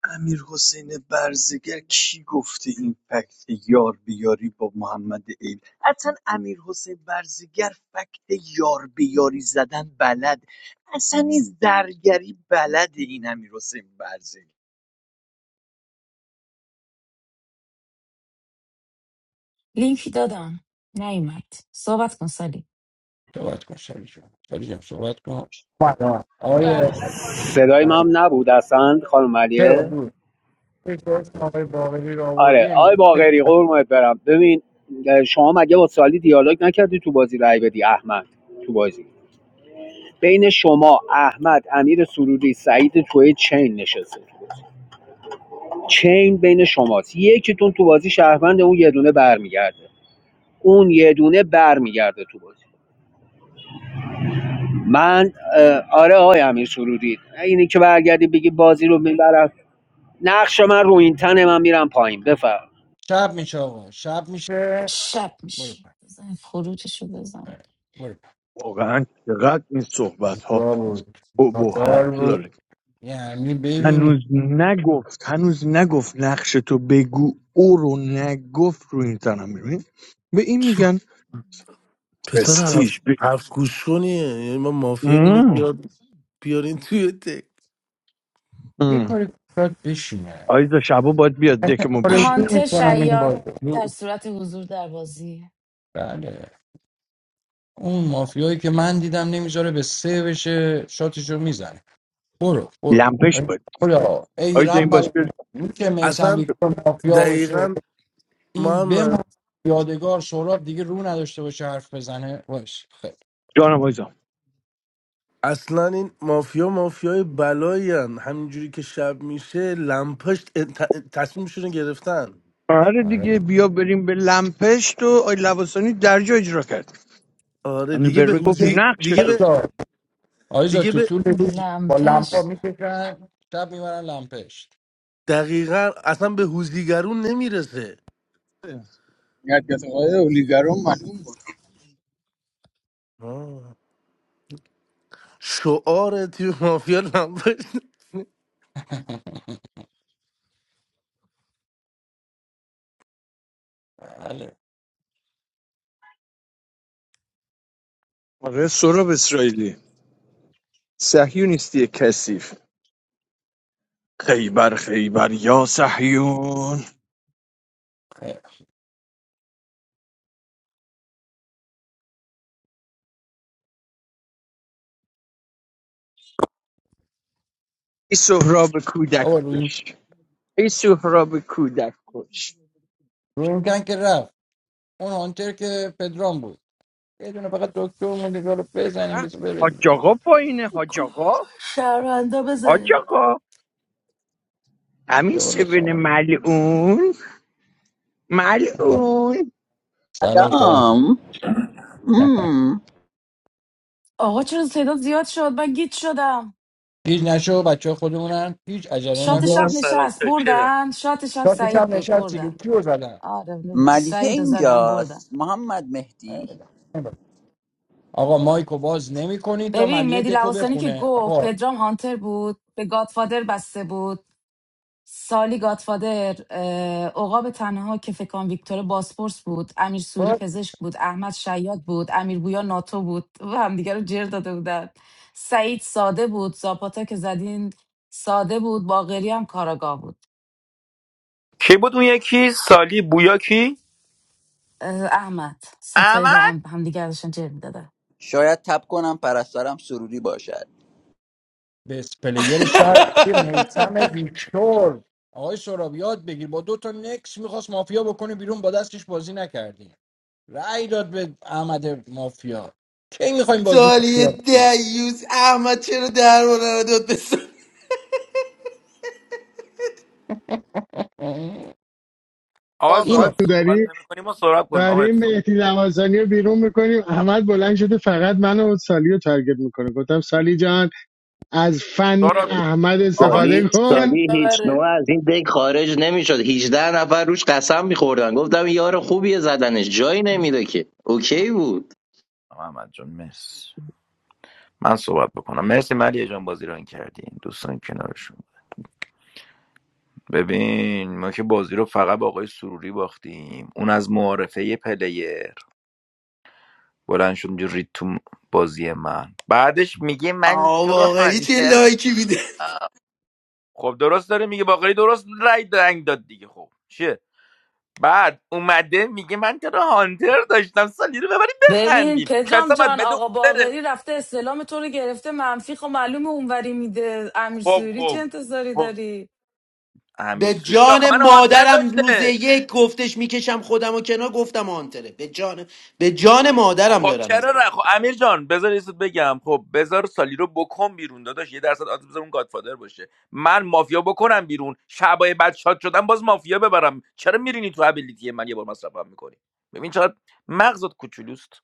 امیر حسین برزگر کی گفته این فکت یار بیاری با محمد ایل اصلا امیر حسین برزگر فکت یار بیاری زدن بلد اصلا درگری بده این امیر حسین برزگر لینکی دادم نیومد صحبت کن سالی صحبت کن شریف جان شریف جان صحبت کن بله. آقای صدای من هم نبود اصلا خانم چرا علیه بود فکر اسم آقای باقری رو آوردی آره انگار آقای فکر باقری می‌کنم. قرمت برم ببین شما مگه با سالی دیالوگ نکردی تو بازی رای بدی احمد تو بازی بین شما احمد امیر سروری سعید توی چین نشسته چین بین شماست یکیتون تو بازی شهروند اون یه دونه برمیگرده اون یه دونه برمیگرده تو بازی من آره آقای امیر سرودی اینی که برگردی بگی بازی رو میبرم نقش من رو این تنه من میرم پایین بفر شب میشه آقا شب میشه شب برو میشه پای بزن خروجشو بزن برو پای واقعا چقدر این صحبت ها را بود ابهت ناتار بود داره یعنی ببین هنوز نگفت هنوز نگفت نقش تو بگو او رو نگفت رو این تنم میبین به این میگن پسر پرستیژ هفت هفت گوش کنیه یعنی من مافیا اینو بیار بیارین توی تک یه کاری کنید بشینه آیدا شبا باید بیاد من دکمون بشینم آرزو هانتر میکنم این شیاد بازو در صورت حضور در بازی بله اون مافیایی که من دیدم نمیذاره به سه بشه شاتشو میزنه برو برو لمپش ای باید خدا ای آیدا این رب باز بیاد العالمین که میسم اصلا ویکتور مافیا باشه دقیقا این بمون محمد یادگار سهراب دیگه رو نداشته باشه حرف بزنه باش خیلی جانم آیدا اصلا این مافیا مافیای بلایی هن. همینجوری که شب میشه لمپش ت- تصمیمشون رو گرفتن آره آره دیگه بیا بریم به لمپشت و آی لباسانی درجا اجرا کرد آره من دیگه به به روی گفت هوزی نقش دیگه تو به آیزا آیزا دیگه تو به طول روز با لمپا لمپش میکشن شب میبرن لمپشت دقیقا اصلا به هوزیگرون نمیرسه مرکز آقای اولیگرام معلوم بود آه. شعار تیم مافیا لمپش بله آره سراب اسرائیلی صهیونیستی کثیف خیبر خیبر یا صهیون خیلی. ای سهراب کودک آقا روی این کش ای سهراب کودک کش روی این تن که رفت اون هانتر که پدرام بود یه دونه فقط دکتر مونده که رو بزنیم بس بره حاج دیگه. آقا پایینه حاج آقا شهروندا حاج بزنید آقا همین بیا بالا سیبین سامان ملعون آه. ملعون سلام سامان سلام مم. آقا چرا تعداد زیاد شد من گیت شدم گیج نشو بچه خودمونن هیچ عجله I'm شات not شب a نکن side of نشست the chair. بردن شات شب شاتش سعید هم بود نشستی که بردن کیو زدن آره نبود ملیحه سعید رو زدم بردن اینجاست محمد مهدی آقا مایکو باز نمی کنی تا ببین ملیه مهدی دکو لواسانی که بخونه گفت آقا پدرام هانتر بود به گادفادر بسته بود سالی گاتفادر عقاب تنها که فکان ویکتور باسپورس بود امیر سوری باز پزشک بود احمد شیاد بود امیر بویا ناتو بود و همدیگه رو جر داده بودن سعید ساده بود زاپاتا که زدین ساده بود باقری هم کاراگاه بود کی بود اون یکی سالی بویا کی اه، احمد ستایی با احمد هم همدیگه داشتن جر میدادن شاید تب کنم پرستارم سروری باشد بس پلیر شهر آقای میسم ویکتور آقای سراب یاد بگیر با دو تا نکس میخواست مافیا بکنه بیرون با دستش بازی نکردی رأی داد به احمد مافیا کی میخوایم بازی سالی مافیا دیوز احمد چرا درباره رو داد به سالی؟ کنیم؟ آقا این سراب تو صحبت داری نمی‌کنیم ما سراب کنیم آقا داریم مهدی لواسانی رو بیرون میکنیم احمد بلند شده فقط منو و سالی رو تارگت میکنه گفتم سالی جان از فن سراب احمد آقا سالی استفاده چی چه کن سالی هیچ نوع خبره از این دک خارج نمیشد 18 نفر روش قسم میخوردن گفتم یار خوبیه زدنش جایی نمیده که اوکی بود آقا احمد جان مرسی من صحبت بکنم مرسی ملیه جان بازی ران کردین دوستان کنارشون ببین ما که بازی رو فقط با آقای سروری باختیم اون از معارفه پلیر بلند شد اونجا رید تو بازی من بعدش میگه من آقا تو رو باقری چه هانتر لایکی میده دارم خب درست داره میگه باقری درست رای دنگ داد دیگه خب چیه بعد اومده میگه من تو رو هانتر داشتم سالی رو ببریم ببین بخندیم پدرام کسا باید جان بده اون آقا بره باقری رفته اسلام تو رو گرفته منفی خب معلومه اونوری میده امیر خب سوری چه خب انتظاری خب داری امیر به سوری آخه جان منو هانتر مادرم روز داشته یک گفتش میکشم خودم و کنار گفتم آنتره به جان به جان مادرم خب دارم میگم چرا نه خب امیر جان بذار یه چیز بگم خب بذار سالی رو بکن بیرون داداش یه درصد آدم بذار اون گادفادر باشه من مافیا بکنم بیرون شبای بعد شاد شدم باز مافیا ببرم چرا میرینی تو ابیلیتی من یه بار مصرفم میکنی ببین چقدر مغزت کوچولوست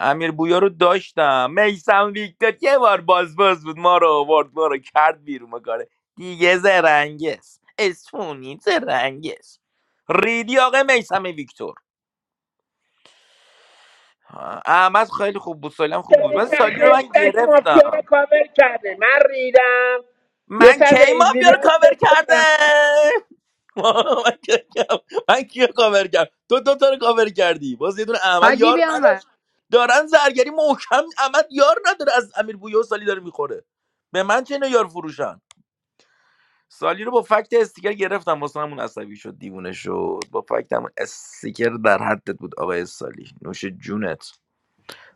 امیر بویا رو داشتم میسم ویکتور یه بار باز باز بود ما رو آورد ما رو کرد بیرون کاره دیگه زرنگس اسفونی زرنگس ریدی آقا میسم ویکتور آه، احمد خیلی خوب بود سالی هم تا خوب بود من سالی رو من خشتک مافیا رو گرفتم کاور کرده من ریدم یه من کی سر به ایزی مافیا رو لایف کاور کرده بدم من کی من کیو کاور کرد تو دو تا رو کاور کردی باز یه دونه Hi, احمد یار Gbemwa. نداشت دارن زرگری محکم احمد یار نداره از امیر بویا و سالی داره میخوره به من چه اینا یار فروشن سالی رو با فکت استیکر گرفتم واسه همون عصبی شد دیوونه شد با فکت همون استیکر در حدت بود آقای سالی نوش جونت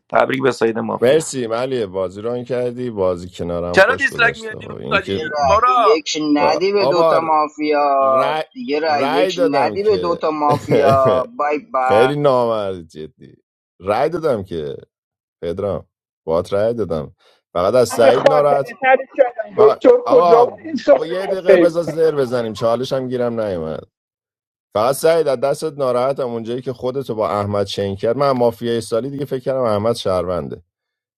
تبریک به ساید مافیا مرسی ملیه بازی رو آن کردی بازی کنارم چرا خوش دیسلک گذشته میادی و رو اینکه دیگه سالی رأی سارا یک و- ندی به دوتا آبار مافیا رای, دیگه رأی رای یک دادم ندی به که دوتا مافیا بای بای خیلی نامرد جدی رای دادم که پدرام بات رای دادم فقط از همه سعید خاطره ناراحت سر شدن و دکتر کجا آقا بود این و شغل رو یه با دقیقه سیف بذار کنه زر بزنیم چالش هم گیرم نیومد فقط سعید از دستت ناراحتم اونجایی که خودتو با احمد چین کرد من مافیای سالی دیگه فکر کردم احمد شهرونده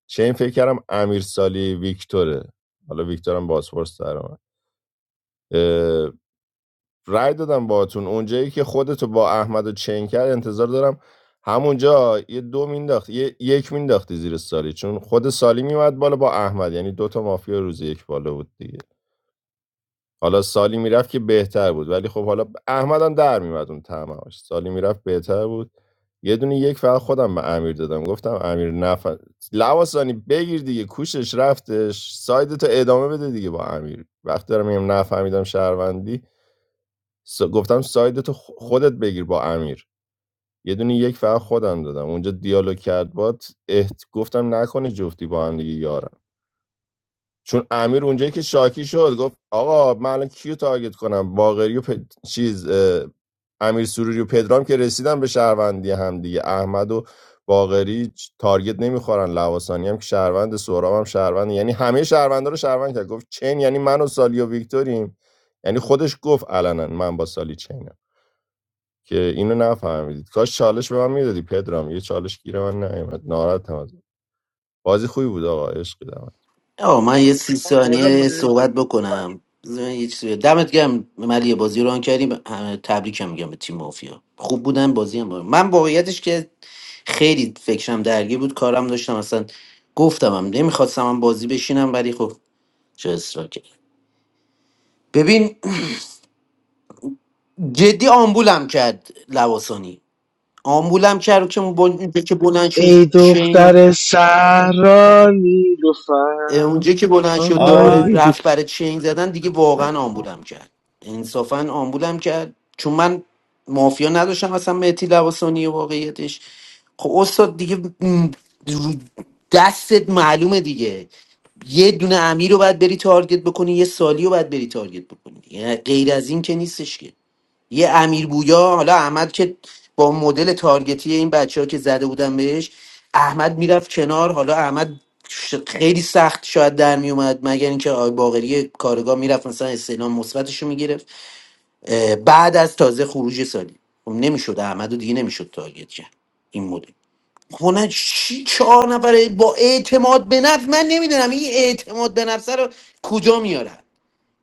چین فکر کردم امیر سالی ویکتوره حالا ویکتورم بازپرس در اومد. اه، رای دادم باهاتون اونجایی که خودتو با احمد چین کرد انتظار دارم همونجا یه دو مینداخت یه یک مینداختی زیر سالی چون خود سالی میومد بالا با احمد یعنی دوتا مافیا روز یک بالا بود دیگه حالا سالی میرفت که بهتر بود ولی خب حالا احمد هم در میومد اون طمعاش سالی میرفت بهتر بود یه دونه یک فقط خودم به امیر دادم گفتم امیر نف لواسانی بگیر دیگه کوشش رفتش سایدتو ادامه بده دیگه با امیر وقتی دارم میگم نفهمیدم شهروندی س... گفتم سایدتو خ- خودت بگیر با امیر یه دونه یک فقط خودم دادم اونجا دیالوگ کرد باد احت... گفتم نکنه جفتی با هم دیگه یارن چون امیر اونجایی که شاکی شد گفت آقا من الان کیو تارگت کنم باقری و پ- چیز اه، امیر سروری و پدرام که رسیدن به شهروندی هم دیگه احمد و باقری چ- تارگت نمیخورن لواسانی هم که شهروند سهراب هم شهروند یعنی همه شهروندا رو شهروند کرد گفت چین یعنی من و سالی و ویکتوریم یعنی خودش گفت علنا من با سالی چینم که اینو نفهمیدید کاش چالش به من میدادی پدرام یه چالش گیر من نیومد ناراحتم از بازی خوبی بود آقا عشق دمت آه من یه سی آه، بالا ثانیه مدریتور صحبت بکنم بذار من یه چیزی بگم. دمت گرم ملی بازی رو آن کردیم تبریکم میگم به تیم مافیا خوب بودن بازی هم بود. من واقعیتش که خیلی فکرم درگیر بود کارم داشتم اصلا گفتم هم نمیخواستم هم بازی بشینم ولی خب چه اصرار کرد ببین جدی آمبولم کرد لواسانی آمبولم کرد که بل... که بلند ای شد دختر سهرا نیلوفر اونجا که بلند شد دوباره آی آهای رفت برای چین زدن دیگه واقعا آمبولم کرد انصافا آمبولم کرد چون من مافیا نداشتم اصلا مهتی لباسانی واقعیتش خب استاد دیگه م، رو دستت معلومه دیگه یه دونه امیر رو باید بری تارگت بکنی یه سالی رو باید بری تارگت بکنی یعنی غیر از این که نیستش که یه امیر بویا حالا احمد که با مدل تارگتی این بچه ها که زده بودن بهش احمد میرفت کنار حالا احمد ش- خیلی سخت شاید در میومد مگر اینکه آقای باقری کارگاه میرفت مثلا استعلام مثبتش رو میگرفت بعد از تازه خروج سالی خب نمیشد احمد رو دیگه نمیشد تارگت کرد این مدل خونه چی چهار نفره با اعتماد به نفس من نمیدونم این اعتماد به نفس رو کجا میارن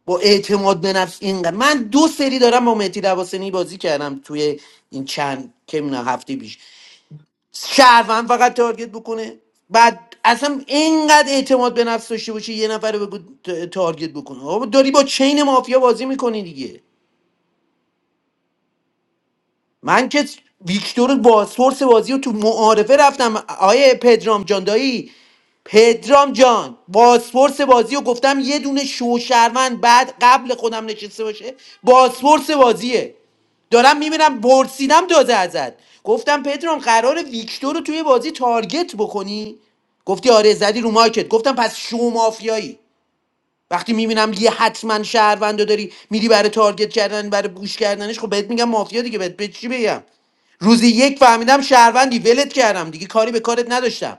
با اعتماد به نفس اینقدر من دو سری دارم با مهدی لواسنی بازی کردم توی این چند که می‌دونم هفته پیش شهروند فقط تارگت بکنه بعد اصلا اینقدر اعتماد به نفس داشته باشه یه نفر رو بگو ت- تارگت بکنه آقا داری با چین مافیا بازی میکنی دیگه من که ویکتور بازپرس بازی رو تو معارفه رفتم آیه پدرام جان دایی پدرام جان بازپرس بازی رو گفتم یه دونه شوشرمن بعد قبل خودم نشسته باشه بازپرس بازیه دارم میبینم برسیدم دازه ازت گفتم پدرام قرار ویکتور رو توی بازی تارگت بکنی گفتی آره زدی رو مارکت گفتم پس شو مافیایی وقتی میبینم یه حتما شهروندو داری میری برای تارگت کردن برای بوش کردنش خب بهت میگم مافیا دیگه بهت به چی بگم روزی یک فهمیدم شهروندی ولت کردم دیگه کاری به کارت نداشتم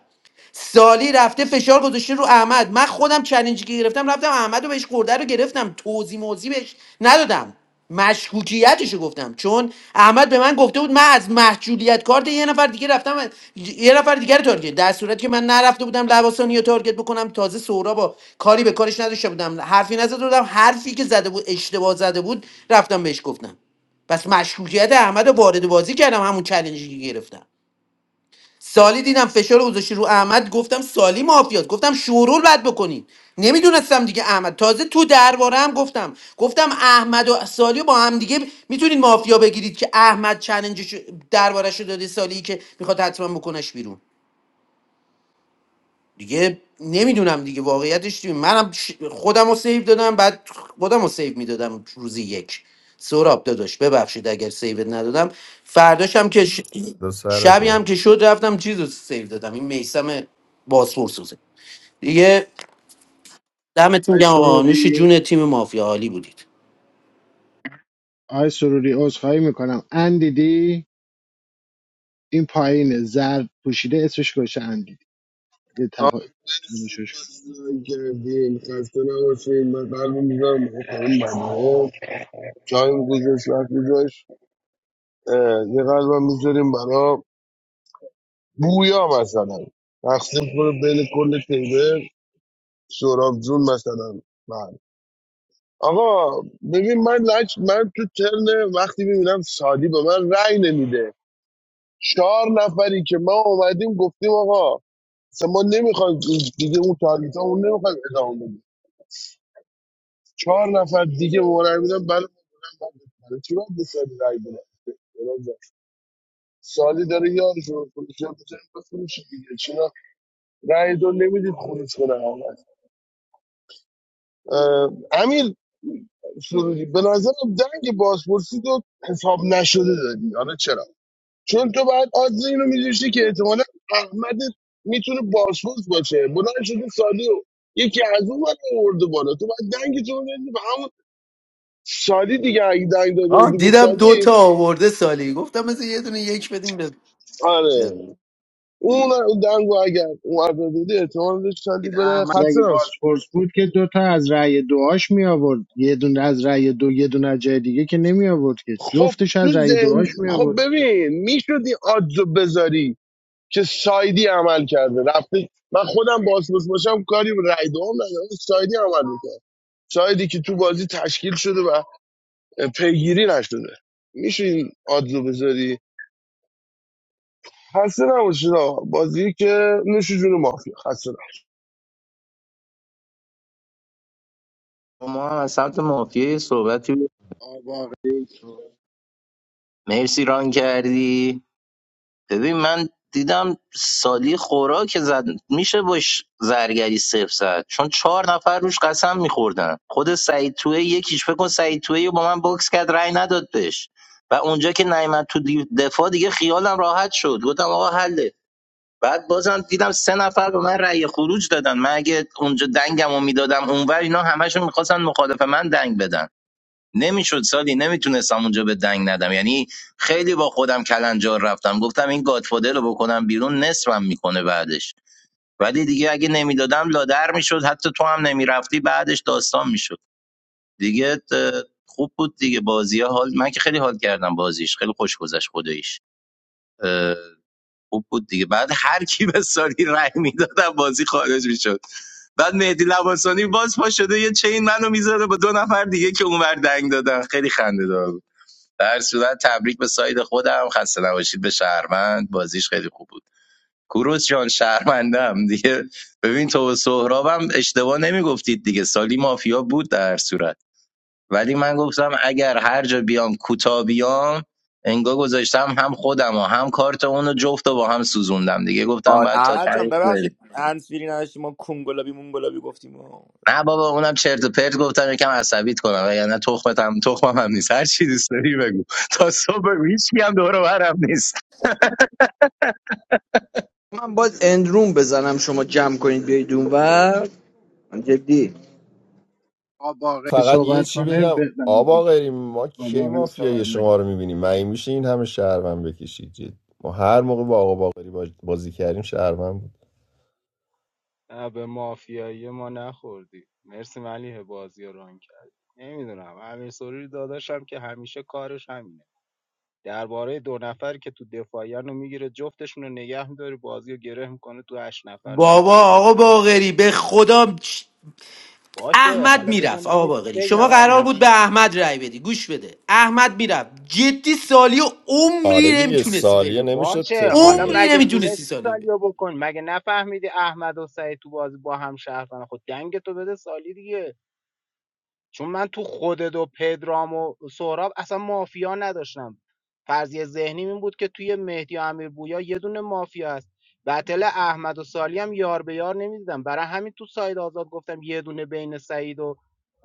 سالی رفته فشار گذاشته رو احمد من خودم چلنجی که گرفتم رفتم احمد رو بهش خورده رو گرفتم توضیح موضیح بهش ندادم مشکوکیتش رو گفتم چون احمد به من گفته بود من از محجولیت کارت یه نفر دیگه رفتم یه نفر دیگه رو تارگت در صورتی که من نرفته بودم لباسانی رو تارگت بکنم تازه سورا با کاری به کارش نداشته بودم حرفی نزده بودم حرفی که زده بود اشتباه زده بود رفتم بهش گفتم پس مشکوکیت احمد رو وارد بازی کردم همون چلنجی که گرفتم سالی دیدم فشار رو گذاشتی رو احمد گفتم سالی مافیاست گفتم شورول باید بکنید نمیدونستم دیگه احمد تازه تو درباره هم گفتم گفتم احمد و سالی رو با هم دیگه میتونید مافیا بگیرید که احمد چلنجش دربارش رو داده سالی که میخواد حتما بکنش بیرون دیگه نمیدونم دیگه واقعیتش دیگه منم ش- خودم رو سیو دادم بعد خودم رو سیو میدادم روزی یک سراب داداش ببخشید اگر سیوت ندادم فرداشم که ش... دو شبی سرت هم که شد رفتم چیز رو سیو دادم این میسم بازپور سوزه دیگه دمتون آی گم آقا نوش سروری جون تیم مافیا عالی بودید آی سروری عذرخواهی میکنم اندیدی این پایین زرد پوشیده اسمش گوشه اندیدی یه آه، تفا... مرسی تماشاش کن. بازی کردیم خسته نباشیم من قلبم میذارم برای خانم جایم گذاشت وقت گذاشت اه، یه قلبم میذاریم برای بویا مثلا تقسیم کنه بین کل تیبه سوراب جون مثلا من آقا ببین من لج من تو ترن وقتی میبینم سادی به من رأی نمیده چهار نفری که ما اومدیم گفتیم آقا اصلا ما نمیخوایم دیگه اون تاریتا اون نمیخوایم ادامه بدیم. چهار نفر دیگه ورای بودن برای برای چی باید به سالی رای بدن برای زن. سالی داره یارش رو فروشه بزنیم بفروشه دیگه چرا رای دو نمیدید خروج کنه همه اه، امیر سروری به نظرم دنگ بازپرسی تو حساب نشده دادی حالا چرا چون تو بعد آدز اینو میدوشتی که احتمالا احمد میتونه بازپرس باشه بلند شده سالی و یکی از اون ور آورده بالا تو بعد دنگ تو رو بدی به همون سالی دیگه اگه دنگ داده آه بودی به دیدم دو سالی تا آورده سالی گفتم مثل یه دونه یک بدیم به آره اون دنگو اگر اون داده بودی احتمال داشت سالی بره احمد خسته اگه نباشه. بازپرس بود که دوتا از رأی دعاش می آورد یه دونه از رأی دو یه دونه از جای دیگه که نمی آورد که خب جفتش تو از رأی ذهن دعاش می خب آورد ببین میشدی آدزو بذاری که سایدی عمل کرده رفته من خودم بازپرس باشم کاری به رای دوم ندارم سایدی عمل میکنه سایدی که تو بازی تشکیل شده و پیگیری نشده میشه این آدزو بذاری خسته نباشید آقا. بازی که نوش جون مافیا خسته ما هم از سمت مافیای صحبتی بود. آقا باقری صحبت مرسی ران کردی ببین من دیدم سالی خوراک زد میشه باش زرگری صفر زد چون چهار نفر روش قسم میخوردن خود سعید توی یکیش فکر کن سعید توی رو با من باکس کرد رأی نداد بهش و اونجا که نیمت تو دی- دفاع دیگه خیالم راحت شد گفتم آقا حله بعد بازم دیدم سه نفر به من رأی خروج دادن من اگه اونجا دنگم رو میدادم اونور اینا همشون میخواستن مخالف من دنگ بدن نمیشد سالی نمیتونستم اونجا به دنگ ندم یعنی خیلی با خودم کلنجار رفتم گفتم این گادفادر رو بکنم بیرون نصفم میکنه بعدش ولی دیگه اگه نمیدادم لادر میشد حتی تو هم نمیرفتی بعدش داستان میشد دیگه اه، خوب بود دیگه بازی ها حال من که خیلی حال کردم بازیش خیلی خوش گذشت خداییش خوب بود دیگه بعد هر کی به ساری رأی میدادن بازی خارج میشد بعد مهدی لباسانی باز پا شده یه چین منو میذاره با دو نفر دیگه که اونور دنگ دادن خیلی خنده دار بود در صورت تبریک به ساید خودم خسته نباشید به شهروند بازیش خیلی خوب بود کوروش جان شهروندم دیگه ببین تو و سهرابم اشتباه نمیگفتید دیگه سالی مافیا بود در صورت ولی من گفتم اگر هر جا بیام کوتا بیام انگا گذاشتم هم خودم و هم کارت اونو جفت و با هم سوزوندم دیگه گفتم آ، باید تا احمد جان تعریف بری ببخشید هنسفیری نداشتیم ما کنگلابی مونگلابی گفتیم و- نه بابا اونم چرت و پرت گفتم یکم عصبیت کنم و یعنی تخمت هم تخمم هم نیست هر چی دوست داری بگو تا صبح بگو هیچ کی هم دور و برم نیست من باز اندروم بزنم شما جمع کنید بیاید اونور من جدی آقا باقری فقط یه صحبت چی کنه بگم آبا ببندیم غری ما آقا کی باقری صحبت مافیای نکنه شما رو میبینیم مگه میشه این همه شهروند بکشید جد ما هر موقع با آقا باقری باز- بازی کردیم شهروند بود نه به مافیایی ما نخوردی مرسی ملیه بازی رو ران کردی نمیدونم امیر سوری داداشم که همیشه کارش همینه درباره دو نفر که تو دفاعیان رو میگیره جفتشون رو نگه میداری بازی رو گره میکنه تو هشت نفر بابا نمیفهمی آقا باغری به خدا باشه احمد حالا بذار میرفت من آقا یه چیز باقری شما بگم قرار امیر. بود به احمد رای بدی گوش بده احمد میرفت جدی سالی و عمری آره دیگه نمیتونستی سالیه پیدا کنی نمیشد باشه تکون حالا داد عمری مگه دیگه نمیتونستی تونستی سالی رو سالیو بکن مگه نفهمیدی احمد و سعید تو بازی با هم شهر خود دنگ تو بده سالی دیگه چون من تو خودت و پدرام و سهراب اصلا مافیا نداشتم فرضیه ذهنی این بود که توی مهدی و امیر بویا یه دونه مافیا است بتل احمد و سالی هم یار به یار نمیدیدم برای همین تو ساید آزاد گفتم یه دونه بین سعید و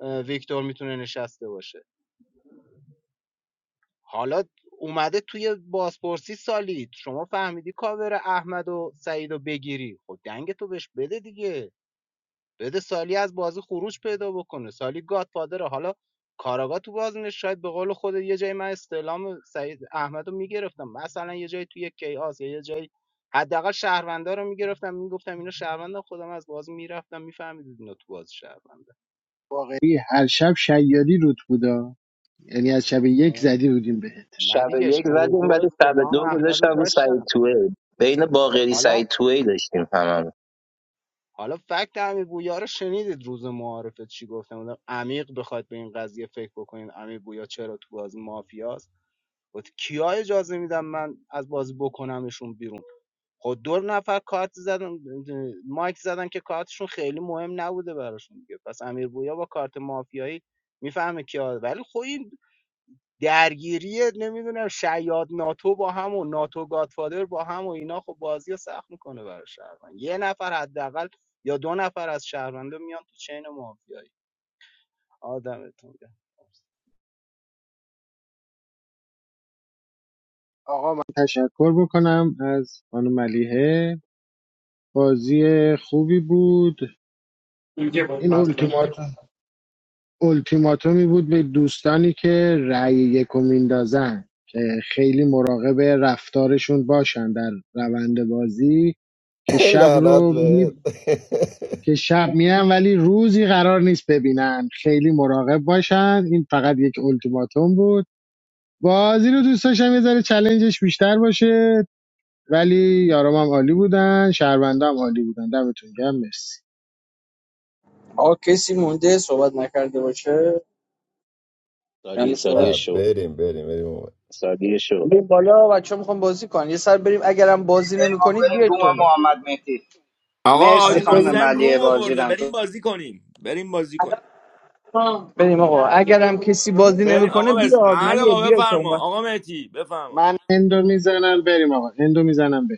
اه، ویکتور میتونه نشسته باشه حالا اومده توی بازپرسی سالی شما فهمیدی کاور احمد و سعید رو بگیری خب دنگ تو بهش بده دیگه بده سالی از بازی خروج پیدا بکنه سالی گادفادره حالا کاراگا تو بازی شاید به قول خود یه جایی من استعلام سعید احمد رو میگرفتم مثلا یه جایی توی کیاس یا یه جایی حداقل شهروندا رو میگرفتم میگفتم اینا شهروندا خودم از بازی میرفتم میفهمیدید اینا تو بازی شهروندا باقری هر شب شیادی روت بودا یعنی از شب یک زدی بودیم بهت نه شب دیگه یک شب زدیم دو بعد شب استعلام دو احمد رو گذاشتم رو سعید داشتم توه بین باقری حالا سعید توه داشتیم هممون حالا فکت امیر بویا رو شنیدید روز معارفه چی گفتم گفتم عمیق بخواید به این قضیه فکر بکنید امیر بویا چرا تو بازی مافیاست با کیا اجازه میدم من از بازی بکنمشون بیرون خود دو نفر کارت زدن مایک زدن که کارتشون خیلی مهم نبوده براشون دیگه پس امیر بویا با کارت مافیایی میفهمه کیا ولی خب این درگیریه نمیدونم شیاد ناتو با هم و ناتو گادفادر با هم و اینا خب بازی رو سخت میکنه برای شهروند یه نفر حداقل یا دو نفر از شهروندا میان تو چین مافیایی آدمتون گرم. آقا من تشکر بکنم از خانم ملیحه بازی خوبی بود این اولتیماتوم اولتیماتومی بود به دوستانی که رأی یکو میندازن که خیلی مراقب رفتارشون باشن در روند بازی که شب لعنت رو به می... که شب میان ولی روزی قرار نیست ببینن خیلی مراقب باشن این فقط یک اولتیماتوم بود بازی رو دوست داشتم یه ذره چلنجش بیشتر باشه ولی یارم هم عالی بودن شهروندم عالی بودن دمتون گرم مرسی آ کسی مونده صحبت نکرده باشه سالی یعنی صحبت سالی شو بریم بریم بریم سالی شو بریم بالا بچه ها میخوام بازی کنن یه سر بریم اگرم بریم بازی بریم آقا، نمیکنید بریم بیاید روم تو محمد مهدی آقا مرسی حاج خانم بریم محسن ملیه روم بازی آورده بریم رنگ بازی کنیم بریم بازی کنیم بریم آقا اگرم کسی بازی بریم نمیکنه آقا بس بیاد احمد ملیه آقا بیاید تو بفرما آقا مهتی بفرما من اندو میزنم بریم آقا اندو میزنم بریم